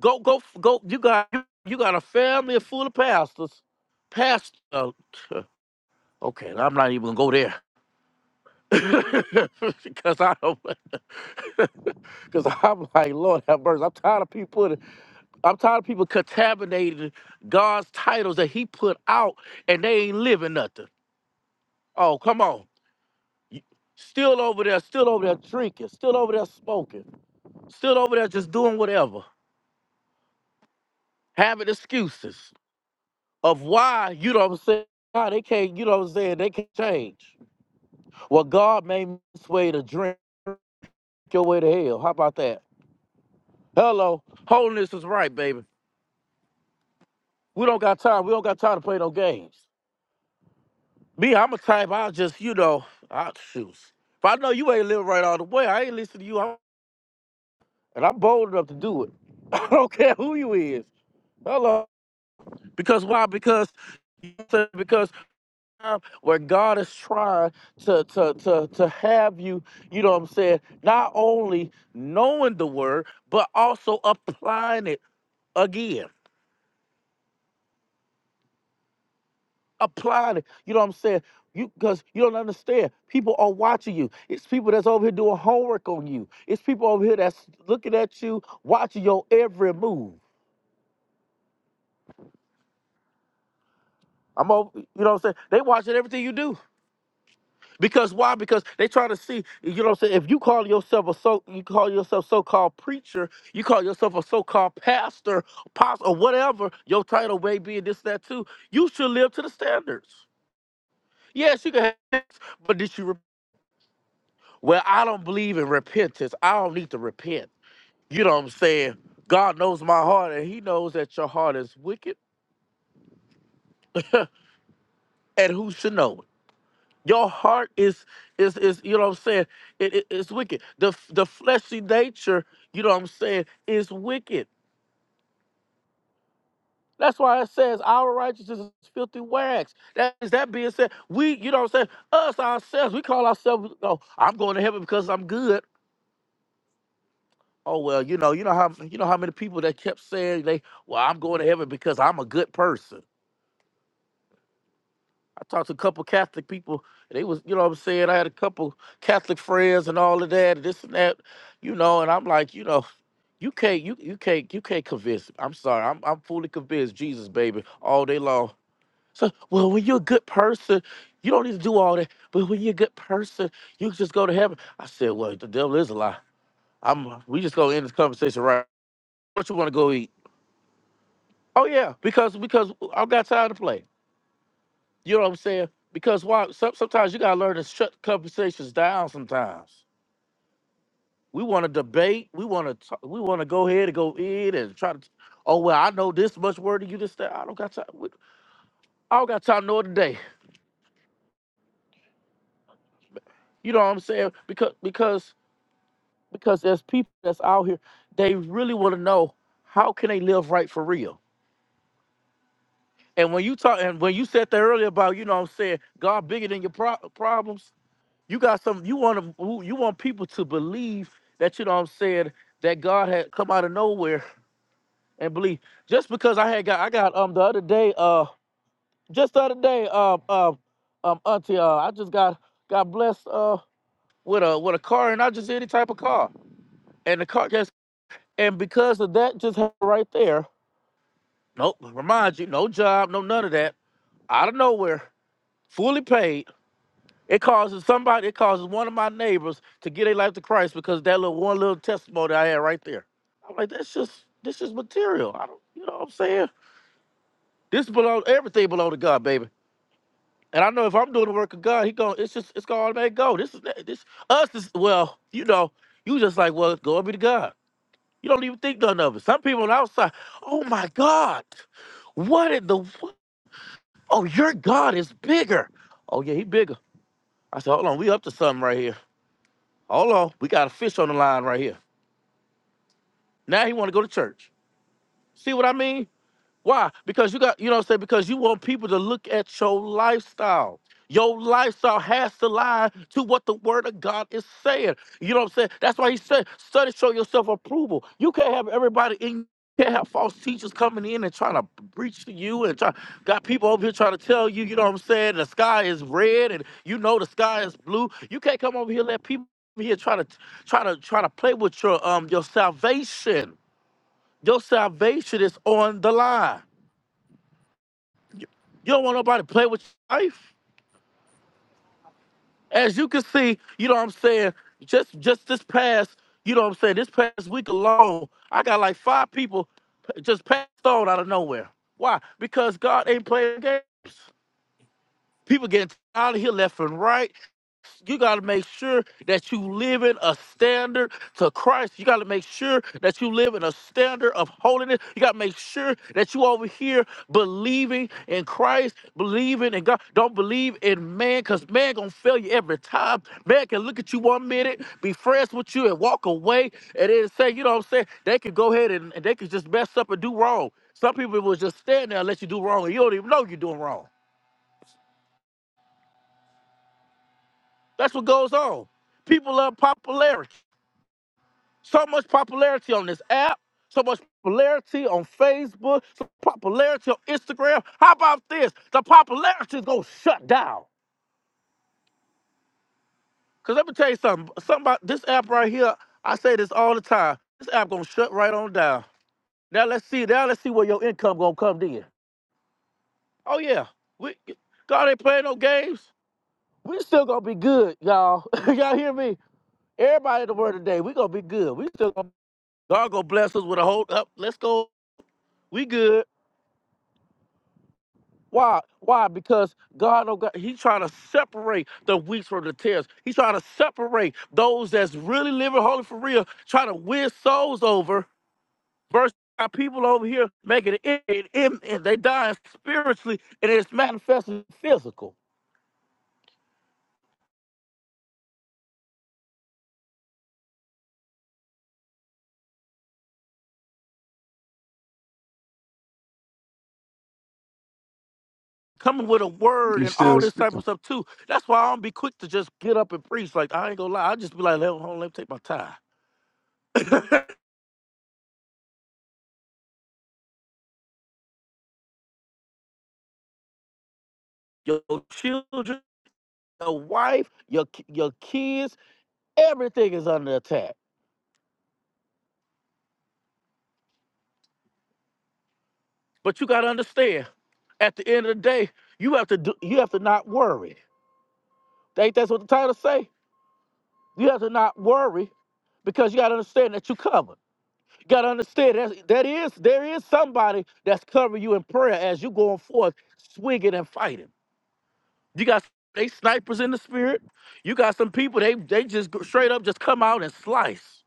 S6: go, go, go. You got, you got a family full of pastors. Pastor, okay, I'm not even gonna go there because I don't. Because I'm like, Lord have mercy. I'm tired of people. I'm tired of people contaminating God's titles that He put out, and they ain't living nothing. Oh, come on. You- Still over there, still over there drinking, still over there smoking, still over there just doing whatever, having excuses of why you know what I'm saying. Why they can't, you know what I'm saying? They can't change. Well, God made me this way to drink your way to hell. How about that? Hello, holiness is right, baby. We don't got time. We don't got time to play no games. Me, I'm a type. I just, you know, I shoot. If I know you ain't living right all the way, I ain't listening to you. I'm- and I'm bold enough to do it. I don't care who you is. Hello. Because why? Because because um, where God is trying to, to to to have you, you know what I'm saying, not only knowing the word, but also applying it again. Applying it. You know what I'm saying? You because you don't understand. People are watching you. It's people that's over here doing homework on you. It's people over here that's looking at you, watching your every move. I'm over, you know what I'm saying? They watching everything you do. Because why? Because they try to see, you know what I'm saying? If you call yourself a so you call yourself so-called preacher, you call yourself a so-called pastor, apostle, or whatever your title may be, and this, that too, you should live to the standards. Yes, you can have sex, but did you re- well, I don't believe in repentance. I don't need to repent. You know what I'm saying? God knows my heart, and he knows that your heart is wicked, and who should know it? Your heart is is is you know what I'm saying. It, it- it's wicked. The f- the fleshy nature, you know what I'm saying, is wicked. That's why it says our righteousness is filthy rags. That is that being said, we you know what I'm saying. Us ourselves, we call ourselves. Oh, I'm going to heaven because I'm good. Oh well, you know you know how you know how many people that kept saying they well I'm going to heaven because I'm a good person. I talked to a couple Catholic people. They was, you know what I'm saying? I had a couple Catholic friends and all of that, this and that, you know, and I'm like, you know, you can't you you can't you can't convince me. I'm sorry. I'm I'm fully convinced Jesus, baby, all day long. So well when you're a good person, you don't need to do all that. But when you're a good person, you can just go to heaven. I said, Well, the devil is a lie. I'm we just gonna end this conversation right. What you wanna go eat? Oh yeah, because because I got time to play. You know what I'm saying? Because why? Some, sometimes you gotta learn to shut conversations down. Sometimes we want to debate. We want to. We want to go ahead and go in and try to. Oh well, I know this much word. and You just say I don't got time. we- I don't got time nor today. You know what I'm saying? Because because because there's people that's out here. They really want to know how can they live right for real. And when you talk and when you said that earlier about you know what I'm saying God bigger than your pro- problems. You got some. You want to. You want people to believe that you know what I'm saying that God had come out of nowhere and believe. Just because I had got, I got um the other day, uh, just the other day, um, um, um, auntie, uh, I just got got blessed uh with a with a car, and I just any type of car, and the car just and because of that, just happened right there. Nope. Remind you, no job, no none of that. Out of nowhere, fully paid It causes somebody, it causes one of my neighbors to get their life to Christ because that little one little testimony I had right there. I'm like, that's just this is material. I don't you know what I'm saying? This belong everything belong to God, baby. And I know if I'm doing the work of God, he going it's just it's gonna automatically go. This is this us is well, you know, you just like, well, glory be to God. You don't even think none of it. Some people on the outside, oh my God, what in the wo- oh your God is bigger. Oh yeah, he bigger. I said, hold on, we up to something right here. Hold on, we got a fish on the line right here. Now he want to go to church. See what I mean? Why? Because you got, you know what I'm saying? Because you want people to look at your lifestyle. Your lifestyle has to lie to what the word of God is saying. You know what I'm saying? That's why he said, study, show yourself approval. You can't have everybody in you can't have false teachers coming in and trying to preach to you and try got people over here trying to tell you, you know what I'm saying, the sky is red and you know the sky is blue. You can't come over here and let people over here try to try to try to play with your um your salvation. Your salvation is on the line. You don't want nobody to play with your life. As you can see, you know what I'm saying. Just just this past, you know what I'm saying. This past week alone, I got like five people just passed on out of nowhere. Why? Because God ain't playing games. People getting out of here left and right. you got to make sure that you live in a standard to Christ. You got to make sure that you live in a standard of holiness. You got to make sure that you over here believing in Christ, believing in God. Don't believe in man because man going to fail you every time. Man can look at you one minute, be friends with you and walk away and then say, you know what I'm saying? They could go ahead and, and they could just mess up and do wrong. Some people will just stand there and let you do wrong and you don't even know you're doing wrong. That's what goes on. People love popularity. So much popularity on this app, so much popularity on Facebook, so much popularity on Instagram. How about this? The popularity is gonna shut down. Cause let me tell you something. Something about this app right here. I say this all the time. This app gonna shut right on down. Now let's see. Now let's see where your income gonna come in. Oh yeah, we God ain't playing no games. We still gonna be good, y'all. y'all hear me? Everybody in the world today, we gonna be good. We still gonna God gonna bless us with a whole up. Let's go. We good. Why? Why? Because God, oh God, He's trying to separate the wheat from the tares. He's trying to separate those that's really living holy for real, trying to win souls over versus our people over here making it, it, it, it- they dying spiritually and it's manifesting physical. Coming with a word
S1: You
S6: and
S1: still
S6: all this type of
S1: speaking?
S6: stuff too. That's why I don't be quick to just get up and preach. Like I ain't gonna lie, I just be like, hold on, let me take my time. your children, your wife, your ki- your kids, everything is under attack. But you gotta understand, at the end of the day, you have to do, you have to not worry. Ain't that's what the title say? You have to not worry because you gotta understand that you covered. You gotta understand that that is there is somebody that's covering you in prayer as you going forth, swinging and fighting. You got they snipers in the spirit. You got some people they they just go- straight up just come out and slice.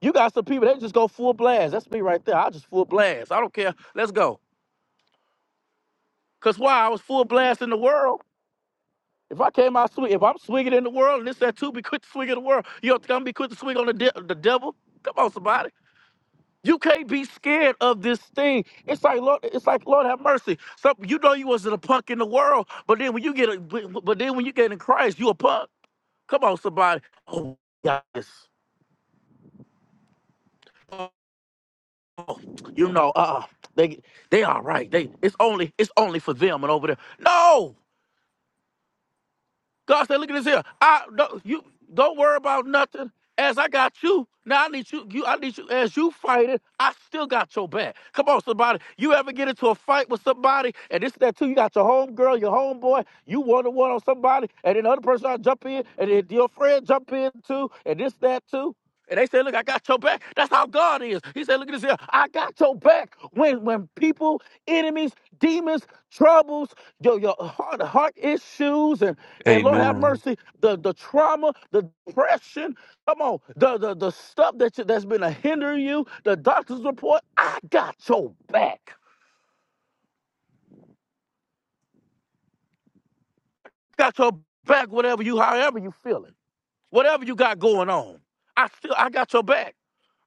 S6: You got some people they just go full blast. That's me right there. I just full blast. I don't care. Let's go. Cause why I was full blast in the world. If I came out swing, if I'm swinging in the world, and this that too, be quick to swing in the world. You don't think I'm gonna be quick to swing on the de- the devil? Come on, somebody. You can't be scared of this thing. It's like Lord, it's like Lord have mercy. Some you know you wasn't a punk in the world, but then when you get a, but but then when you get in Christ, you a punk. Come on, somebody. Oh yeah, yes, you know, uh, they they all right. They it's only it's only for them and over there. No. God said, "Look at this here. I don't you don't worry about nothing. As I got you, now I need you. You, I need you. As you fight it, I still got your back. Come on, somebody. You ever get into a fight with somebody, and this that too? You got your homegirl, your homeboy. You one to one on somebody, and then the other person I jump in, and then your friend jump in too, and this that too. And they say, "Look, I got your back." That's how God is. He said, "Look at this here. I got your back." When when people, enemies, demons, troubles your your heart heart issues and and
S1: Hey,
S6: Lord have mercy the the trauma the depression come on the the, the stuff that you, that's been a hindering you the doctor's report I got your back got your back whatever you however you feeling whatever you got going on I still I got your back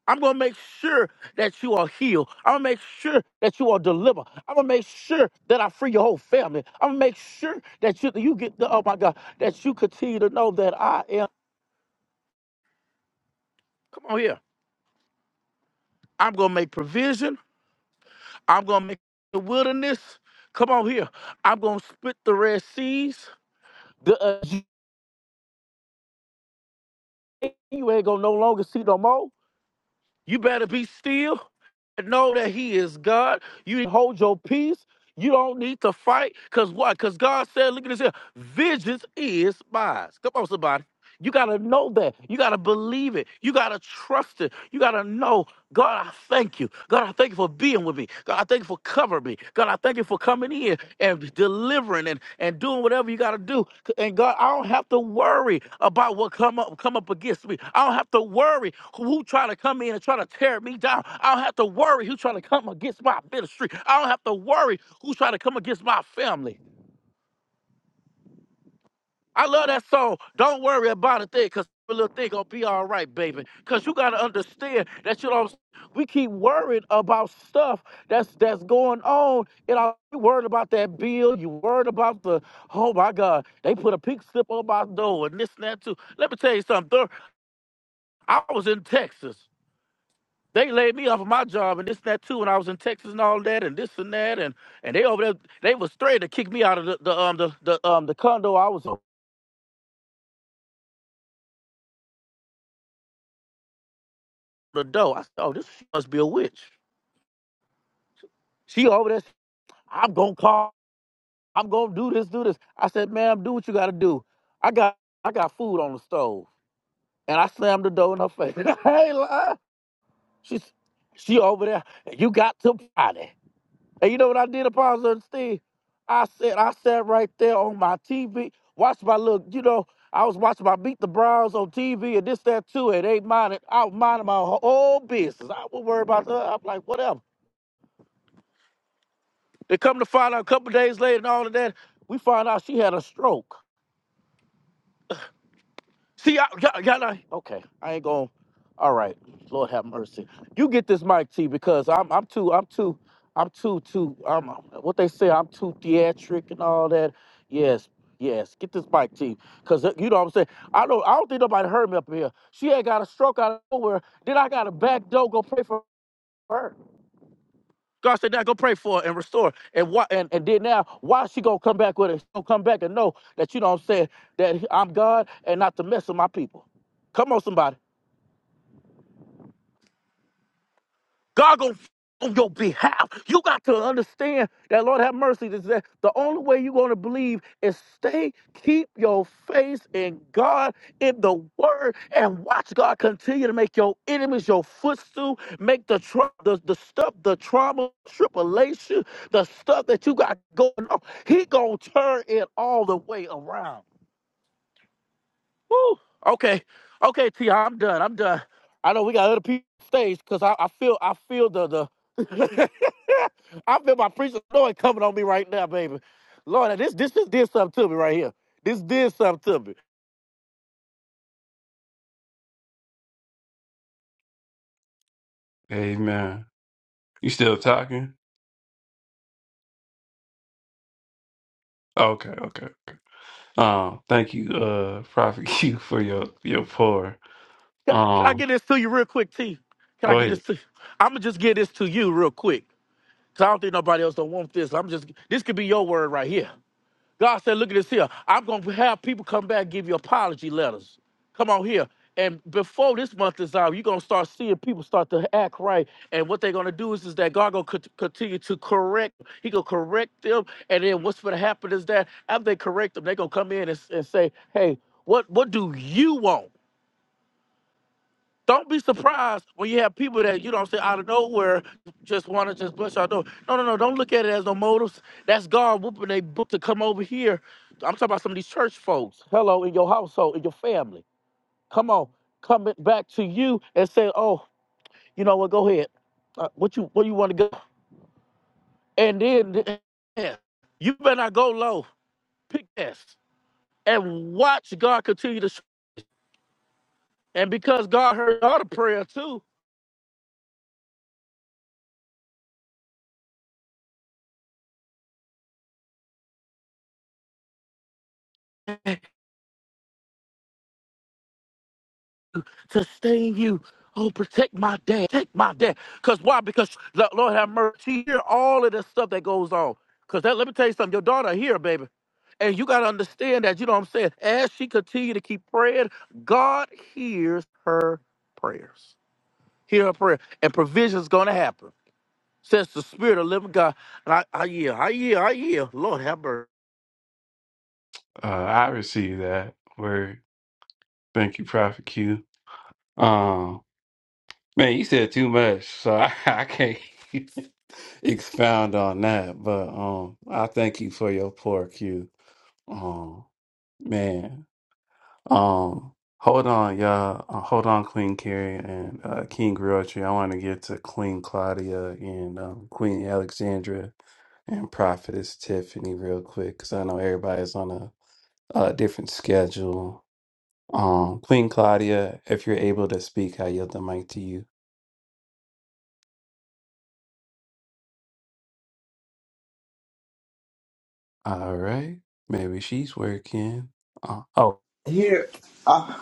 S6: I'm gonna make sure that you are healed. I'm gonna make sure that you are delivered. I'm gonna make sure that I free your whole family. I'm gonna make sure that you you get the oh my God that you continue to know that I am. Come on here. I'm gonna make provision. I'm gonna make the wilderness. Come on here. I'm gonna split the Red Seas. The uh, you you ain't gonna no longer see no more. You better be still and know that He is God. You hold your peace. You don't need to fight. Cause why? Cause God said, look at this here. Vengeance is mine. Come on, somebody. You gotta know that. You gotta believe it. You gotta trust it. You gotta know God, I thank you. God, I thank you for being with me. God, I thank you for covering me. God, I thank you for coming in and delivering and, and doing whatever you got to do. And God, I don't have to worry about what come up come up against me. I don't have to worry who trying to come in and try to tear me down. I don't have to worry who trying to come against my ministry. I don't have to worry who trying to come against my family. I love that song. Don't worry about a thing, cause every little thing gonna be all right, baby. Cause you gotta understand that you know we keep worried about stuff that's that's going on. And I you worried about that bill. You worried about the oh my God, they put a pink slip on my door and this and that too. Let me tell you something. Thur- I was in Texas. They laid me off of my job and this and that too, and I was in Texas and all that and this and that and and they over there they was straight to kick me out of the, the um the, the um the condo I was in. the door. I said, oh, this must be a witch. She over there. I'm gonna call. I'm gonna do this, do this. I said, ma'am, do what you gotta do. I got I got food on the stove. And I slammed the door in her face. I ain't lying. She's she over there. You got to party. And you know what I did Apostle and Steve? I said I sat right there on my TV, watched my little. you know, I was watching my Beat the Browns on TV and this, that, too, and they minded, I was minding my whole business. I was worried about that. I'm like, whatever. They come to find out a couple days later and all of that, we find out she had a stroke. See, I, y'all, y'all not- okay, I ain't going. All right, Lord have mercy. You get this mic, T, because I'm, I'm too, I'm too, I'm too, too, I'm, what they say, I'm too theatric and all that. Yes, yes, get this mic, T, because you know what I'm saying. I don't, I don't think nobody heard me up in here. She had got a stroke out of nowhere. Then I got a back door go pray for her. God said, now go pray for her and restore. her." And why and, and then now, why is she gonna come back with it? She gonna come back and know that you know what I'm saying, that I'm God and not to mess with my people. Come on, somebody. God gonna fight on your behalf. You got to understand that Lord have mercy. Is that the only way you're gonna believe is stay, keep your face in God, in the Word, and watch God continue to make your enemies your footstool, make the tra- the, the stuff, the trauma, tribulation, the stuff that you got going on. He gonna turn it all the way around. Woo. Okay. Okay, T, I'm done. I'm done. I know we got other people on stage because I, I feel I feel the the I feel my preacher Lord coming on me right now, baby. Lord, this this just did something to me right here. This did something to me.
S1: amen. You still talking? Okay, okay, okay. Um, thank you, uh, Prophet Q, for your your pour.
S6: Can, can I
S1: Um,
S6: get this to you real quick, T? Can I
S1: go
S6: get
S1: ahead.
S6: this to you? I'ma just get this to you real quick. Cause I don't think nobody else don't want this. I'm just this could be your word right here. God said, look at this here. I'm going to have people come back and give you apology letters. Come on here. And before this month is out, you're going to start seeing people start to act right. And what they're going to do is, is that God going to continue to correct. He going to correct them. And then what's going to happen is that after they correct them, they going to come in and, s- and say, hey, what, what do you want? Don't be surprised when you have people that you don't say out of nowhere just want to just bust your door. No, no, no. Don't look at it as no motives. That's God whooping they book to come over here. I'm talking about some of these church folks. Hello, in your household, in your family. Come on, come it back to you and say, oh, you know what? Go ahead. Uh, what you where you want to go? And then yeah, you better not go low. Pick this and watch God continue to. sh- And because God heard all the prayer too, sustain you. Oh, protect my dad. Protect my dad. Because why? Because Lo- Lord have mercy. She hear all of this stuff that goes on. Because that, let me tell you something. Your daughter here, baby. And you got to understand that, you know what I'm saying? As she continue to keep praying, God hears her prayers. Hear her prayer. And provision's going to happen. Says the spirit of living God. And I, I yield. I yield. I yield. Lord have mercy.
S1: Uh, I received that word. Thank you, Prophet Q. Um. Man, you said too much, so I, I can't expound on that. But um, I thank you for your pour, Q. Um, man, um, hold on, y'all. Uh, hold on, Queen Carrie and uh, King Griotri. I want to get to Queen Claudia and um, Queen Alexandra and Prophetess Tiffany real quick, because I know everybody's on a, a different schedule. Um, Queen Claudia, if you're able to speak, I yield the mic to you. All right. Maybe she's working. Oh, oh,
S7: Here, uh,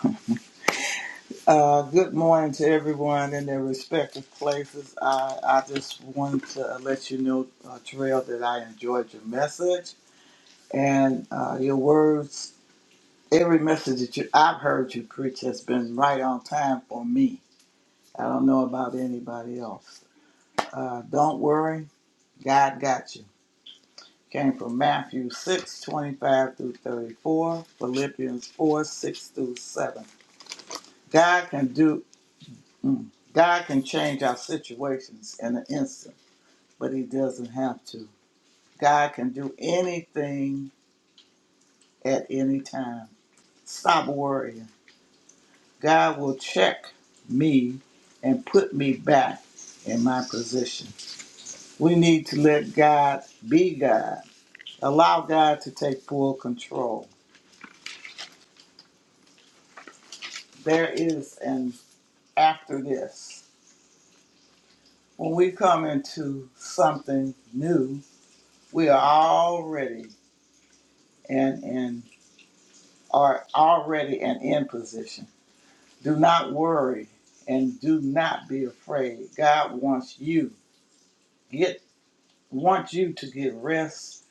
S7: uh, good morning to everyone in their respective places. I, I just wanted to let you know, uh, Terrell, that I enjoyed your message and uh, your words. Every message that you, I've heard you preach has been right on time for me. I don't know about anybody else. Uh, don't worry, God got you. Came from Matthew 6 25 through 34, Philippians 4 6 through 7. God can do Mm. God can change our situations in an instant, but He doesn't have to. God can do anything at any time. Stop worrying. God will check me and put me back in my position. We need to let God be God. Allow God to take full control. There is an after this. When we come into something new, we are already and in. an are already an in position. Do not worry and do not be afraid. God wants you get wants you to get rest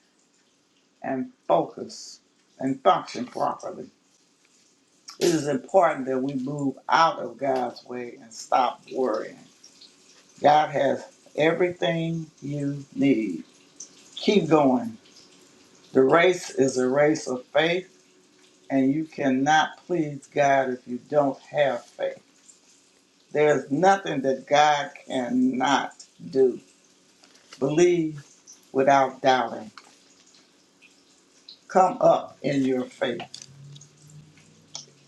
S7: and focus and function properly. It is important that we move out of God's way and stop worrying. God has everything you need. Keep going. The race is a race of faith, and you cannot please God if you don't have faith. There is nothing that God cannot do. Believe without doubting. Come up in your faith.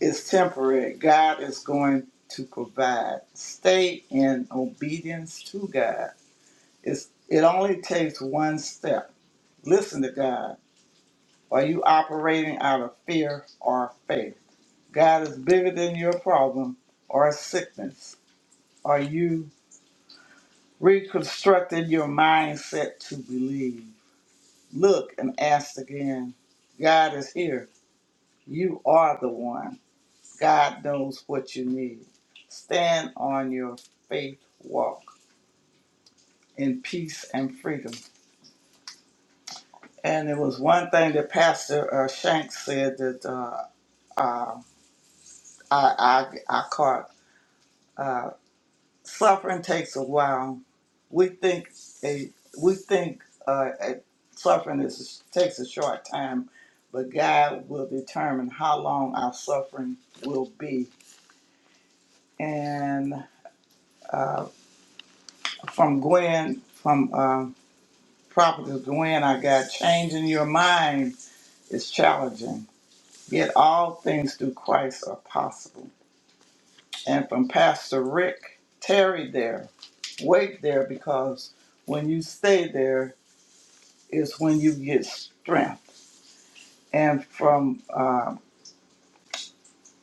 S7: It's temporary. God is going to provide. Stay in obedience to God. It's, it only takes one step. Listen to God. Are you operating out of fear or faith? God is bigger than your problem or sickness. Are you reconstructing your mindset to believe? Look and ask again. God is here. You are the one. God knows what you need. Stand on your faith walk in peace and freedom. And it was one thing that Pastor uh, Shanks said that uh, uh, I, I, I caught. Uh, suffering takes a while. We think a we think uh, a suffering is takes a short time, but God will determine how long our suffering will be. And uh, from Gwen, from uh, Prophetess Gwen, I got changing your mind is challenging. Yet all things through Christ are possible. And from Pastor Rick, tarry there, wait there, because when you stay there, is when you get strength. And from uh,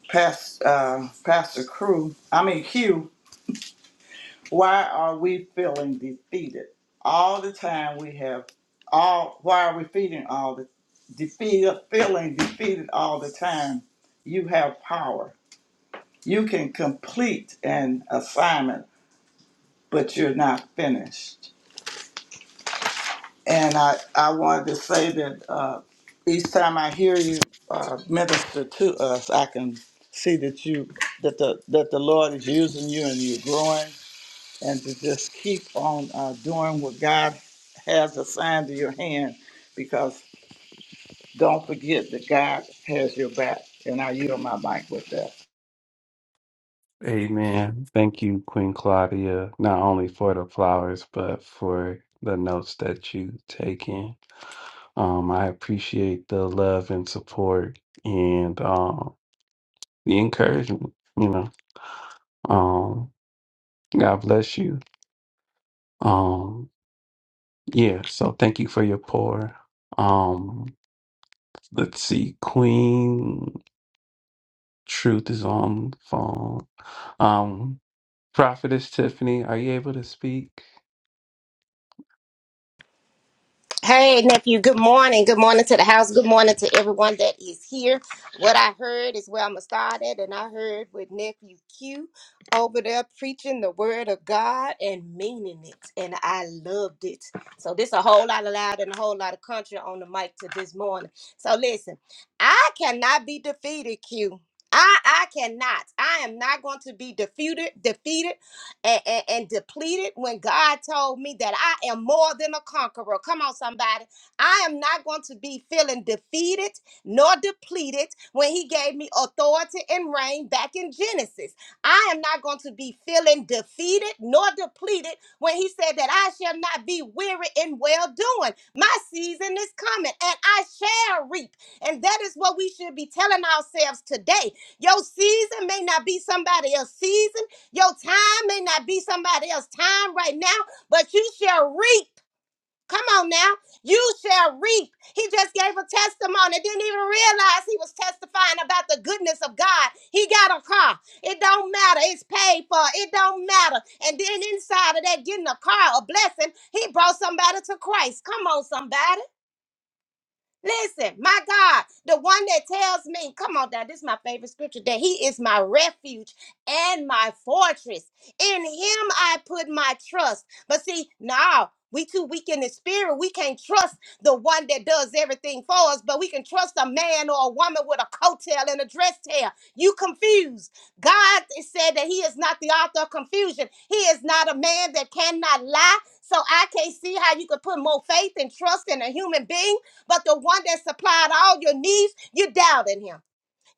S7: past, uh, Pastor Crew, I mean Hugh, why are we feeling defeated all the time? We have all. Why are we feeling all the defeated, feeling defeated all the time? You have power. You can complete an assignment, but you're not finished. And I, I wanted to say that uh, each time I hear you uh, minister to us, I can see that you that the that the Lord is using you and you're growing, and to just keep on uh, doing what God has assigned to your hand, because don't forget that God has your back. And I yield my mic with that.
S1: amen. Thank you, Queen Claudia, not only for the flowers, but for the notes that you taken. Um, I appreciate the love and support and um the encouragement, you know. Um, God bless you. Um, yeah, so thank you for your pour. Um, let's see, Queen Truth is on the phone. Um, Prophetess Tiffany, are you able to speak?
S8: Hey, nephew, good morning. Good morning to the house. Good morning to everyone that is here. What I heard is where I'm going to start at, and I heard with nephew Q over there preaching the word of God and meaning it, and I loved it. So, this a whole lot of loud and a whole lot of country on the mic to this morning. So, listen, I cannot be defeated, Q. I, I cannot. I am not going to be defeated. Defeated and, and, and depleted when God told me that I am more than a conqueror. Come on, somebody. I am not going to be feeling defeated nor depleted when He gave me authority and reign back in Genesis. I am not going to be feeling defeated nor depleted when He said that I shall not be weary in well doing. My season is coming and I shall reap. And that is what we should be telling ourselves today. Your season may not be somebody else's season. Your time may not be somebody else's time right now, but you shall reap. Come on now. You shall reap. He just gave a testimony. Didn't even realize he was testifying about the goodness of God. He got a car. It don't matter. It's paid for. It don't matter. And then inside of that, getting a car, a blessing, he brought somebody to Christ. Come on, somebody. Listen, my God, the one that tells me, come on down, this is my favorite scripture, that he is my refuge and my fortress. In him I put my trust. But see, now we too weak in the spirit. We can't trust the one that does everything for us, but we can trust a man or a woman with a coattail and a dress tail. You confused. God is said that he is not the author of confusion. He is not a man that cannot lie. So I can't see how you could put more faith and trust in a human being but the one that supplied all your needs, you doubted him.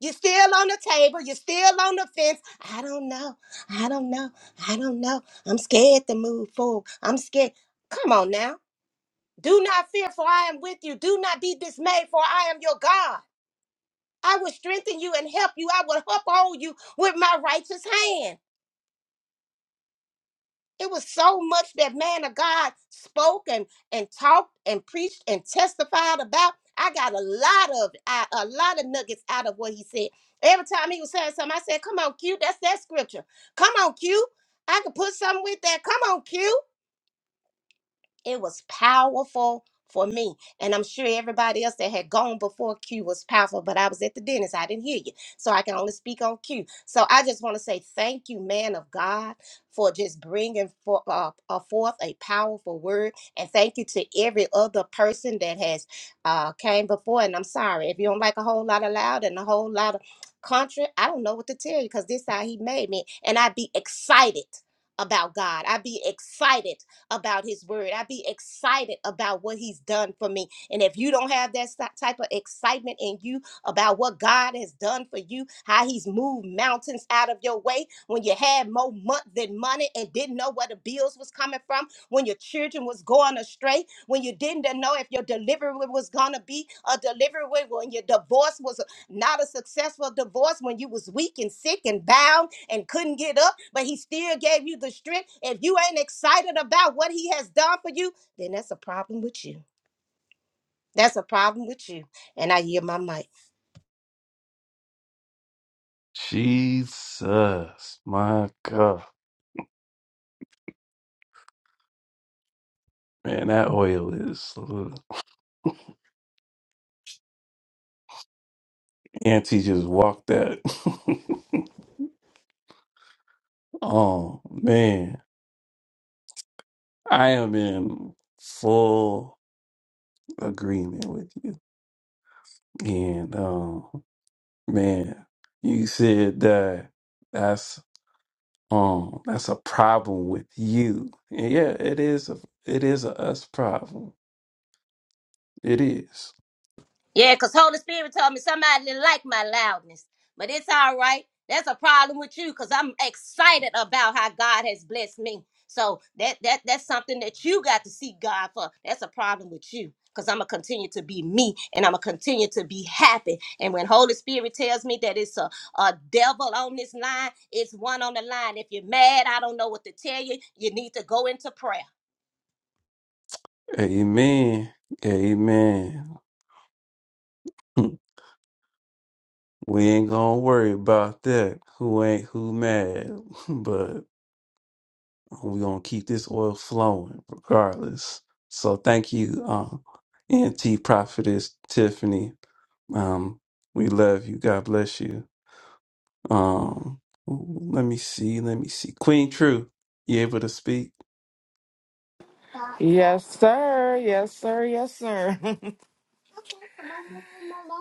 S8: You're still on the table. You're still on the fence. I don't know. I don't know. I don't know. I'm scared to move forward. I'm scared. Come on now. Do not fear, for I am with you. Do not be dismayed, for I am your God. I will strengthen you and help you. I will uphold you with my righteous hand. It was so much that man of God spoke and, and talked and preached and testified about. I got a lot of I- a lot of nuggets out of what he said. Every time he was saying something, I said, "Come on, Q, that's that scripture. Come on, Q, I could put something with that. Come on, Q." It was powerful for me. And I'm sure everybody else that had gone before Q was powerful, but I was at the dentist. I didn't hear you. So I can only speak on Q. So I just want to say thank you, man of God, for just bringing for, uh, uh, forth a powerful word. And thank you to every other person that has uh, came before. And I'm sorry if you don't like a whole lot of loud and a whole lot of country. I don't know what to tell you because this how he made me. And I'd be excited about God. I'd be excited about his word. I be excited about what he's done for me. And if you don't have that si- type of excitement in you about what God has done for you, how he's moved mountains out of your way, when you had more month than money and didn't know where the bills was coming from, when your children was going astray, when you didn't know if your delivery was gonna be a delivery, when your divorce was not a successful divorce when you was weak and sick and bound and couldn't get up but he still gave you the strength if you ain't excited about what he has done for you then that's a problem with you that's a problem with you and i hear my mic
S1: Jesus, my God. Man, that oil is. Auntie just walked that. oh, man. I am in full agreement with you. And, um, man, you said that that's. Um, that's a problem with you. And yeah, it is a it is a us problem. It is.
S8: Yeah, because Holy Spirit told me somebody didn't like my loudness. But it's all right. That's a problem with you because I'm excited about how God has blessed me. So that that that's something that you got to seek God for. That's a problem with you. Because I'm gonna continue to be me and I'm gonna continue to be happy. And when Holy Spirit tells me that it's a, a devil on this line, it's one on the line. If you're mad, I don't know what to tell you. You need to go into prayer.
S1: Amen. Amen. We ain't gonna worry about that. Who ain't who mad, but we gonna keep this oil flowing regardless. So thank you, um, NT Prophetess Tiffany. Um, we love you. God bless you. Um, let me see. Let me see. Queen True, you able to speak?
S9: Yes, sir. Yes, sir. Yes, sir.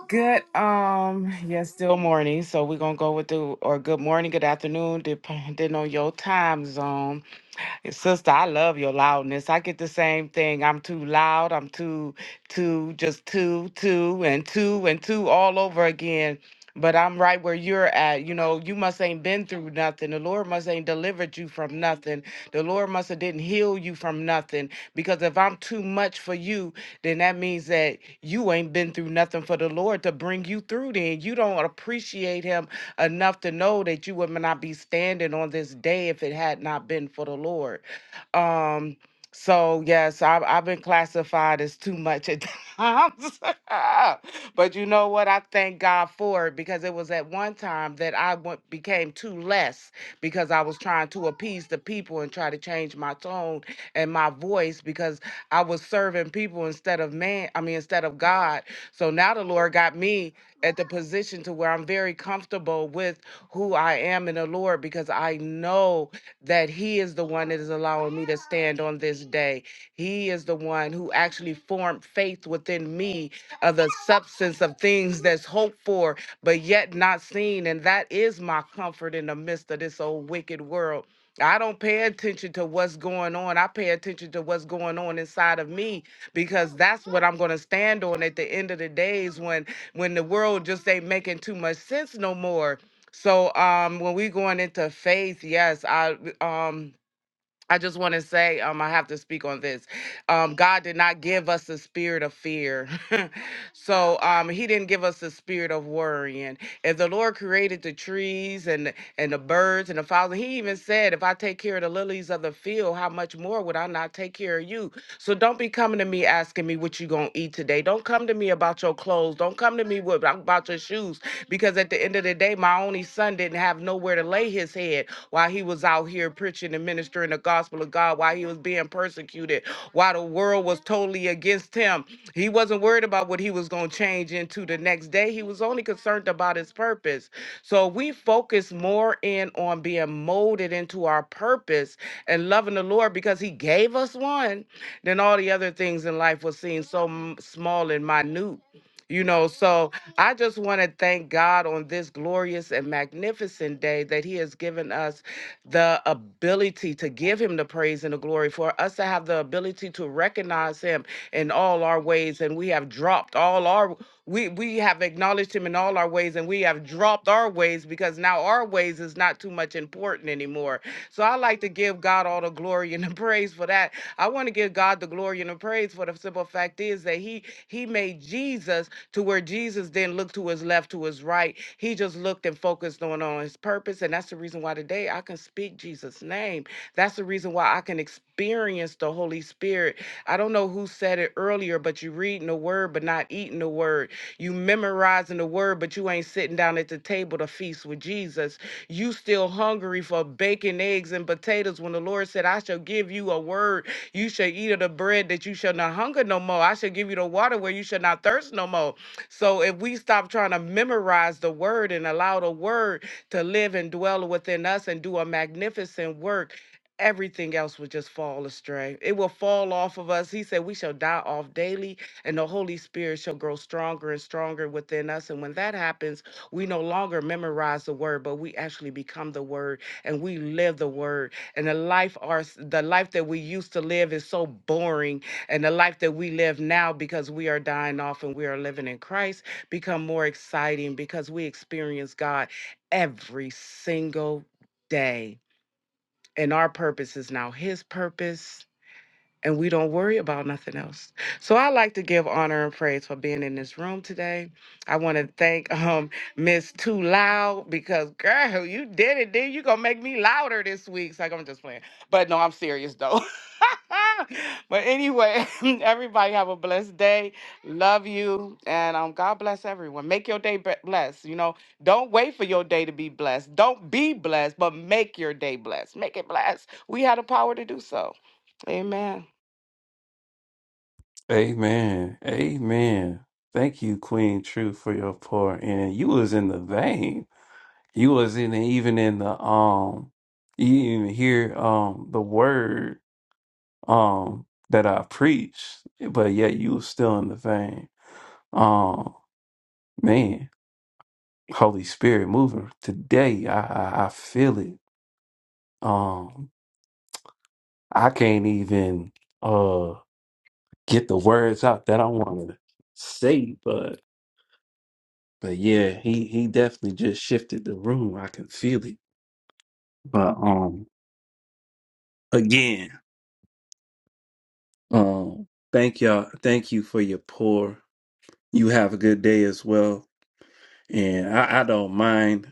S9: good. Um. Yes, still morning. So we're gonna go with the or good morning, good afternoon, dep- depending on your time zone. Sister, I love your loudness. I get the same thing. I'm too loud. I'm too, too, just too, too, and too, and too all over again. But I'm right where you're at. You know, you must ain't been through nothing. The Lord must ain't delivered you from nothing. The Lord must have didn't heal you from nothing. Because if I'm too much for you, then that means that you ain't been through nothing for the Lord to bring you through. Then you don't appreciate Him enough to know that you would not be standing on this day if it had not been for the Lord. Um, so yes, I've I've been classified as too much at times, but you know what? I thank God for it because it was at one time that I went became too less because I was trying to appease the people and try to change my tone and my voice because I was serving people instead of man, I mean, instead of God. So now the Lord got me at the position to where I'm very comfortable with who I am in the Lord because I know that He is the one that is allowing me to stand on this day. He is the one who actually formed faith within me of the substance of things that's hoped for, but yet not seen. And that is my comfort in the midst of this old wicked world I don't pay attention to what's going on. I pay attention to what's going on inside of me because that's what I'm going to stand on at the end of the days when when the world just ain't making too much sense no more. So um when we going into faith, yes, I um I just want to say um I have to speak on this. Um God did not give us a spirit of fear. so um he didn't give us a spirit of worrying. If the Lord created the trees and and the birds and the fowls. He even said, If I take care of the lilies of the field, how much more would I not take care of you? So don't be coming to me asking me what you gonna eat today. Don't come to me about your clothes. Don't come to me with, about your shoes. Because at the end of the day, my only son didn't have nowhere to lay his head while he was out here preaching and ministering the gospel of God, while he was being being persecuted while the world was totally against him. He wasn't worried about what he was going to change into the next day. He was only concerned about his purpose. So we focus more in on being molded into our purpose and loving the Lord because he gave us one, then all the other things in life will seem so m- small and minute. You know, so I just want to thank God on this glorious and magnificent day that He has given us the ability to give Him the praise and the glory, for us to have the ability to recognize Him in all our ways. And we have dropped all our we we have acknowledged him in all our ways and we have dropped our ways because now our ways is not too much important anymore so i like to give god all the glory and the praise for that i want to give god the glory and the praise for the simple fact is that he he made jesus to where jesus didn't look to his left to his right he just looked and focused on on his purpose and that's the reason why today i can speak jesus name that's the reason why I can experience the Holy Spirit. I don't know who said it earlier, but you reading the word, but not eating the word. You memorizing the word, but you ain't sitting down at the table to feast with Jesus. You still hungry for bacon, eggs, and potatoes when the Lord said, I shall give you a word. You shall eat of the bread that you shall not hunger no more. I shall give you the water where you shall not thirst no more. So if we stop trying to memorize the word and allow the word to live and dwell within us and do a magnificent work, everything else will just fall astray. It will fall off of us. He said, We shall die off daily, and the Holy Spirit shall grow stronger and stronger within us. And when that happens, we no longer memorize the word, but we actually become the word and we live the word. And the life our the life that we used to live is so boring. And the life that we live now because we are dying off and we are living in Christ become more exciting because we experience God every single day and our purpose is now his purpose and we don't worry about nothing else. So I like to give honor and praise for being in this room today. I want to thank um Miss Too Loud because girl, you did it, dude. You gonna make me louder this week. So I'm just playing. But no, I'm serious though. but anyway, everybody have a blessed day. Love you, and um, God bless everyone. Make your day be- blessed. You know, don't wait for your day to be blessed. Don't be blessed, but make your day blessed. Make it blessed. We had the power to do so. Amen.
S1: Amen. Amen. Thank you, Queen True, for your pour in. You was in the vein. You was in even in the um you didn't even hear um the word um that I preached, but yet you was still in the vein. Um man, Holy Spirit moving today. I I, I feel it. Um I can't even uh get the words out that I wanted to say, but but yeah, he he definitely just shifted the room. I can feel it. But um again. Um, thank y'all. Thank you for your pour. You have a good day as well. And I, I don't mind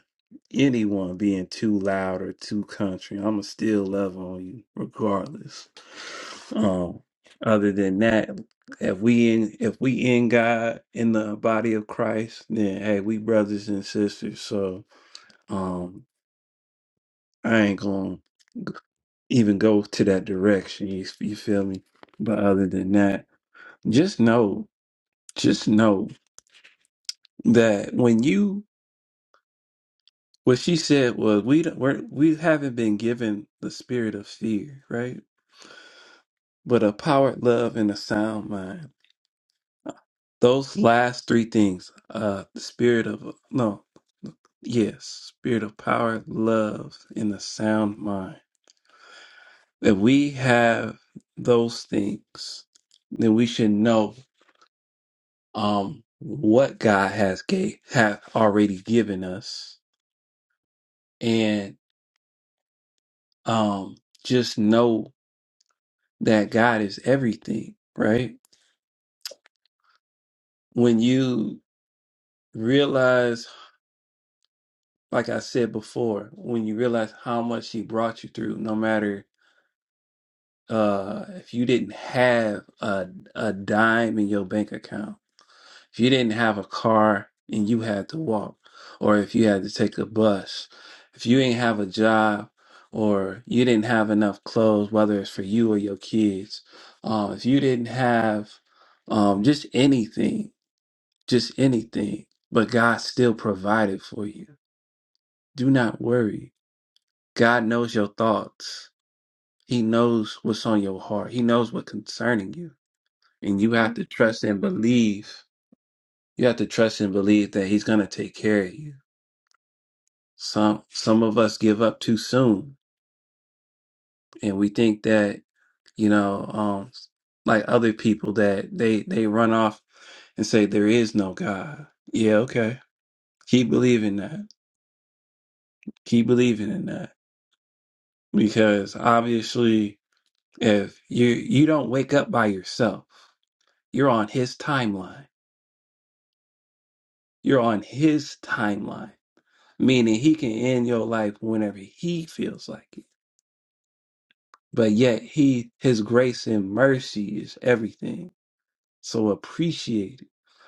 S1: anyone being too loud or too country. I'ma still love on you regardless. Um, other than that, if we in if we in God in the body of Christ, then hey, we brothers and sisters. So um I ain't gonna even go to that direction. You, you feel me? But other than that, just know Just know that when you, what she said was, we don't, we're, we haven't been given the spirit of fear, right? But a power, love, and a sound mind. Those last three things, uh, the spirit of, no, yes, spirit of power, love, and a sound mind. If we have those things, then we should know, um, what God has gave, have already given us. And, um, just know that God is everything, right? When you realize, like I said before, when you realize how much He brought you through, no matter uh, if you didn't have a, a dime in your bank account, if you didn't have a car and you had to walk, or if you had to take a bus, if you didn't have a job, or you didn't have enough clothes, whether it's for you or your kids, um, if you didn't have um, just anything, just anything, but God still provided for you. Do not worry. God knows your thoughts. He knows what's on your heart. He knows what's concerning you. And you have to trust and believe. You have to trust and believe that he's going to take care of you. Some some of us give up too soon and we think that, you know, um like other people that they they run off and say there is no God. Yeah, okay. Keep believing that. Keep believing in that because obviously if you you don't wake up by yourself you're on his timeline you're on his timeline meaning he can end your life whenever he feels like it but yet he his grace and mercy is everything so appreciate it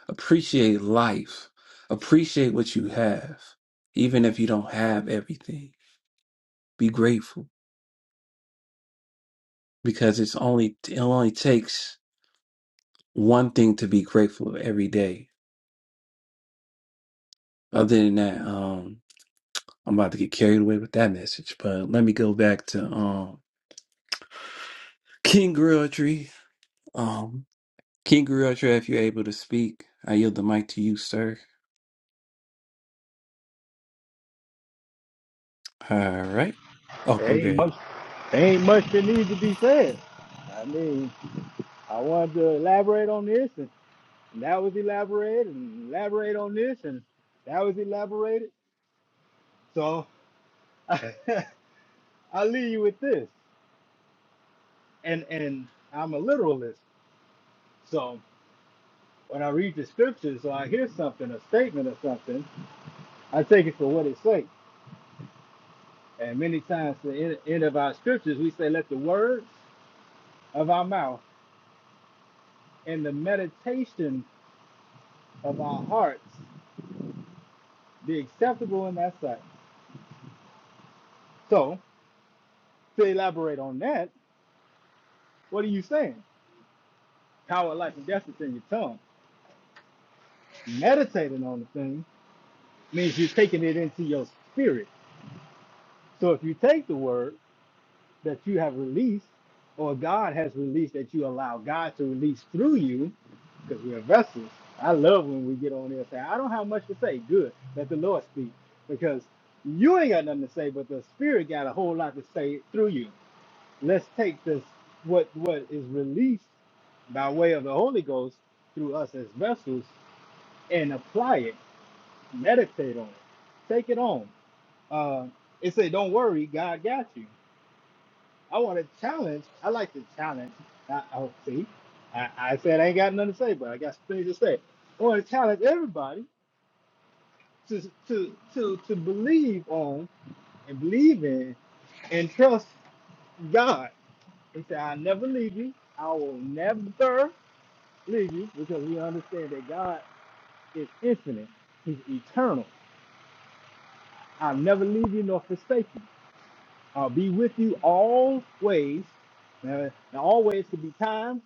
S1: appreciate life appreciate what you have even if you don't have everything be grateful because it's only it only takes one thing to be grateful every day Other than that, um, I'm about to get carried away with that message. But let me go back to um King Grilltree. Um King Grilltree, if you're able to speak, I yield the mic to you, sir. All right. Oh,
S10: There Ain't
S1: okay.
S10: much, there ain't much that needs to be said. I mean, I wanted to elaborate on this, and that was elaborated, and elaborate on this, and that was elaborated. So I'll leave you with this, and and I'm a literalist. So when I read the scriptures, or I hear something, a statement or something, I take it for what it says. And many times, the end, end of our scriptures, we say, "Let the words of our mouth and the meditation of our hearts." be acceptable in that sight. So, to elaborate on that, what are you saying? Power, life, and death is in your tongue. Meditating on the thing means you're taking it into your spirit. So, if you take the word that you have released, or God has released that you allow God to release through you, because we are vessels. I love when we get on there and say, I don't have much to say. Good. Let the Lord speak. Because you ain't got nothing to say, but the Spirit got a whole lot to say through you. let's take this what what is released by way of the Holy Ghost through us as vessels and apply it, meditate on it, take it on. Uh, and say, don't worry, God got you. I want to challenge. I like to challenge. I, I see. I, I said I ain't got nothing to say, but I got things to say. I want to challenge everybody to to to to believe on and believe in and trust God. He said, I'll never leave you. I will never leave you because we understand that God is infinite. He's eternal. I'll never leave you nor forsake you. I'll be with you always. Now, now always can be time.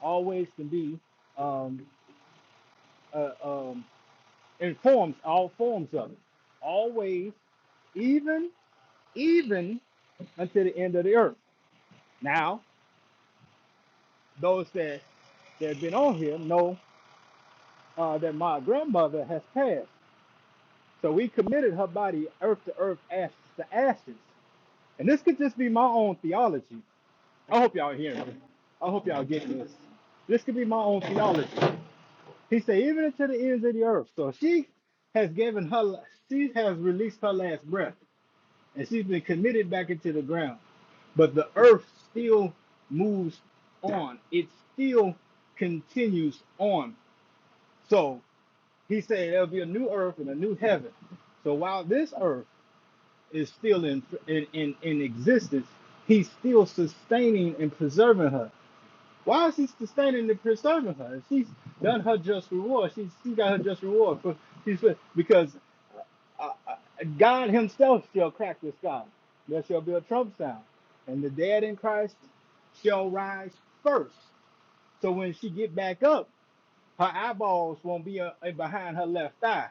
S10: Always can be um, uh, um, in forms, all forms of it. Always, even, even until the end of the earth. Now, those that, that have been on here know uh, that my grandmother has passed. So we committed her body earth to earth, ashes to ashes. And this could just be my own theology. I hope y'all hearing me. I hope y'all getting this. This could be my own theology. He said, even unto the ends of the earth. So she has given her, she has released her last breath, and she's been committed back into the ground. But the earth still moves on. It still continues on. So he said there'll be a new earth and a new heaven. So while this earth is still in, in in in existence, he's still sustaining and preserving her. Why is he sustaining and preserving her? She's done her just reward. She's she got her just reward. For, she's because uh, uh, God Himself shall crack the sky. There shall be a trump sound, and the dead in Christ shall rise first. So when she get back up, her eyeballs won't be uh, uh, behind her left eye,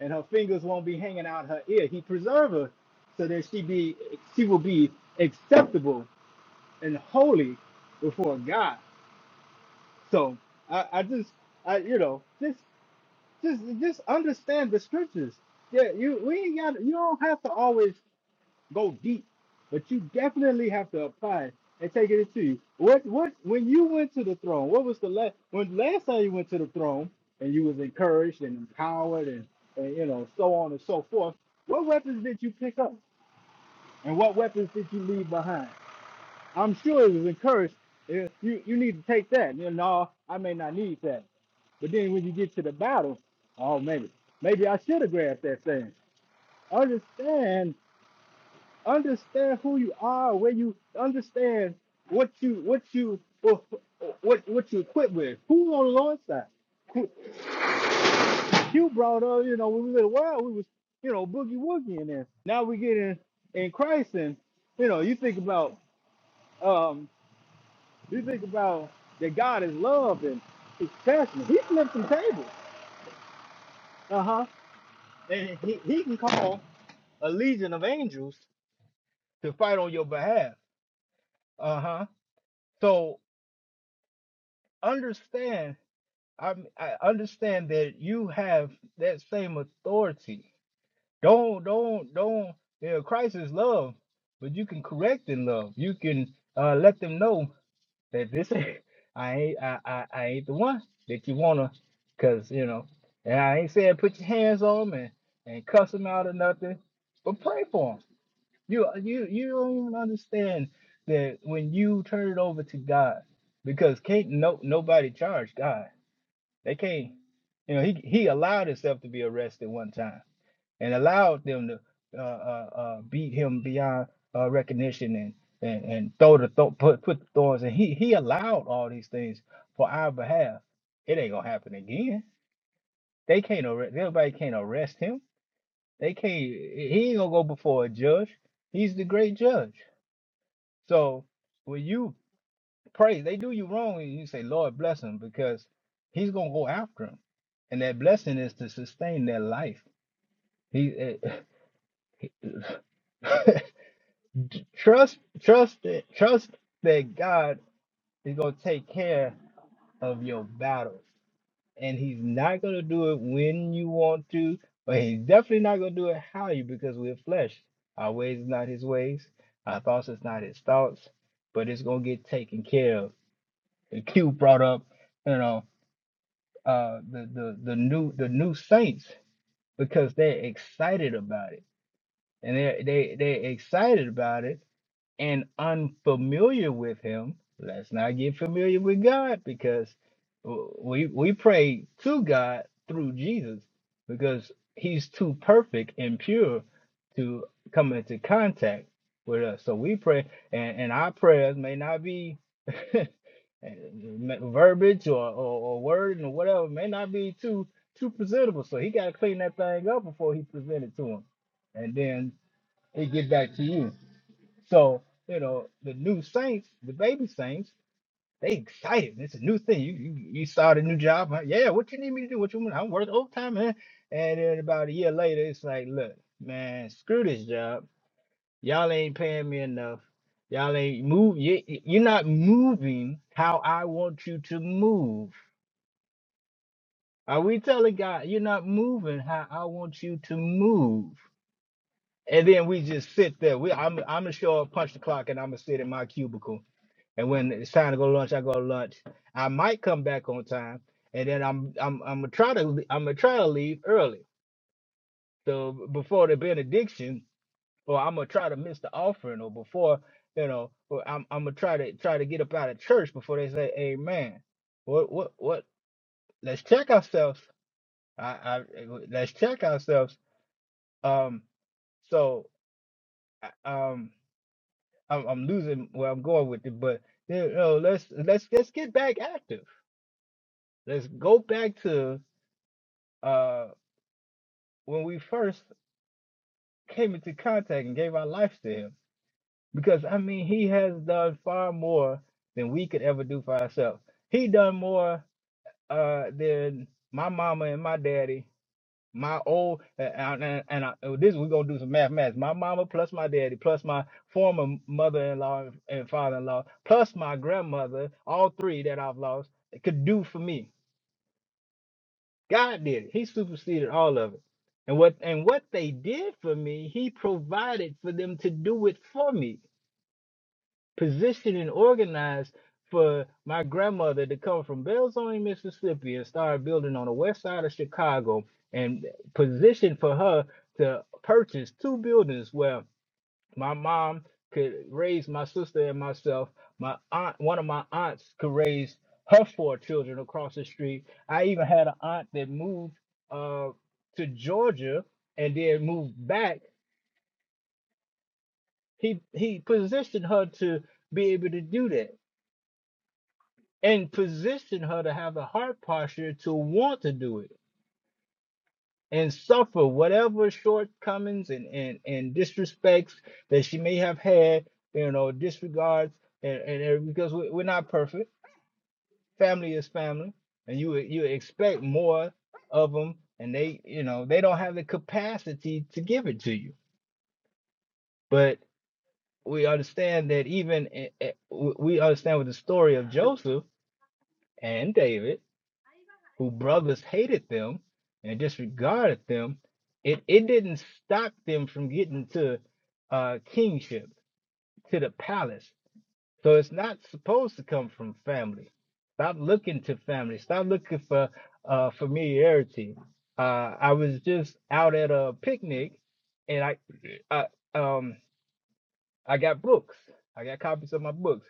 S10: and her fingers won't be hanging out her ear. He preserve her so that she be she will be acceptable and holy before God. So I, I just I you know just just just understand the scriptures. Yeah, you we ain't got you don't have to always go deep, but you definitely have to apply it and take it into you. What what when you went to the throne? What was the last when last time you went to the throne and you was encouraged and empowered and, and you know so on and so forth? What weapons did you pick up and what weapons did you leave behind? I'm sure it was encouraged. Yeah, You you need to take that. You know, no, I may not need that. But then when you get to the battle, oh maybe maybe I should have grabbed that thing. Understand understand who you are, where you understand what you what you what what what you equipped with. Who on the Lord's side? Who- You brought up, you know, when we were in we was you know boogie woogie in there. Now we get in in Christ, and you know, you think about um, you think about that God is love and His passion. He flipped some tables, uh huh, and he he can call a legion of angels to fight on your behalf, uh huh. So understand i I understand that you have that same authority. Don't don't don't. You know, Christ is love, but you can correct in love. You can uh, let them know that this ain't- I ain't I, I, I ain't the one that you wanna, cause you know. And I ain't saying put your hands on them and, and cuss them out or nothing, but pray for them. You you you don't even understand that when you turn it over to God, because can't no nobody charge God. They can't, you know, he he allowed himself to be arrested one time and allowed them to uh, uh, uh, beat him beyond uh, recognition and and, and throw the th- put put the thorns and he he allowed all these things for our behalf. It ain't gonna happen again. They can't arrest. Everybody can't arrest him. They can't. He ain't gonna go before a judge. He's the great judge. So when you Crazy. They do you wrong, and you say, Lord, bless him, because he's going to go after him. And that blessing is to sustain their life. He eh, Trust, trust it. Trust that God is going to take care of your battles. And he's not going to do it when you want to, but he's definitely not going to do it how you, because we're flesh. Our ways is not his ways. Our thoughts is not his thoughts, but it's going to get taken care of. And Q brought up, you know. uh the the the new the new saints because they're excited about it and they they they're excited about it and unfamiliar with him, let's not get familiar with God because w- we we pray to God through Jesus because he's too perfect and pure to come into contact with us. So we pray and, and our prayers may not be verbiage or, or, or word and whatever may not be too too presentable. So he gotta clean that thing up before he present it to him. And then it get back to you. So, you know, the new saints, the baby saints, they excited. It's a new thing. You you, you started a new job. Huh? Yeah, what you need me to do? What you want? I'm working overtime, man. And then about a year later, it's like, look, man, screw this job. Y'all ain't paying me enough. Y'all ain't move. you- you're not moving how I want you to move. Are we telling God you're not moving how I want you to move? And then we just sit there. We, I'm, I'm gonna show up, punch the clock, and I'm gonna sit in my cubicle And when it's time to go to lunch, I go to lunch. I might come back on time, and then I'm I'm I'm gonna try to le- I'm gonna try to leave early, so b- before the benediction, or I'm gonna try to miss the offering, or before you know, or I'm I'm gonna try to try to get up out of church before they say Amen. What what what? Let's check ourselves. I, I let's check ourselves. Um, so I- um, I'm, I'm losing where I'm going with it, but you know, let's let's let's get back active. Let's go back to uh when we first came into contact and gave our lives to him because i mean he has done far more than we could ever do for ourselves he done more uh than my mama and my daddy my old and, and, and I, oh, this we're gonna do some mathematics my mama plus my daddy plus my former mother-in-law and father-in-law plus my grandmother all three that i've lost could do for me God did it. He superseded all of it. And what and what they did for me, he provided for them to do it for me. Positioned and organized for my grandmother to come from Belzoni, Mississippi and start building on the west side of Chicago and positioned for her to purchase two buildings where my mom could raise my sister and myself. My aunt, one of my aunts, could raise her four children across the street. I even had an aunt that moved uh, to Georgia and then moved back. He he positioned her to be able to do that and positioned her to have the heart posture to want to do it and suffer whatever shortcomings and, and, and disrespects that she may have had, you know, disregards and, and every- because we, we're not perfect. Family is family, and you would- you would expect more of them, and they you know they don't have the capacity to give it to you. But we understand that even i- i- w- we understand with the story of Joseph and David who brothers hated them and disregarded them, it, it didn't stop them from getting to uh, kingship, to the palace. So it's not supposed to come from family. Stop looking to family. Stop looking for uh, familiarity. Uh, I was just out at a picnic, and I, I um, I got books. I got copies of my books,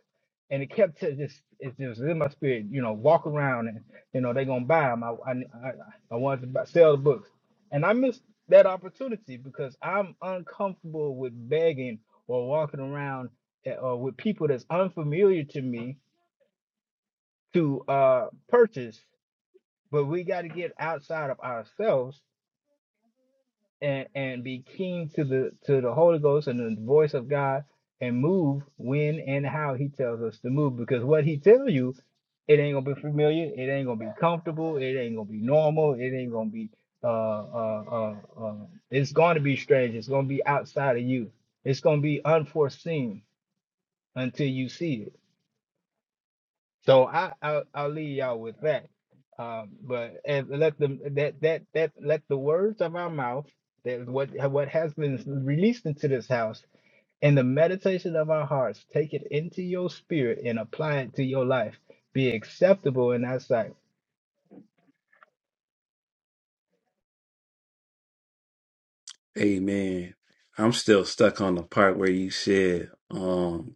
S10: and it kept to just it's just in my spirit. You know, walk around and you know they gonna buy them. I I I, I wanted to buy, sell the books, and I missed that opportunity because I'm uncomfortable with begging or walking around a- or with people that's unfamiliar to me to uh purchase. But we got to get outside of ourselves and and be keen to the to the Holy Ghost and the voice of God and move when and how He tells us to move. Because what He tells you, it ain't gonna be familiar. It ain't gonna be comfortable. It ain't gonna be normal. It ain't gonna be uh uh uh. uh it's going to be strange. It's gonna be outside of you. It's gonna be unforeseen until you see it. So I I'll, I'll leave y'all with that. Um, but and let them that that that let the words of our mouth that what what has been released into this house and the meditation of our hearts take it into your spirit and apply it to your life. Be acceptable in our sight.
S1: Amen. I'm still stuck on the part where you said, um,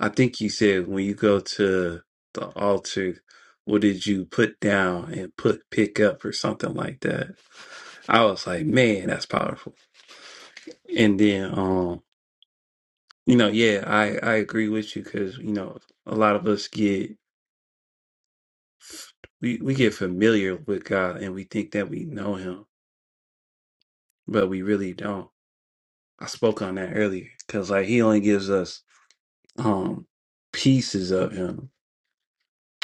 S1: I think you said when you go to the altar, what did you put down and put pick up or something like that? I was like, man, that's powerful. And then You know, yeah, I I agree with you because you know a lot of us get we we get familiar with God and we think that we know Him, but we really don't. I spoke on that earlier because like He only gives us um pieces of Him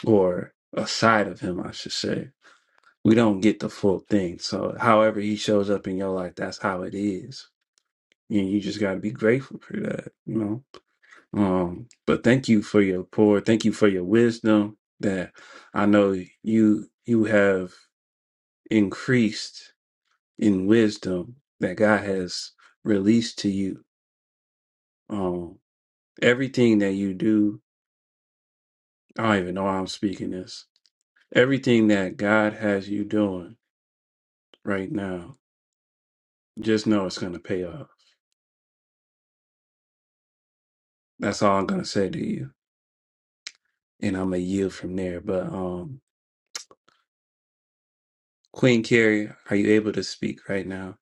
S1: or a side of Him, I should say. We don't get the full thing. So, however He shows up in your life, that's how it is, and you just got to be grateful for that. You know. Um, but thank you for your pour. Thank you for your wisdom that I know you you have increased in wisdom that God has released to you. Um, everything that you do, I don't even know why I'm speaking this. Everything that God has you doing right now, just know it's gonna pay off. That's all I'm gonna say to you. And I'm gonna yield from there. But um Queen Carrie, are you able to speak right now?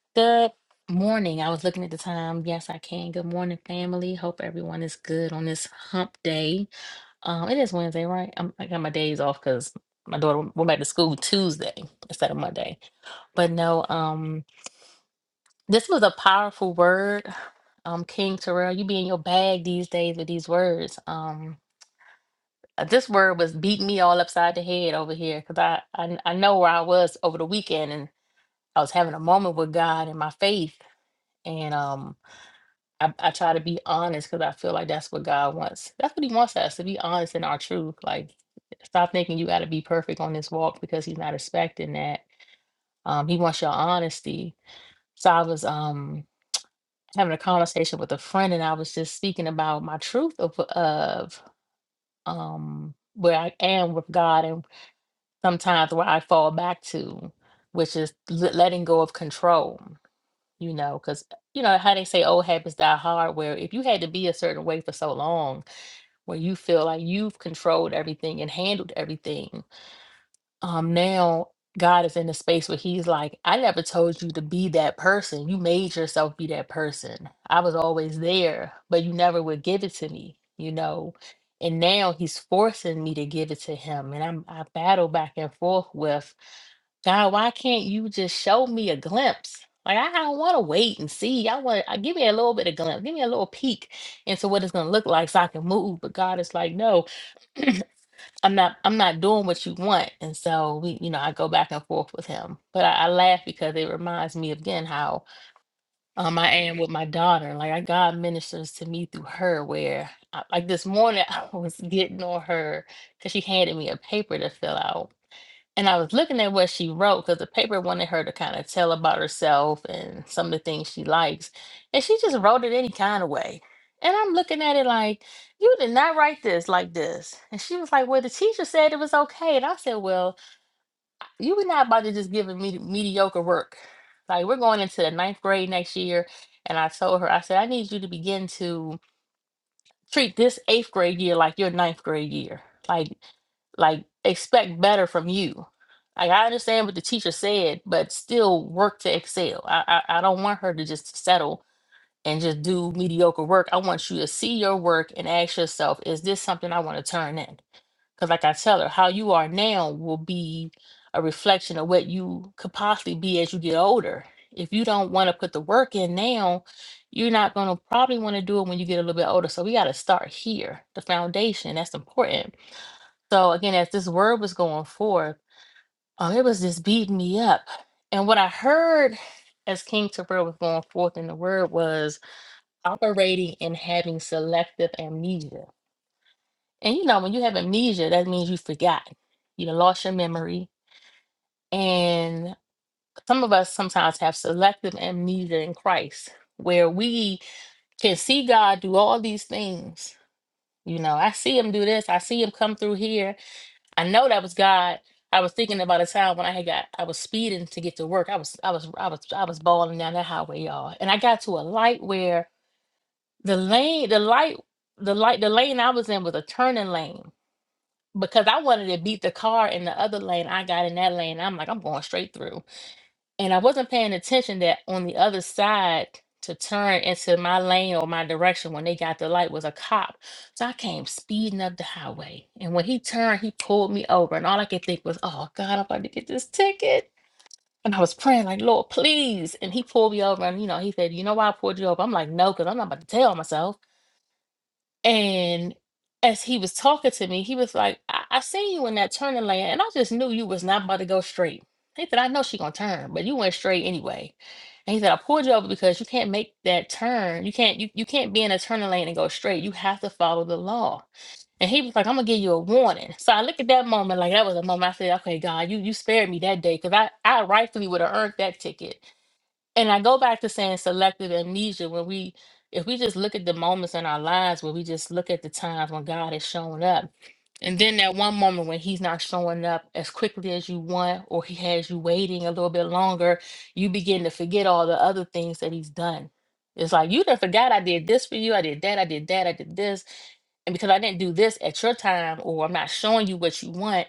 S11: Good morning. I was looking at the time. Yes, I can. Good morning, family. Hope everyone is good on this hump day. Um, it is Wednesday, right? I'm, I got my days off because my daughter went back to school Tuesday instead of Monday. But no, um, this was a powerful word. Um, King Terrell, you be in your bag these days with these words. Um, uh, this word was beating me all upside the head over here because I, I I know where I was over the weekend and I was having a moment with God and my faith and um. I, I try to be honest because I feel like that's what God wants. That's what He wants us to be honest in our truth. Like, stop thinking you got to be perfect on this walk because He's not expecting that. Um, he wants your honesty. So I was um having a conversation with a friend, and I was just speaking about my truth of of um where I am with God, and sometimes where I fall back to, which is l- letting go of control. You know, because you know how they say old habits die hard. Where if you had to be a certain way for so long where you feel like you've controlled everything and handled everything. Um, now God is in a space where He's like, I never told you to be that person. You made yourself be that person. I was always there, but you never would give it to me, you know. And now He's forcing me to give it to Him, and I'm I battle back and forth with God. Why can't you just show me a glimpse? Like I don't want to wait and see. I want I give me a little bit of glimpse, give me a little peek into what it's gonna look like, so I can move. But God is like, no. I'm not I'm not doing what you want. And so we, you know, I go back and forth with him. But I, I laugh because it reminds me again how um I am with my daughter. Like I God ministers to me through her where I, like this morning I was getting on her because she handed me a paper to fill out and I was looking at what she wrote because the paper wanted her to kind of tell about herself and some of the things she likes. And she just wrote it any kind of way. And I'm looking at it like, you did not write this like this. And she was like, well, the teacher said it was okay. And I said, well, you were not about to just give me mediocre work. Like, we're going into the ninth grade next year. And I told her, I said, I need you to begin to Treat this eighth grade year like your ninth grade year. Like like expect better from you. Like I understand what the teacher said, but still work to excel. I, I I don't want her to just settle and just do mediocre work. I want you to see your work and ask yourself, is this something I want to turn in? Because, like I tell her, how you are now will be a reflection of what you could possibly be as you get older. If you don't want to put the work in now, you're not going to probably want to do it when you get a little bit older. So, we got to start here, the foundation. That's important. So, again, as this word was going forth, um, it was just beating me up. And what I heard as King Terrell was going forth in the word was operating and having selective amnesia and you know, when you have amnesia, that means you forgot. You done lost your memory. And some of us sometimes have selective amnesia in Christ, where we can see God do all these things. You know, I see him do this, I see him come through here. I know that was God. I was thinking about a time when I had got I was speeding to get to work. I was I was I was I was balling down that highway, y'all. And I got to a light where the lane, the light, the light, the lane I was in was a turning lane because I wanted to beat the car in the other lane. I got in that lane. I'm like, I'm going straight through. And I wasn't paying attention that on the other side to turn into my lane or my direction when they got the light was a cop. So I came speeding up the highway. And when he turned, he pulled me over. And all I could think was, oh God, I'm about to get this ticket. And I was praying, like, Lord, please. And he pulled me over. And, you know, he said, You know why I pulled you over? I'm like, No, because I'm not about to tell myself. And as he was talking to me, he was like, I, I seen you in that turning lane, and I just knew you was not about to go straight. He said, I know she gonna turn, but you went straight anyway. And he said, I pulled you over because you can't make that turn. You can't you, you can't be in a turning lane and go straight. You have to follow the law. And he was like, I'm gonna give you a warning. So I look at that moment, like that was a moment I said, Okay, God, you you spared me that day because I, I rightfully would have earned that ticket and I go back to saying selective amnesia when we if we just look at the moments in our lives where we just look at the times when God has shown up. And then that one moment when he's not showing up as quickly as you want, or he has you waiting a little bit longer, you begin to forget all the other things that he's done. It's like you done forgot I did this for you, I did that, I did that, I did this. And because I didn't do this at your time, or I'm not showing you what you want,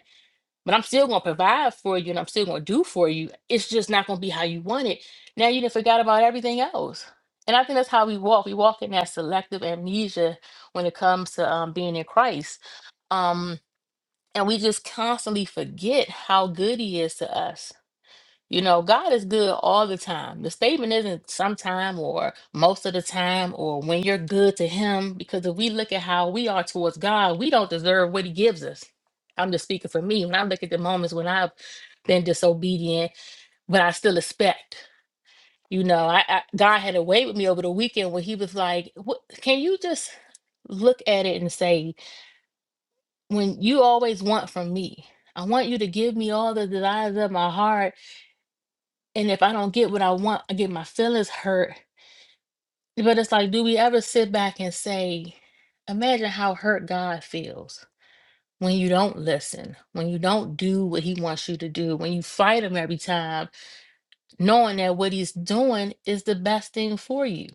S11: but I'm still gonna provide for you and I'm still gonna do for you. It's just not gonna be how you want it. Now you done forgot about everything else. And I think that's how we walk. We walk in that selective amnesia when it comes to um, being in Christ. Um, and we just constantly forget how good he is to us you know, God is good all the time. The statement isn't sometime or most of the time or when you're good to Him, because if we look at how we are towards God, we don't deserve what He gives us. I'm just speaking for me. When I look at the moments when I've been disobedient, but I still expect, you know, I, I God had a way with me over the weekend where He was like, what, "Can you just look at it and say, when you always want from me, I want you to give me all the desires of my heart." And if I don't get what I want, I get my feelings hurt. But it's like, do we ever sit back and say, imagine how hurt God feels when you don't listen, when you don't do what he wants you to do, when you fight him every time, knowing that what he's doing is the best thing for you.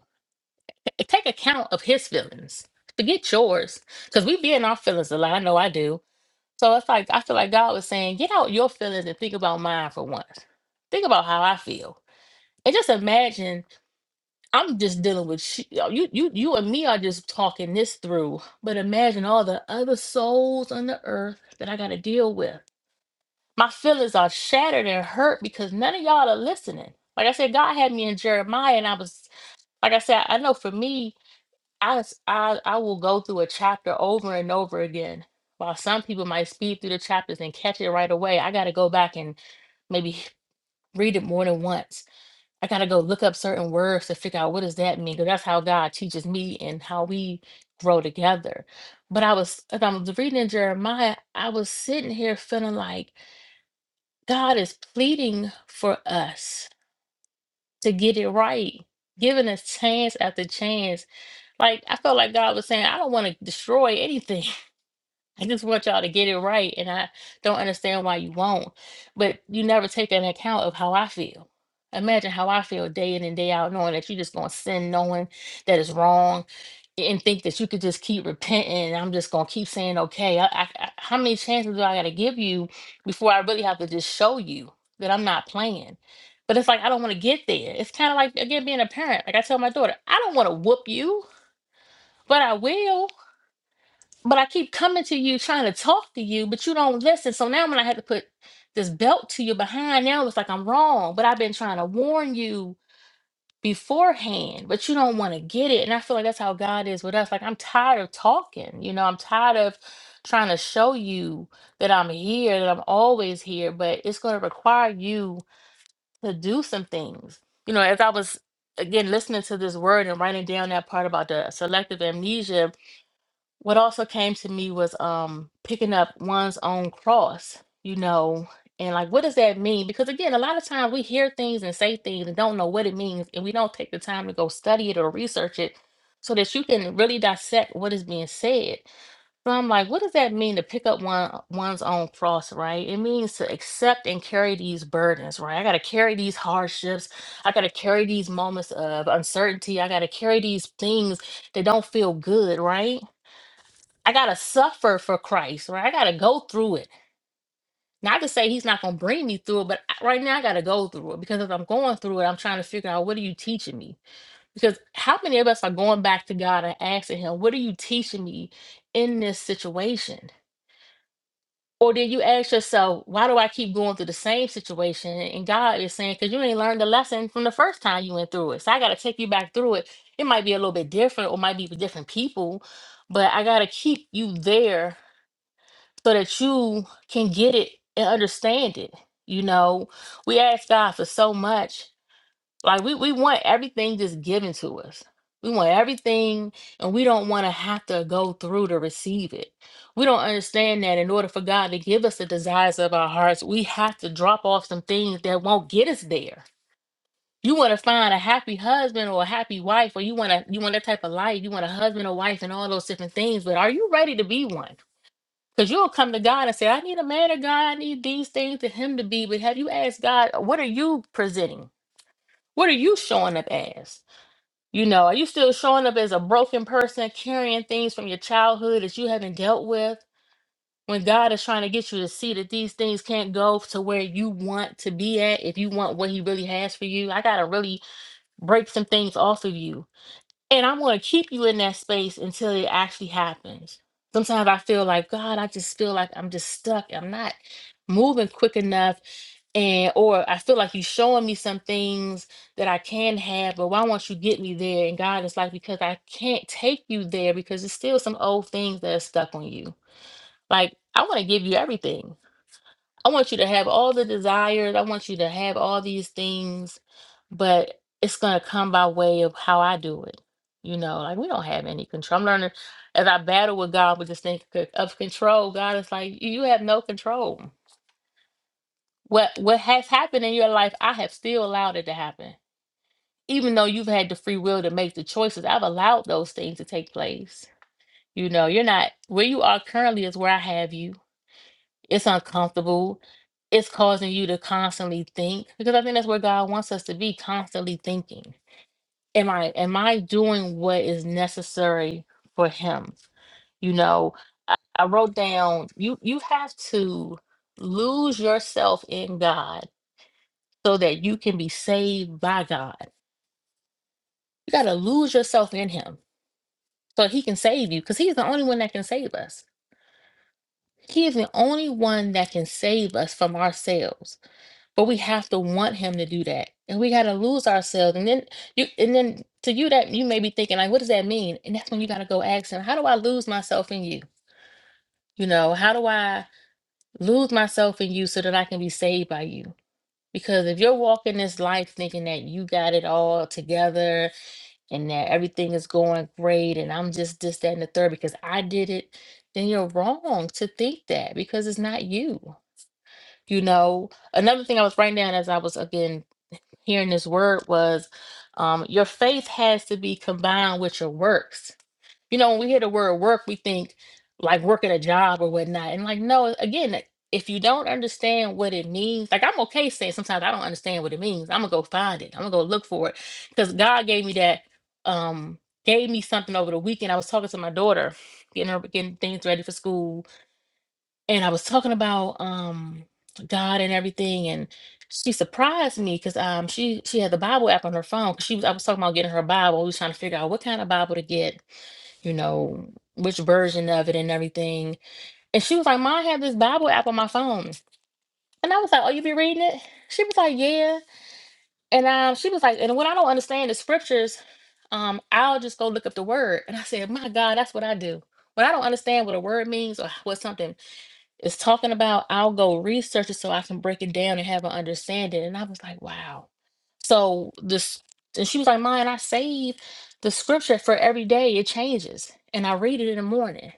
S11: T- Take account of his feelings. Forget yours. Because we be in our feelings a lot. I know I do. So it's like I feel like God was saying, get out your feelings and think about mine for once. Think about how I feel. And just imagine I'm just dealing with sh- you, you, you and me are just talking this through. But imagine all the other souls on the earth that I got to deal with. My feelings are shattered and hurt because none of y'all are listening. Like I said, God had me in Jeremiah, and I was like I said, I know for me, I s- I, I will go through a chapter over and over again. While some people might speed through the chapters and catch it right away, I got to go back and maybe read it more than once I gotta go look up certain words to figure out what does that mean, because that's how God teaches me and how we grow together. But I was, as I'm reading in Jeremiah, I was sitting here feeling like God is pleading for us to get it right, giving us chance after chance. Like I felt like God was saying, I don't want to destroy anything. I just want y'all to get it right, and I don't understand why you won't. But you never take an account of how I feel. Imagine how I feel day in and day out, knowing that you're just gonna sin, knowing that it's wrong, and think that you could just keep repenting. And I'm just gonna keep saying, okay. I, I, I- how many chances do I gotta give you before I really have to just show you that I'm not playing? But it's like I don't want to get there. It's kind of like again being a parent. Like I tell my daughter, I don't want to whoop you, but I will but I keep coming to you trying to talk to you, but you don't listen. So now when I had to put this belt to your behind, now it's like I'm wrong. But I've been trying to warn you beforehand, but you don't want to get it. And I feel like that's how God is with us. Like I'm tired of talking, you know, I'm tired of trying to show you that I'm here, that I'm always here, but it's going to require you to do some things. You know, as I was again listening to this word and writing down that part about the selective amnesia what also came to me was um picking up one's own cross you know and like what does that mean because again a lot of times we hear things and say things and don't know what it means and we don't take the time to go study it or research it so that you can really dissect what is being said so i'm like what does that mean to pick up one one's own cross right it means to accept and carry these burdens right i got to carry these hardships i got to carry these moments of uncertainty i got to carry these things that don't feel good right I gotta suffer for Christ, right? I gotta go through it. Not to say he's not gonna bring me through it, but I- right now I gotta go through it because if I'm going through it, I'm trying to figure out what are you teaching me? Because how many of us are going back to God and asking him, what are you teaching me in this situation? Or did you ask yourself, why do I keep going through the same situation? And God is saying, because you ain't learned the lesson from the first time you went through it. So I gotta take you back through it. It might be a little bit different or might be with different people, but I gotta keep you there so that you can get it and understand it. You know, we ask God for so much. Like we we want everything just given to us. We want everything and we don't want to have to go through to receive it. We don't understand that in order for God to give us the desires of our hearts, we have to drop off some things that won't get us there. You want to find a happy husband or a happy wife, or you want to you want that type of life. You want a husband or wife and all those different things, but are you ready to be one? Because you'll come to God and say, I need a man of God, I need these things to him to be. But have you asked God, what are you presenting? What are you showing up as? You know, are you still showing up as a broken person, carrying things from your childhood that you haven't dealt with? When God is trying to get you to see that these things can't go to where you want to be at, if you want what He really has for you, I got to really break some things off of you and I'm going to keep you in that space until it actually happens. Sometimes I feel like, God, I just feel like I'm just stuck. I'm not moving quick enough. And, or I feel like you're showing me some things that I can have, but why won't you get me there? And God is like, because I can't take you there because there's still some old things that are stuck on you. Like, I want to give you everything. I want you to have all the desires. I want you to have all these things, but it's going to come by way of how I do it. You know, like we don't have any control. I'm learning as I battle with God with this thing c- of control. God is like, you you have no control. What what has happened in your life, I have still allowed it to happen. Even though you've had the free will to make the choices, I've allowed those things to take place. You know, you're not where you are currently is where I have you It's uncomfortable. It's causing you to constantly think because I think that's where God wants us to be constantly thinking. Am I am I doing what is necessary for him? You know, I, I wrote down you you have to lose yourself in God so that you can be saved by God. You got to lose yourself in him so he can save you because he's the only one that can save us. He is the only one that can save us from ourselves But we have to want him to do that. And we gotta lose ourselves. And then you and then to you that you may be thinking, like, what does that mean? And that's when you gotta go ask him, how do I lose myself in you? You know, how do I lose myself in you so that I can be saved by you? Because if you're walking this life thinking that you got it all together and that everything is going great and I'm just this, that, and the third because I did it, then you're wrong to think that because it's not you. You know, another thing I was writing down as I was again hearing this word was um, your faith has to be combined with your works. You know, when we hear the word work, we think like working a job or whatnot. And like, no, again, like, if you don't understand what it means, like I'm okay saying sometimes I don't understand what it means. I'm gonna go find it. I'm gonna go look for it. Because God gave me that, um, gave me something over the weekend. I was talking to my daughter, getting her getting things ready for school and I was talking about um God and everything, and she surprised me because um she she had the Bible app on her phone. 'cause She was I was talking about getting her Bible. We was trying to figure out what kind of Bible to get, you know, which version of it and everything. And she was like, "Mom, I have this Bible app on my phone," and I was like, "Oh, you be reading it?" She was like, "Yeah," and um she was like, "And when I don't understand the scriptures, um I'll just go look up the word." And I said, "My God, that's what I do." When I don't understand what a word means or what something it's talking about I'll go research it so I can break it down and have an understanding. And I was like, wow. So this, and she was like, mine, I save the scripture for every day. It changes. And I read it in the morning.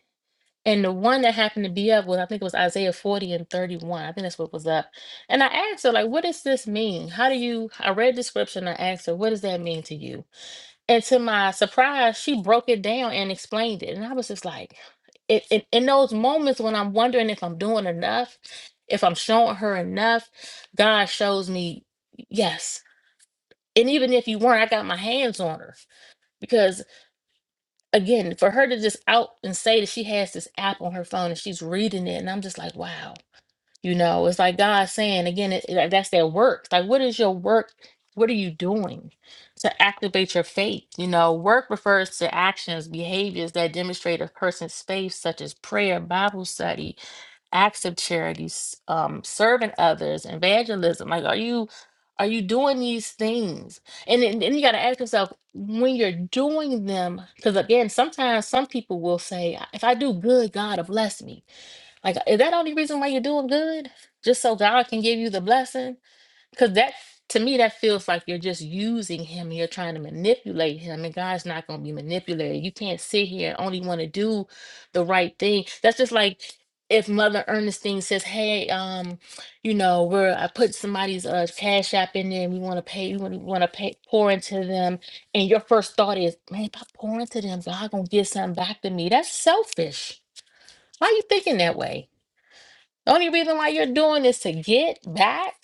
S11: And the one that happened to be up was, I think it was Isaiah 40 and 31. I think that's what was up. And I asked her, like, what does this mean? How do you, I read the scripture and I asked her, what does that mean to you? And to my surprise, she broke it down and explained it. And I was just like, it, it, in those moments when I'm wondering if I'm doing enough, if I'm showing her enough, God shows me, yes. And even if you weren't, I got my hands on her. Because again, for her to just out and say that she has this app on her phone and she's reading it, and I'm just like, wow you know, it's like God saying again, it, it- that's their works. Like, what is your work? What are you doing to activate your faith? You know, work refers to actions, behaviors that demonstrate a person's faith, such as prayer, Bible study, acts of charity, s- um, serving others, evangelism. Like, are you are you doing these things? And then, then you got to ask yourself when you're doing them, because again, sometimes some people will say, if I do good, God will bless me like, is that only reason why you're doing good? Just so God can give you the blessing? Because that, to me, that feels like you're just using Him. You're trying to manipulate Him, and God's not going to be manipulated. You can't sit here and only want to do the right thing. That's just like if Mother Ernestine says, "Hey, um, you know, we're I put somebody's uh cash app in there, and we want to pay, we want to pay pour into them," and your first thought is, "Man, if I pour into them, God gonna get something back to me." That's selfish. Why are you thinking that way? The only reason why you're doing is to get back.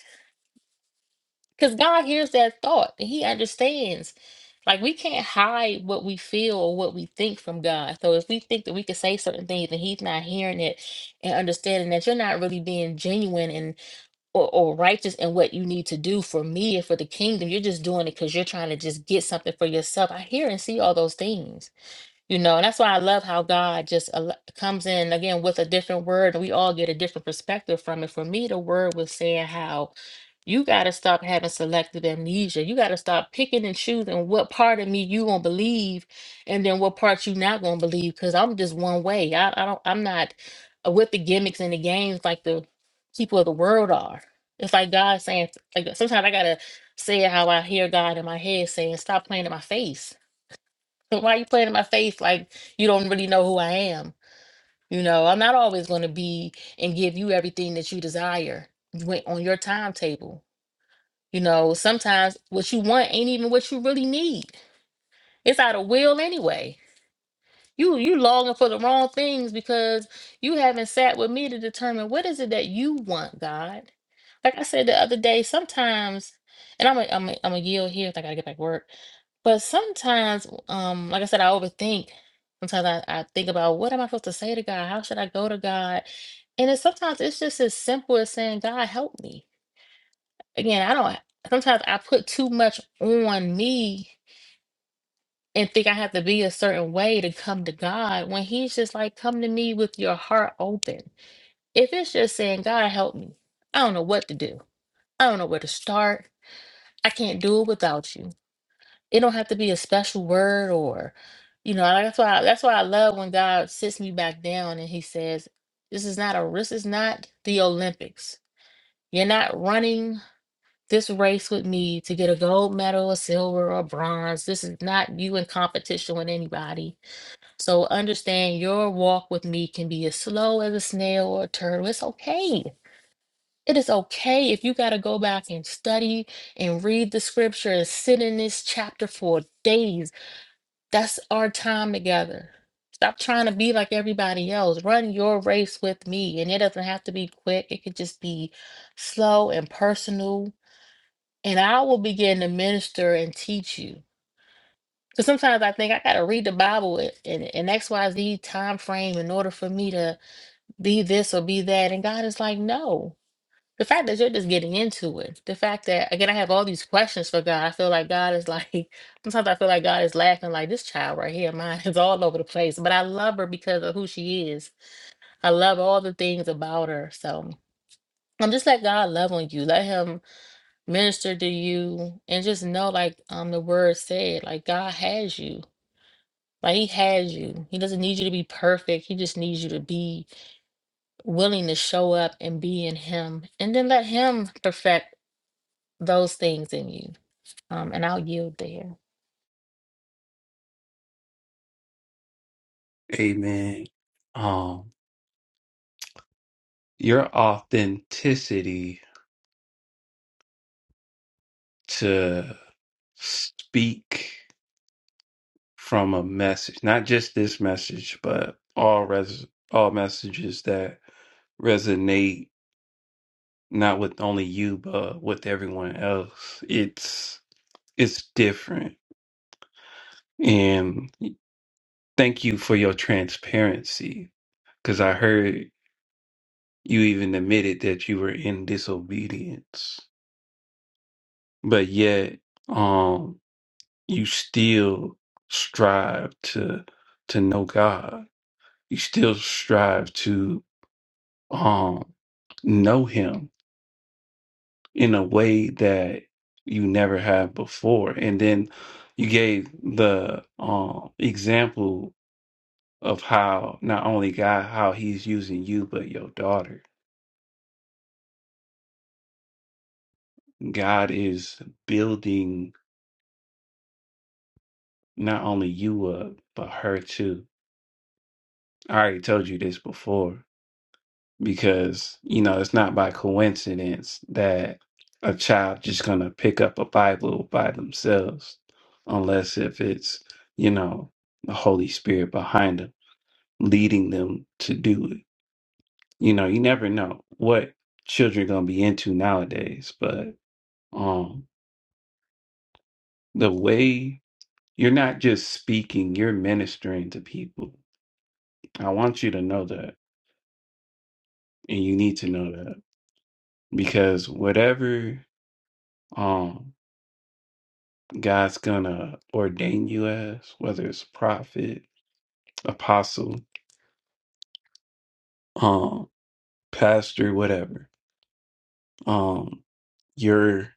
S11: Because God hears that thought. and He understands. Like we can't hide what we feel or what we think from God. So if we think that we can say certain things and He's not hearing it and understanding that you're not really being genuine and or, or righteous in what you need to do for me and for the kingdom, you're just doing it because you're trying to just get something for yourself. I hear and see all those things. You know, and that's why I love how God just al- comes in again with a different word, and we all get a different perspective from it. For me, the word was saying how you got to stop having selective amnesia. You got to stop picking and choosing what part of me you gonna believe, and then what part you not gonna believe. Because I'm just one way. I, I don't. I'm not uh, with the gimmicks and the games like the people of the world are. It's like God saying, like sometimes I gotta say it how I hear God in my head saying, "Stop playing in my face." But Why you playing in my face like you don't really know who I am? You know, I'm not always going to be and give you everything that you desire when- on your timetable. You know, sometimes what you want ain't even what you really need. It's out of will anyway. You you longing for the wrong things because you haven't sat with me to determine what is it that you want, God. Like I said the other day, sometimes, and I'm a, I'm a, I'm a yield here. 'cause I gotta get back to work. But sometimes, um, like I said, I overthink. Sometimes I, I think about what am I supposed to say to God? How should I go to God? And it's sometimes it's just as simple as saying, God, help me. Again, I don't. Sometimes I put too much on me and think I have to be a certain way to come to God when He's just like, come to me with your heart open. If it's just saying, God, help me, I don't know what to do, I don't know where to start, I can't do it without you. It don't have to be a special word or, you know, like, that's why that's why I love when God sits me back down and He says, this is not a this is not the Olympics. You're not running this race with me to get a gold medal, a silver, or bronze. This is not you in competition with anybody So understand your walk with me can be as slow as a snail or a turtle. It's okay. It is okay if you got to go back and study and read the scripture and sit in this chapter for days. That's our time together. Stop trying to be like everybody else. Run your race with me. And it doesn't have to be quick, it could just be slow and personal. And I will begin to minister and teach you. So sometimes I think I gotta read the Bible i- in an XYZ time frame in order for me to be this or be that. And God is like, no. The fact that you're just getting into it, the fact that again I have all these questions for God. I feel like God is like sometimes I feel like God is laughing like this child right here, mine is all over the place. But I love her because of who she is. I love all the things about her. So um, just let God love on you. Let him minister to you and just know like um the word said, like God has you. Like he has you. He doesn't need you to be perfect. He just needs you to be willing to show up and be in him and then let him perfect those things in you. Um, and I'll yield there.
S1: Amen. your authenticity to speak from a message, not just this message, but all res all messages that resonate not with only you but with everyone else. It's it's different. And thank you for your transparency cuz I heard you even admitted that you were in disobedience. But yet um, you still strive to to know God. You still strive to um know him in a way that you never have before. And then you gave the um example of how not only God how he's using you but your daughter. God is building not only you up but her too. I already told you this before because you know it's not by coincidence that a child just gonna pick up a Bible by themselves, unless if it's you know the Holy Spirit behind them leading them to do it. You know, you never know what children gonna be into nowadays, but um, the way you're not just speaking, you're ministering to people. I want you to know that, and you need to know that because whatever um. God's gonna ordain you as, whether it's prophet, apostle, um, pastor, whatever. Um, your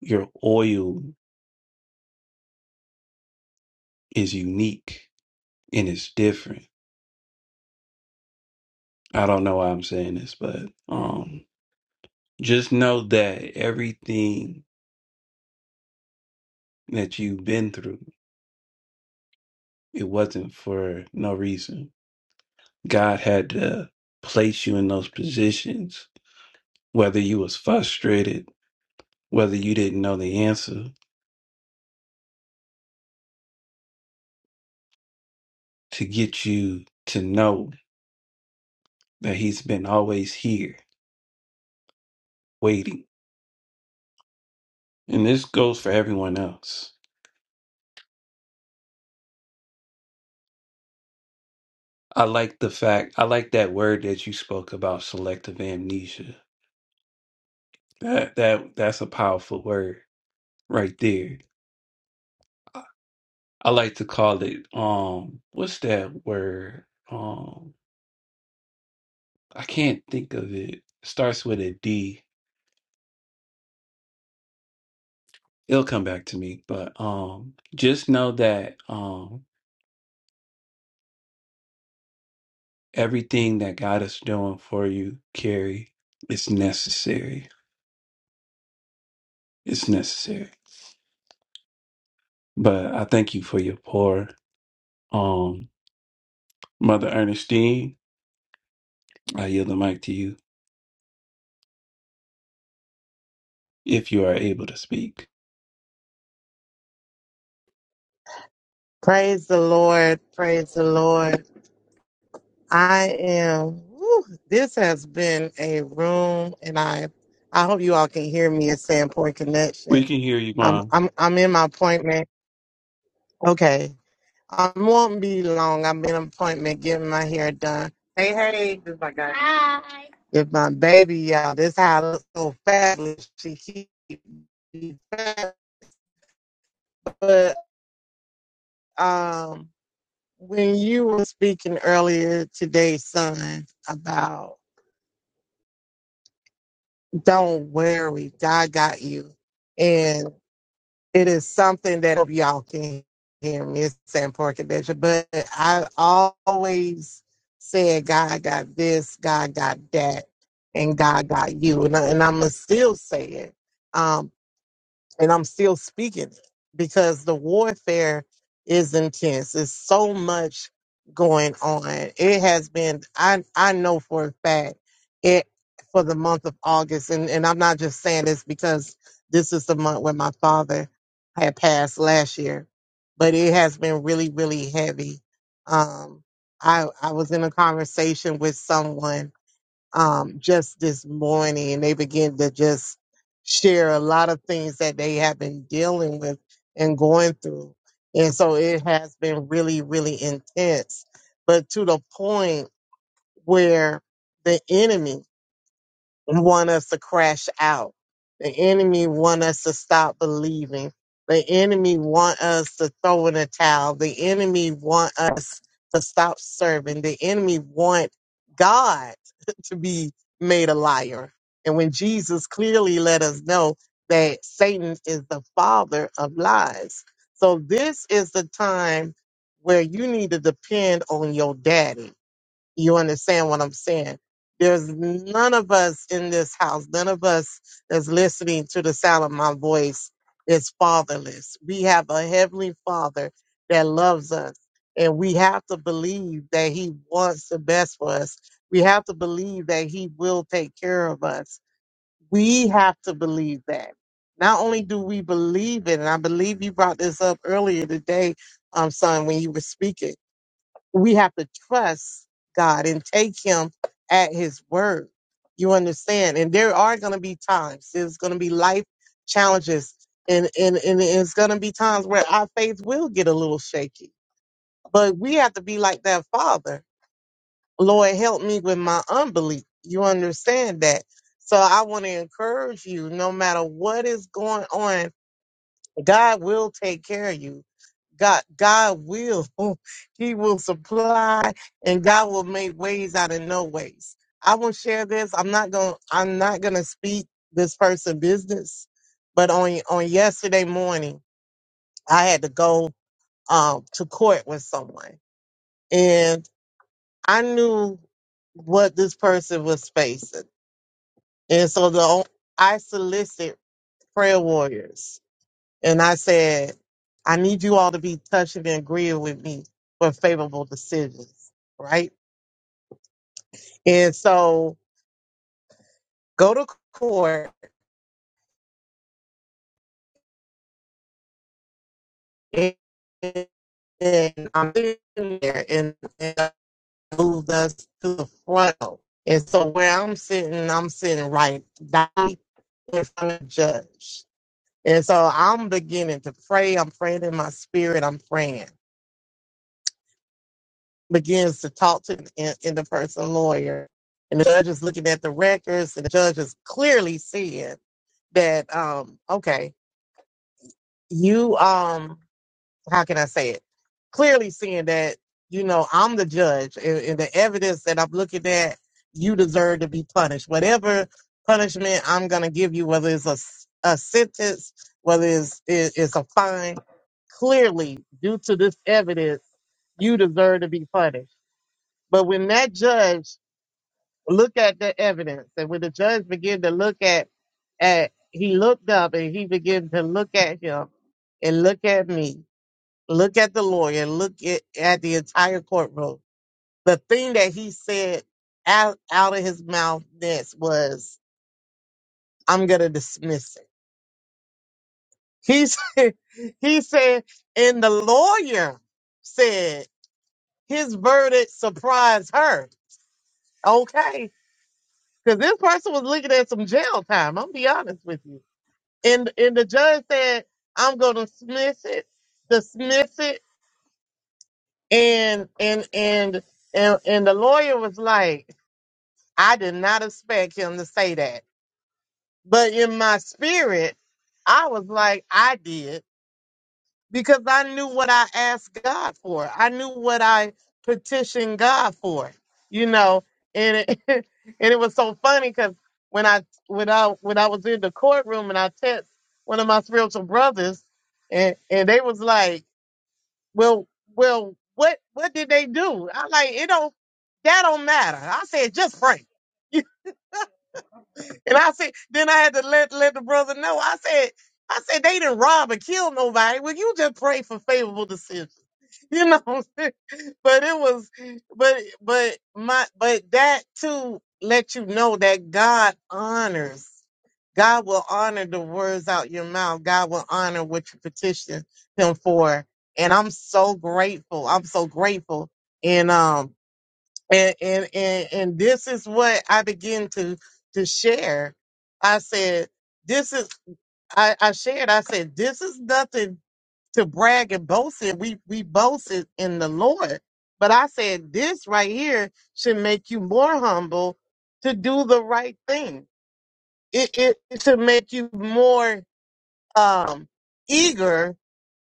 S1: your oil is unique and it's different. I don't know why I'm saying this, but um just know that everything that you've been through, it wasn't for no reason. God had to place you in those positions, whether you was frustrated, whether you didn't know the answer, to get you to know that he's been always here waiting. And this goes for everyone else. I like the fact I like that word that you spoke about selective amnesia. That that that's a powerful word right there. I, I like to call it um what's that word? Um I can't think of it. Starts with a D. It'll come back to me, but um just know that um Everything that God is doing for you, Carrie, is necessary. It's necessary. But I thank you for your pour. Um, Mother Ernestine, I yield the mic to you if you are able to speak.
S12: Praise the Lord. Praise the Lord. I am, whew, this has been a room and I, I hope you all can hear me at Sandpoint
S1: We
S12: Connection.
S1: can hear you,
S12: I'm,
S1: Mom.
S12: I'm, I'm in my appointment. Okay. I won't be long. I'm in an appointment getting my hair done. Hey, hey, this is my guy. Hi. If my baby, y'all, this how I look so fabulous. She keep, but, um, when you were speaking earlier today, son, about don't worry, God got you. And it is something that I hope y'all can hear me saying porkadesha, but I always said God got this, God got that, and God got you. And, I, and I'm going to still say it. Um, and I'm still speaking it because the warfare is intense. It's so much going on. It has been I I know for a fact it for the month of August and, and I'm not just saying this because this is the month where my father had passed last year. But it has been really, really heavy. Um I I was in a conversation with someone um, just this morning, and they begin to just share a lot of things that they have been dealing with and going through. And so it has been really, really intense, but to the point where the enemy want us to crash out. The enemy want us to stop believing. The enemy want us to throw in a towel. The enemy want us to stop serving. The enemy want God to be made a liar. And when Jesus clearly let us know that Satan is the father of lies. So this is the time where you need to depend on your daddy you understand what I'm saying? There's none of us in this house, none of us that's listening to the sound of my voice is fatherless. We have a heavenly father that loves us, and we have to believe that he wants the best for us. We have to believe that he will take care of us. We have to believe that. Not only do we believe it, and I believe you brought this up earlier today, um, son, when you were speaking we have to trust God and take him at his word. You understand? And there are going to be times, there's going to be life challenges, and, and, and it's going to be times where our faith will get a little shaky. But we have to be like that father. Lord, help me with my unbelief. You understand that? So I want to encourage you no matter what is going on, God will take care of you. God, God will, He will supply, and God will make ways out of no ways. I will share this. I'm not going. to I'm not going to speak this person business, but on on yesterday morning, I had to go um to court with someone, and I knew what this person was facing, and so the I solicit prayer warriors And I said, I need you all to be touching and agreeing with me for favorable decisions, right? And so go to court and, and I'm sitting there and, and I moved us to the front. And so where I'm sitting, I'm sitting right down in front of the judge. And so I'm beginning to pray. I'm praying in my spirit. I'm praying. begins to talk to the in, in the person lawyer. And the judge is looking at the records, and the judge is clearly seeing that, um, okay, you, um, how can I say it? Clearly seeing that, you know, I'm the judge, and, and the evidence that I'm looking at, you deserve to be punished. Whatever punishment I'm going to give you, whether it's a, s- a sentence, whether it's, it, it's a fine, clearly, due to this evidence, you deserve to be punished. But when that judge look at the evidence, and when the judge began to look at, at he looked up and he began to look at him and look at me, look at the lawyer, look at, at the entire courtroom. The thing that he said out, out of his mouth next was, I'm going to dismiss it. He said, he said, and the lawyer said his verdict surprised her. Okay. Because this person was looking at some jail time. I'm be honest with you. And and the judge said, I'm gonna dismiss it, dismiss it, and and and and and the lawyer was like, I did not expect him to say that. But in my spirit, I was like, I did. because I knew what I asked God for. I knew what I petitioned God for, you know. And it, and it was so funny because when I when I when I was in the courtroom and I text one of my spiritual brothers, and and they was like, "Well, well, what what did they do?" I'm like, "It don't that don't matter." I said, "Just pray." And I said, then I had to let let the brother know. I said, I said they didn't rob or kill nobody. Well, you just pray for favorable decisions. you know what I'm saying? but it was but but my but that too let you know that god honors god will honor the words out your mouth god will honor what you petition him for and i'm so grateful i'm so grateful and um and and and, and this is what i begin to to share i said this is I, I shared, I said, this is nothing to brag and boast in. We we boasted in the Lord. But I said this right here should make you more humble to do the right thing. It it, it should make you more um eager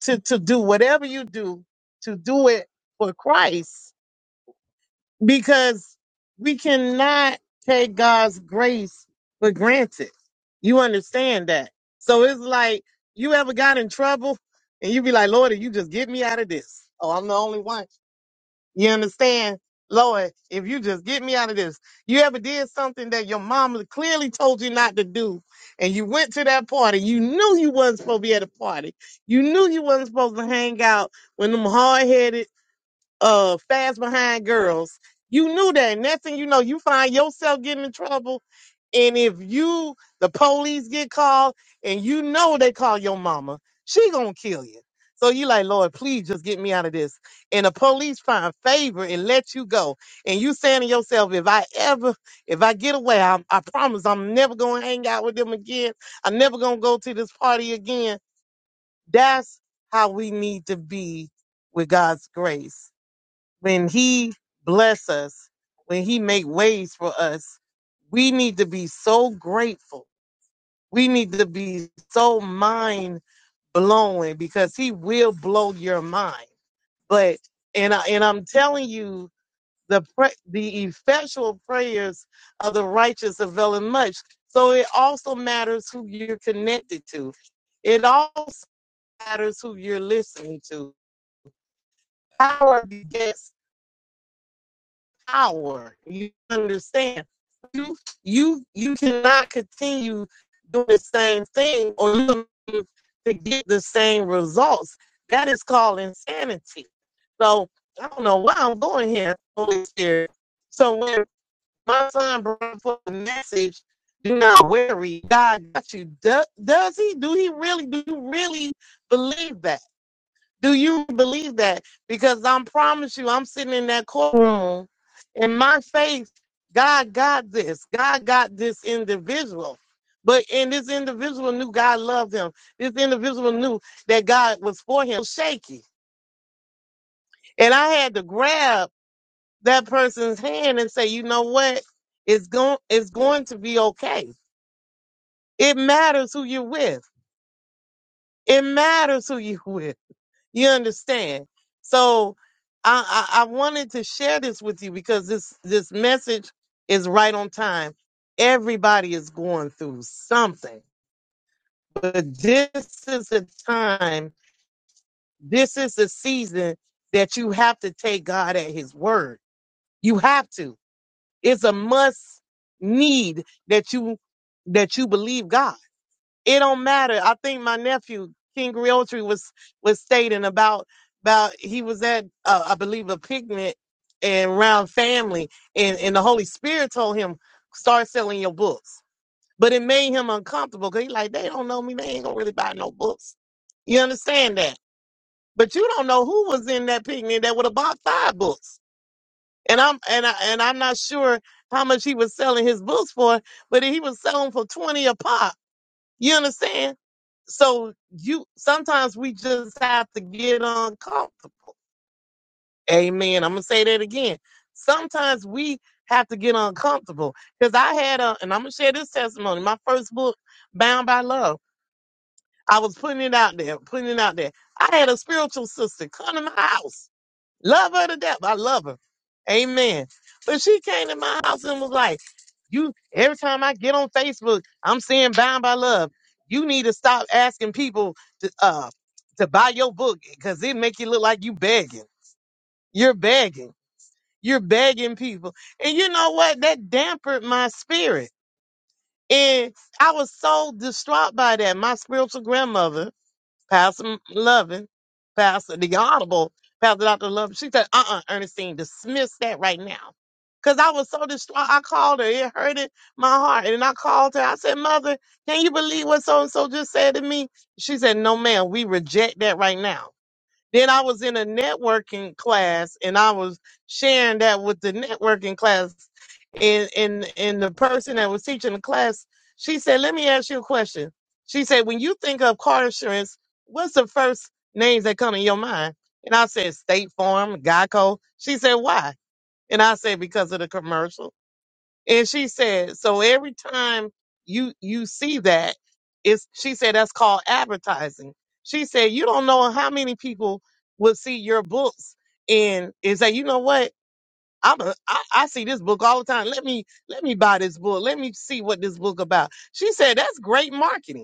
S12: to to do whatever you do to do it for Christ because we cannot take God's grace for granted. You understand that? So it's like you ever got in trouble and you be like, Lord, if you just get me out of this. Oh, I'm the only one. You understand? Lord, if you just get me out of this. You ever did something that your mama clearly told you not to do and you went to that party. You knew you wasn't supposed to be at a party. You knew you wasn't supposed to hang out with them hard-headed uh fast behind girls, you knew that. And that's thing you know, you find yourself getting in trouble. And if you the police get called and you know they call your mama, she gonna kill you. So you like, Lord, please just get me out of this. And the police find favor and let you go. And you saying to yourself, if I ever, if I get away, I, I promise I'm never gonna hang out with them again. I'm never gonna go to this party again. That's how we need to be with God's grace when he bless us, when he make ways for us, we need to be so grateful. We need to be so mind blowing because he will blow your mind. But and I, and I'm telling you the pre- the effectual prayers of the righteous avail much. So it also matters who you're connected to. It also matters who you're listening to. Power begets power. You understand? You you you cannot continue doing the same thing or look to get the same results. That is called insanity. So I don't know why I'm going here, Holy Spirit. So when my son brought forth the message, do not worry, God got you. Do, does he? Do he really? Do you really believe that? Do you believe that? Because I promise you, I'm sitting in that courtroom and my faith, God got this. God got this individual. But and this individual knew God loved him. This individual knew that God was for him. Shaky. And I had to grab that person's hand and say, you know what? It's going it's going to be okay. It matters who you're with. It matters who you're with. You understand? So I, I, I wanted to share this with you because this this message is right on time. Everybody is going through something, but this is the time, this is the season that you have to take God at His word. You have to. It's a must need that you that you believe God. It don't matter. I think my nephew King Realtree was was stating about about he was at uh, I believe a picnic and around family, and and the Holy Spirit told him start selling your books, but it made him uncomfortable because he like they don't know me, they ain't gonna really buy no books. You understand that? But you don't know who was in that picnic that would have bought five books, and I'm and I and I'm not sure how much he was selling his books for, but he was selling for twenty a pop. You understand? So you sometimes we just have to get uncomfortable. Amen. I'm gonna say that again. Sometimes we have to get uncomfortable. Because I had a and I'm gonna share this testimony. My first book, Bound by Love. I was putting it out there, putting it out there. I had a spiritual sister come to my house. Love her to death. I love her. Amen. But she came to my house and was like, You every time I get on Facebook, I'm seeing Bound by Love. You need to stop asking people to uh to buy your book because it make you look like you begging. You're begging. You're begging people. And you know what? That dampened my spirit. And I was so distraught by that. My spiritual grandmother Pastor Loving, Pastor the Honorable, Pastor Dr. Loving. She said, uh uh Ernestine, dismiss that right now. Because I was so distraught. I called her. It hurted my heart. And I called her. I said, Mother, can you believe what so and so just said to me? She said, No, ma'am, we reject that right now. Then I was in a networking class and I was sharing that with the networking class. And, and, and the person that was teaching the class, she said, Let me ask you a question. She said, When you think of car insurance, what's the first names that come in your mind? And I said, State Farm, Geico. She said, Why? And I said, Because of the commercial. And she said, so every time you you see that, it's she said that's called advertising. She said, you don't know how many people will see your books and and say, you know what? I'm a, I, I see this book all the time. Let me let me buy this book. Let me see what this book about. She said that's great marketing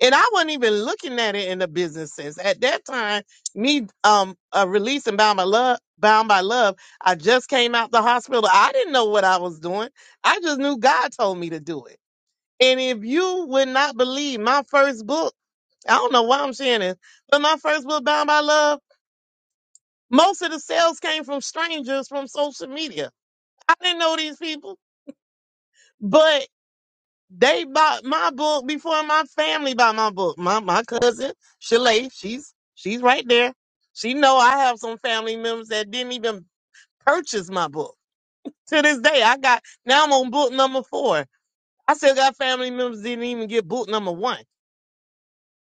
S12: and I wasn't even looking at it in a business sense. At that time, me um uh, releasing Bound by Love, Bound by Love, I just came out the hospital. I didn't know what I was doing. I just knew God told me to do it. And if you would not believe my first book, I don't know why I'm sharing this, but my first book, Bound by Love, most of the sales came from strangers from social media. I didn't know these people. but. They bought my book before my family bought my book. My my cousin Shalay, she's she's right there. She know I have some family members that didn't even purchase my book. To this day, I got now I'm on book number four. I still got family members didn't even get book number one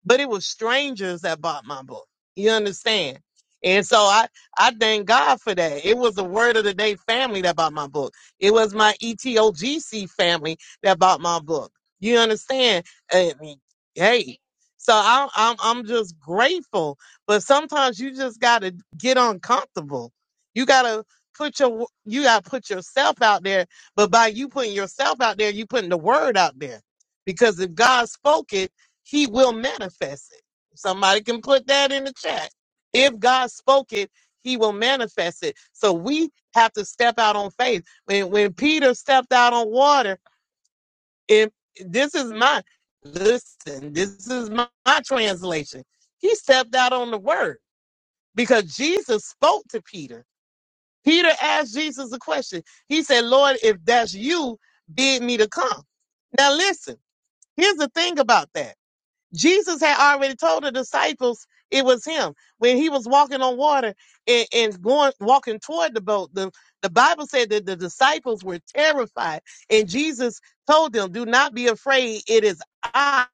S12: but it was strangers that bought my book. You understand? And so I, I thank God for that. It was the word of the day family that bought my book. It was my ETOGC family that bought my book. You understand? I mean, hey, so I'm, I'm, I'm just grateful. But sometimes you just gotta get uncomfortable. You gotta put your, you gotta put yourself out there. But by you putting yourself out there, you putting the word out there. Because if God spoke it he will manifest it. Somebody can put that in the chat. If God spoke it, he will manifest it. So we have to step out on faith. When when Peter stepped out on water, and this is my listen, this is my, my translation. He stepped out on the word because Jesus spoke to Peter. Peter asked Jesus a question. He said, Lord, if that's you, bid me to come. Now listen, here's the thing about that. Jesus had already told the disciples it was him when he was walking on water and, and going walking toward the boat. The, the Bible said that the disciples were terrified, and Jesus told them, "Do not be afraid. It is I."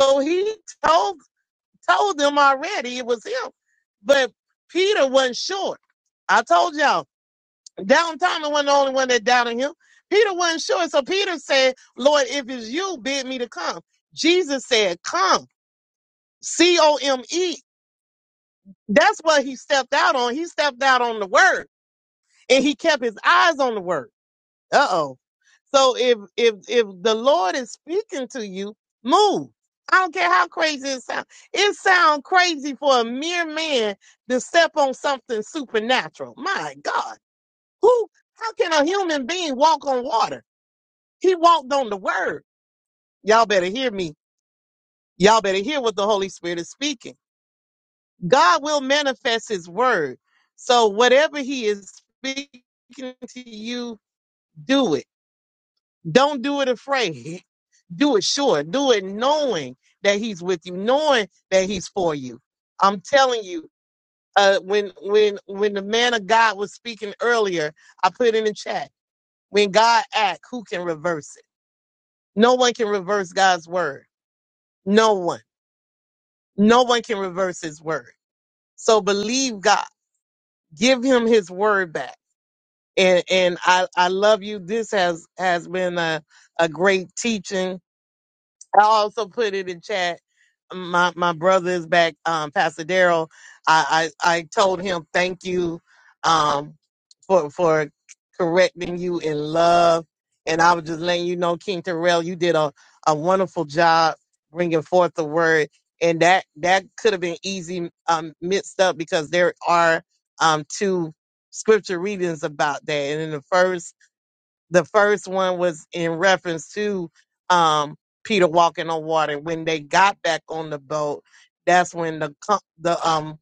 S12: So he told told them already it was him, but Peter wasn't sure. I told y'all, down Thomas wasn't the only one that doubted him. Peter wasn't sure, so Peter said, "Lord, if it's you, bid me to come." Jesus said, "Come." C O M E. That's what he stepped out on. He stepped out on the word and he kept his eyes on the word. Uh oh. So if if if the Lord is speaking to you, move. I don't care how crazy it sounds. It sounds crazy for a mere man to step on something supernatural. My God. Who how can a human being walk on water? He walked on the word. Y'all better hear me. Y'all better hear what the Holy Spirit is speaking. God will manifest his word. So whatever he is speaking to you, do it. Don't do it afraid. Do it sure. Do it knowing that he's with you, knowing that he's for you. I'm telling you, uh, when when when the man of God was speaking earlier, I put in the chat, when God act, who can reverse it? No one can reverse God's word. No one. No one can reverse his word. So believe God. Give him his word back and and I I love you. This has has been a a great teaching I also put it in chat. My my brother is back, um, Pastor Daryl. I, I I told him thank you, um, for for correcting you in love, and I was just letting you know, King Terrell, you did a a wonderful job bringing forth the word, and that that could have been easy um mixed up because there are um two scripture readings about that, and in the first the first one was in reference to um, Peter walking on water. When they got back on the boat, that's when the co- the um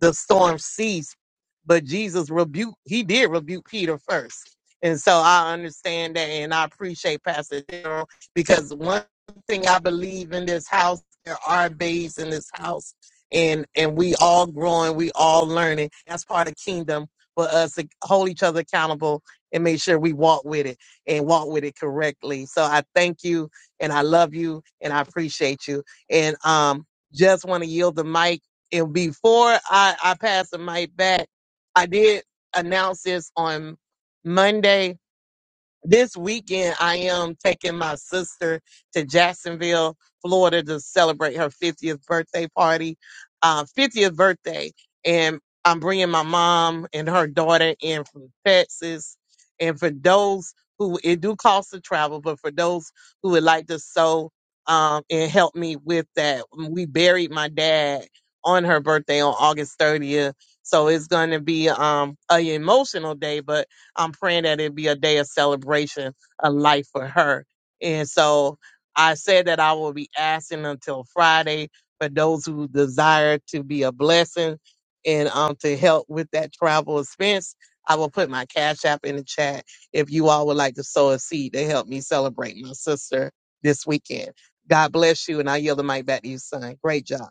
S12: the storm ceased. But Jesus rebuked. He did rebuke Peter first, and so I understand that, and I appreciate Pastor Darrell because one thing I believe in this house, there are babes in this house, and and we all growing, we all learning. That's part of kingdom for us to hold each other accountable and make sure we walk with it and walk with it correctly. So I thank you and I love you and I appreciate you. And um, just want to yield the mic. And before I, I pass the mic back, I did announce this on Monday this weekend, I am taking my sister to Jacksonville, Florida to celebrate her 50th birthday party, uh, 50th birthday. And I'm bringing my mom and her daughter in from Texas. And for those who, it do cost to travel, but for those who would like to sew um, and help me with that, um, we buried my dad on her birthday on August 30th. So it's going to be um, an emotional day, but I'm praying that it be a day of celebration, a life for her. And so I said that I will be asking until Friday for those who desire to be a blessing and um to help with that travel expense. I will put my cash app in the chat if you all would like to sow a seed to help me celebrate my sister this weekend. God bless you, and I yield the mic back to you, son. Great job.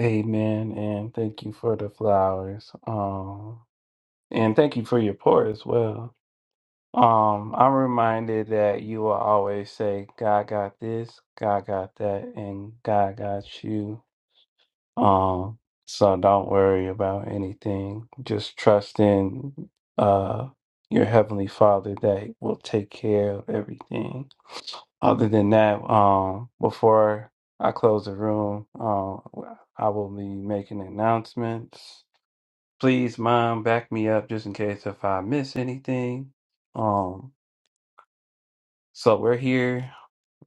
S1: Amen. And thank you for the flowers. Um, and thank you for your pour as well. Um, I'm reminded that you will always say, God got this, God got that, and God got you. Um, so don't worry about anything. Just trust in uh your heavenly Father that will take care of everything. Other than that, um, before I close the room, um, I will be making announcements. Please, Mom, back me up just in case if I miss anything. Um, so we're here.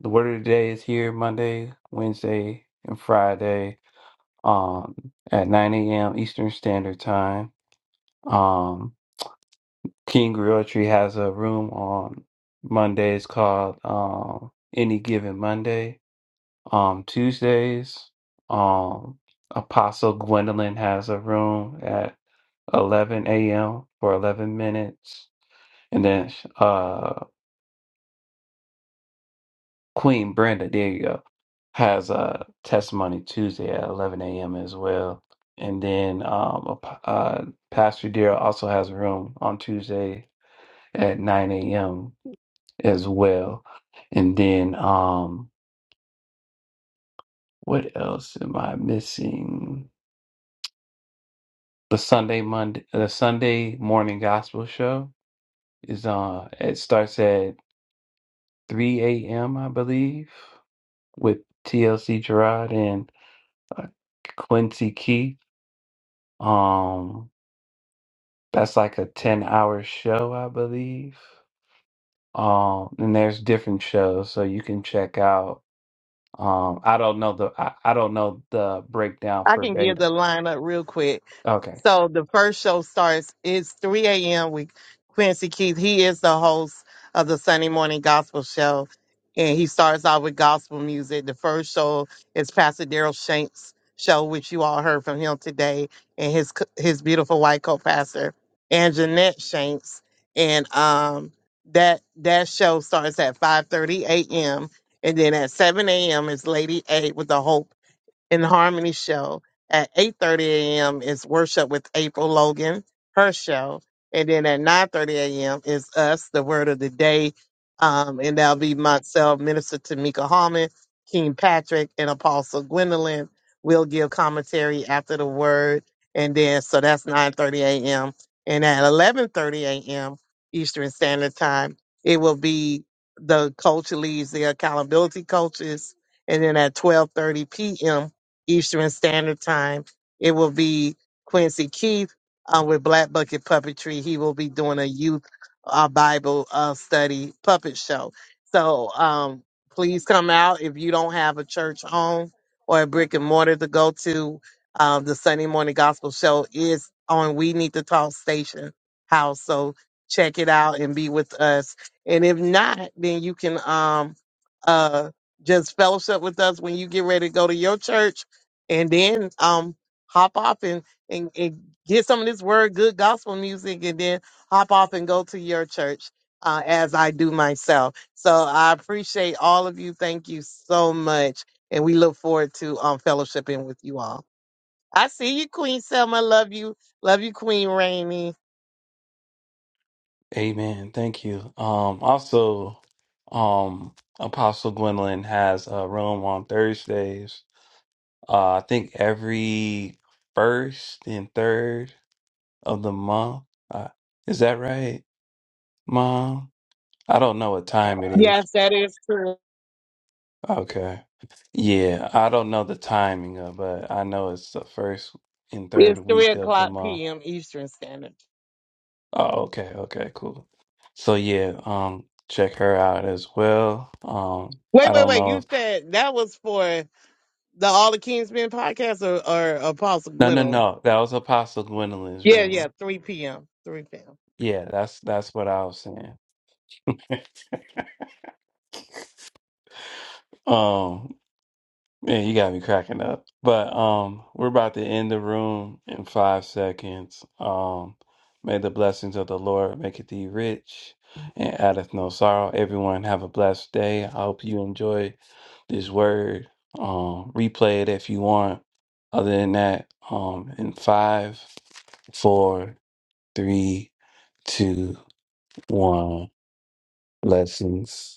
S1: The word of the day is here Monday, Wednesday, and Friday um, at 9 a.m. Eastern Standard Time. Um, King Realtree has a room on Mondays called um, Any Given Monday. Um, Tuesdays, um, Apostle Gwendolyn has a room at 11 a.m. for 11 minutes. And then uh. Queen Brenda, there you go, has a testimony Tuesday at 11 a.m. as well. And then um, a p- uh, Pastor Dear also has a room on Tuesday at 9 a.m. as well. And then um, what else am I missing? The Sunday Monday, the Sunday morning gospel show is uh It starts at 3 a.m. I believe with TLC Gerard and uh, Quincy Key Um, that's like a 10 hour show, I believe. Um, and there's different shows so you can check out. Um, I don't know the I, I don't know the breakdown
S12: I
S1: for
S12: can give
S1: beta.
S12: the lineup real quick.
S1: Okay.
S12: So the first show starts, it's 3 a.m. with Quincy Keith. He is the host of the Sunday morning gospel show. And he starts out with gospel music. The first show is Pastor Daryl Shanks' show, which you all heard from him today, and his co- his beautiful white co-pastor, and Jeanette Shanks. And um that that show starts at 5:30 a.m. And then at 7 a.m. is Lady A with the Hope in Harmony show at 8:30 a.m. is worship with April Logan, her show, and then at 9:30 a.m. is us, the word of the day, um, and that'll be myself, Minister Tamika Hallman, King Patrick, and Apostle Gwendolyn. We'll give commentary after the word, and then so that's 9:30 a.m. and at 11:30 a.m. Eastern Standard Time, it will be the culture leads, the accountability coaches, and then at 12:30 p.m Eastern Standard Time. It will be Quincy Keith uh, with Black Bucket Puppetry. He will be doing a youth uh, Bible uh, study puppet show. So um, please come out if you don't have a church home or a brick and mortar to go to. Um, the Sunday morning gospel show is on We Need to Talk Station House. So check it out and be with us. And if not, then you can um, uh, just fellowship with us when you get ready to go to your church and then um hop off and, and and get some of this word good gospel music and then hop off and go to your church uh, as I do myself. So I appreciate all of you. Thank you so much. And we look forward to um fellowshipping with you all. I see you, Queen Selma. Love you. Love you, Queen Rainey.
S1: Amen. Thank you. Um, also, um, Apostle Gwendolyn has a room on Thursdays. Uh, I think every first and third of the month. Uh, is that right, Mom? I don't know what time it is.
S12: Yes, that is true.
S1: Okay. Yeah, I don't know the timing of, but I know it's the first and third
S12: It's three
S1: week of the
S12: o'clock
S1: month.
S12: PM Eastern Standard.
S1: Oh, okay, okay, cool. So yeah, um, check her out as well. Um,
S12: Wait,
S1: I
S12: wait,
S1: don't
S12: wait.
S1: know
S12: You
S1: if
S12: said that was for the All the Kings Men podcast or, or Apostle
S1: no, no,
S12: Gwendolyn?
S1: no, that was Apostle Gwendolyn's
S12: Yeah, yeah,
S1: room.
S12: 3 p.m. 3 p.m.
S1: Yeah, that's that's what I was saying. Um, Yeah, you got me cracking up. But um, we're about to end the room in five seconds. Um, may the blessings of the Lord make thee rich and addeth no sorrow. Everyone have a blessed day. I hope you enjoy this word. Um, replay it if you want. Other than that, um, in five, four, three, two, one, blessings.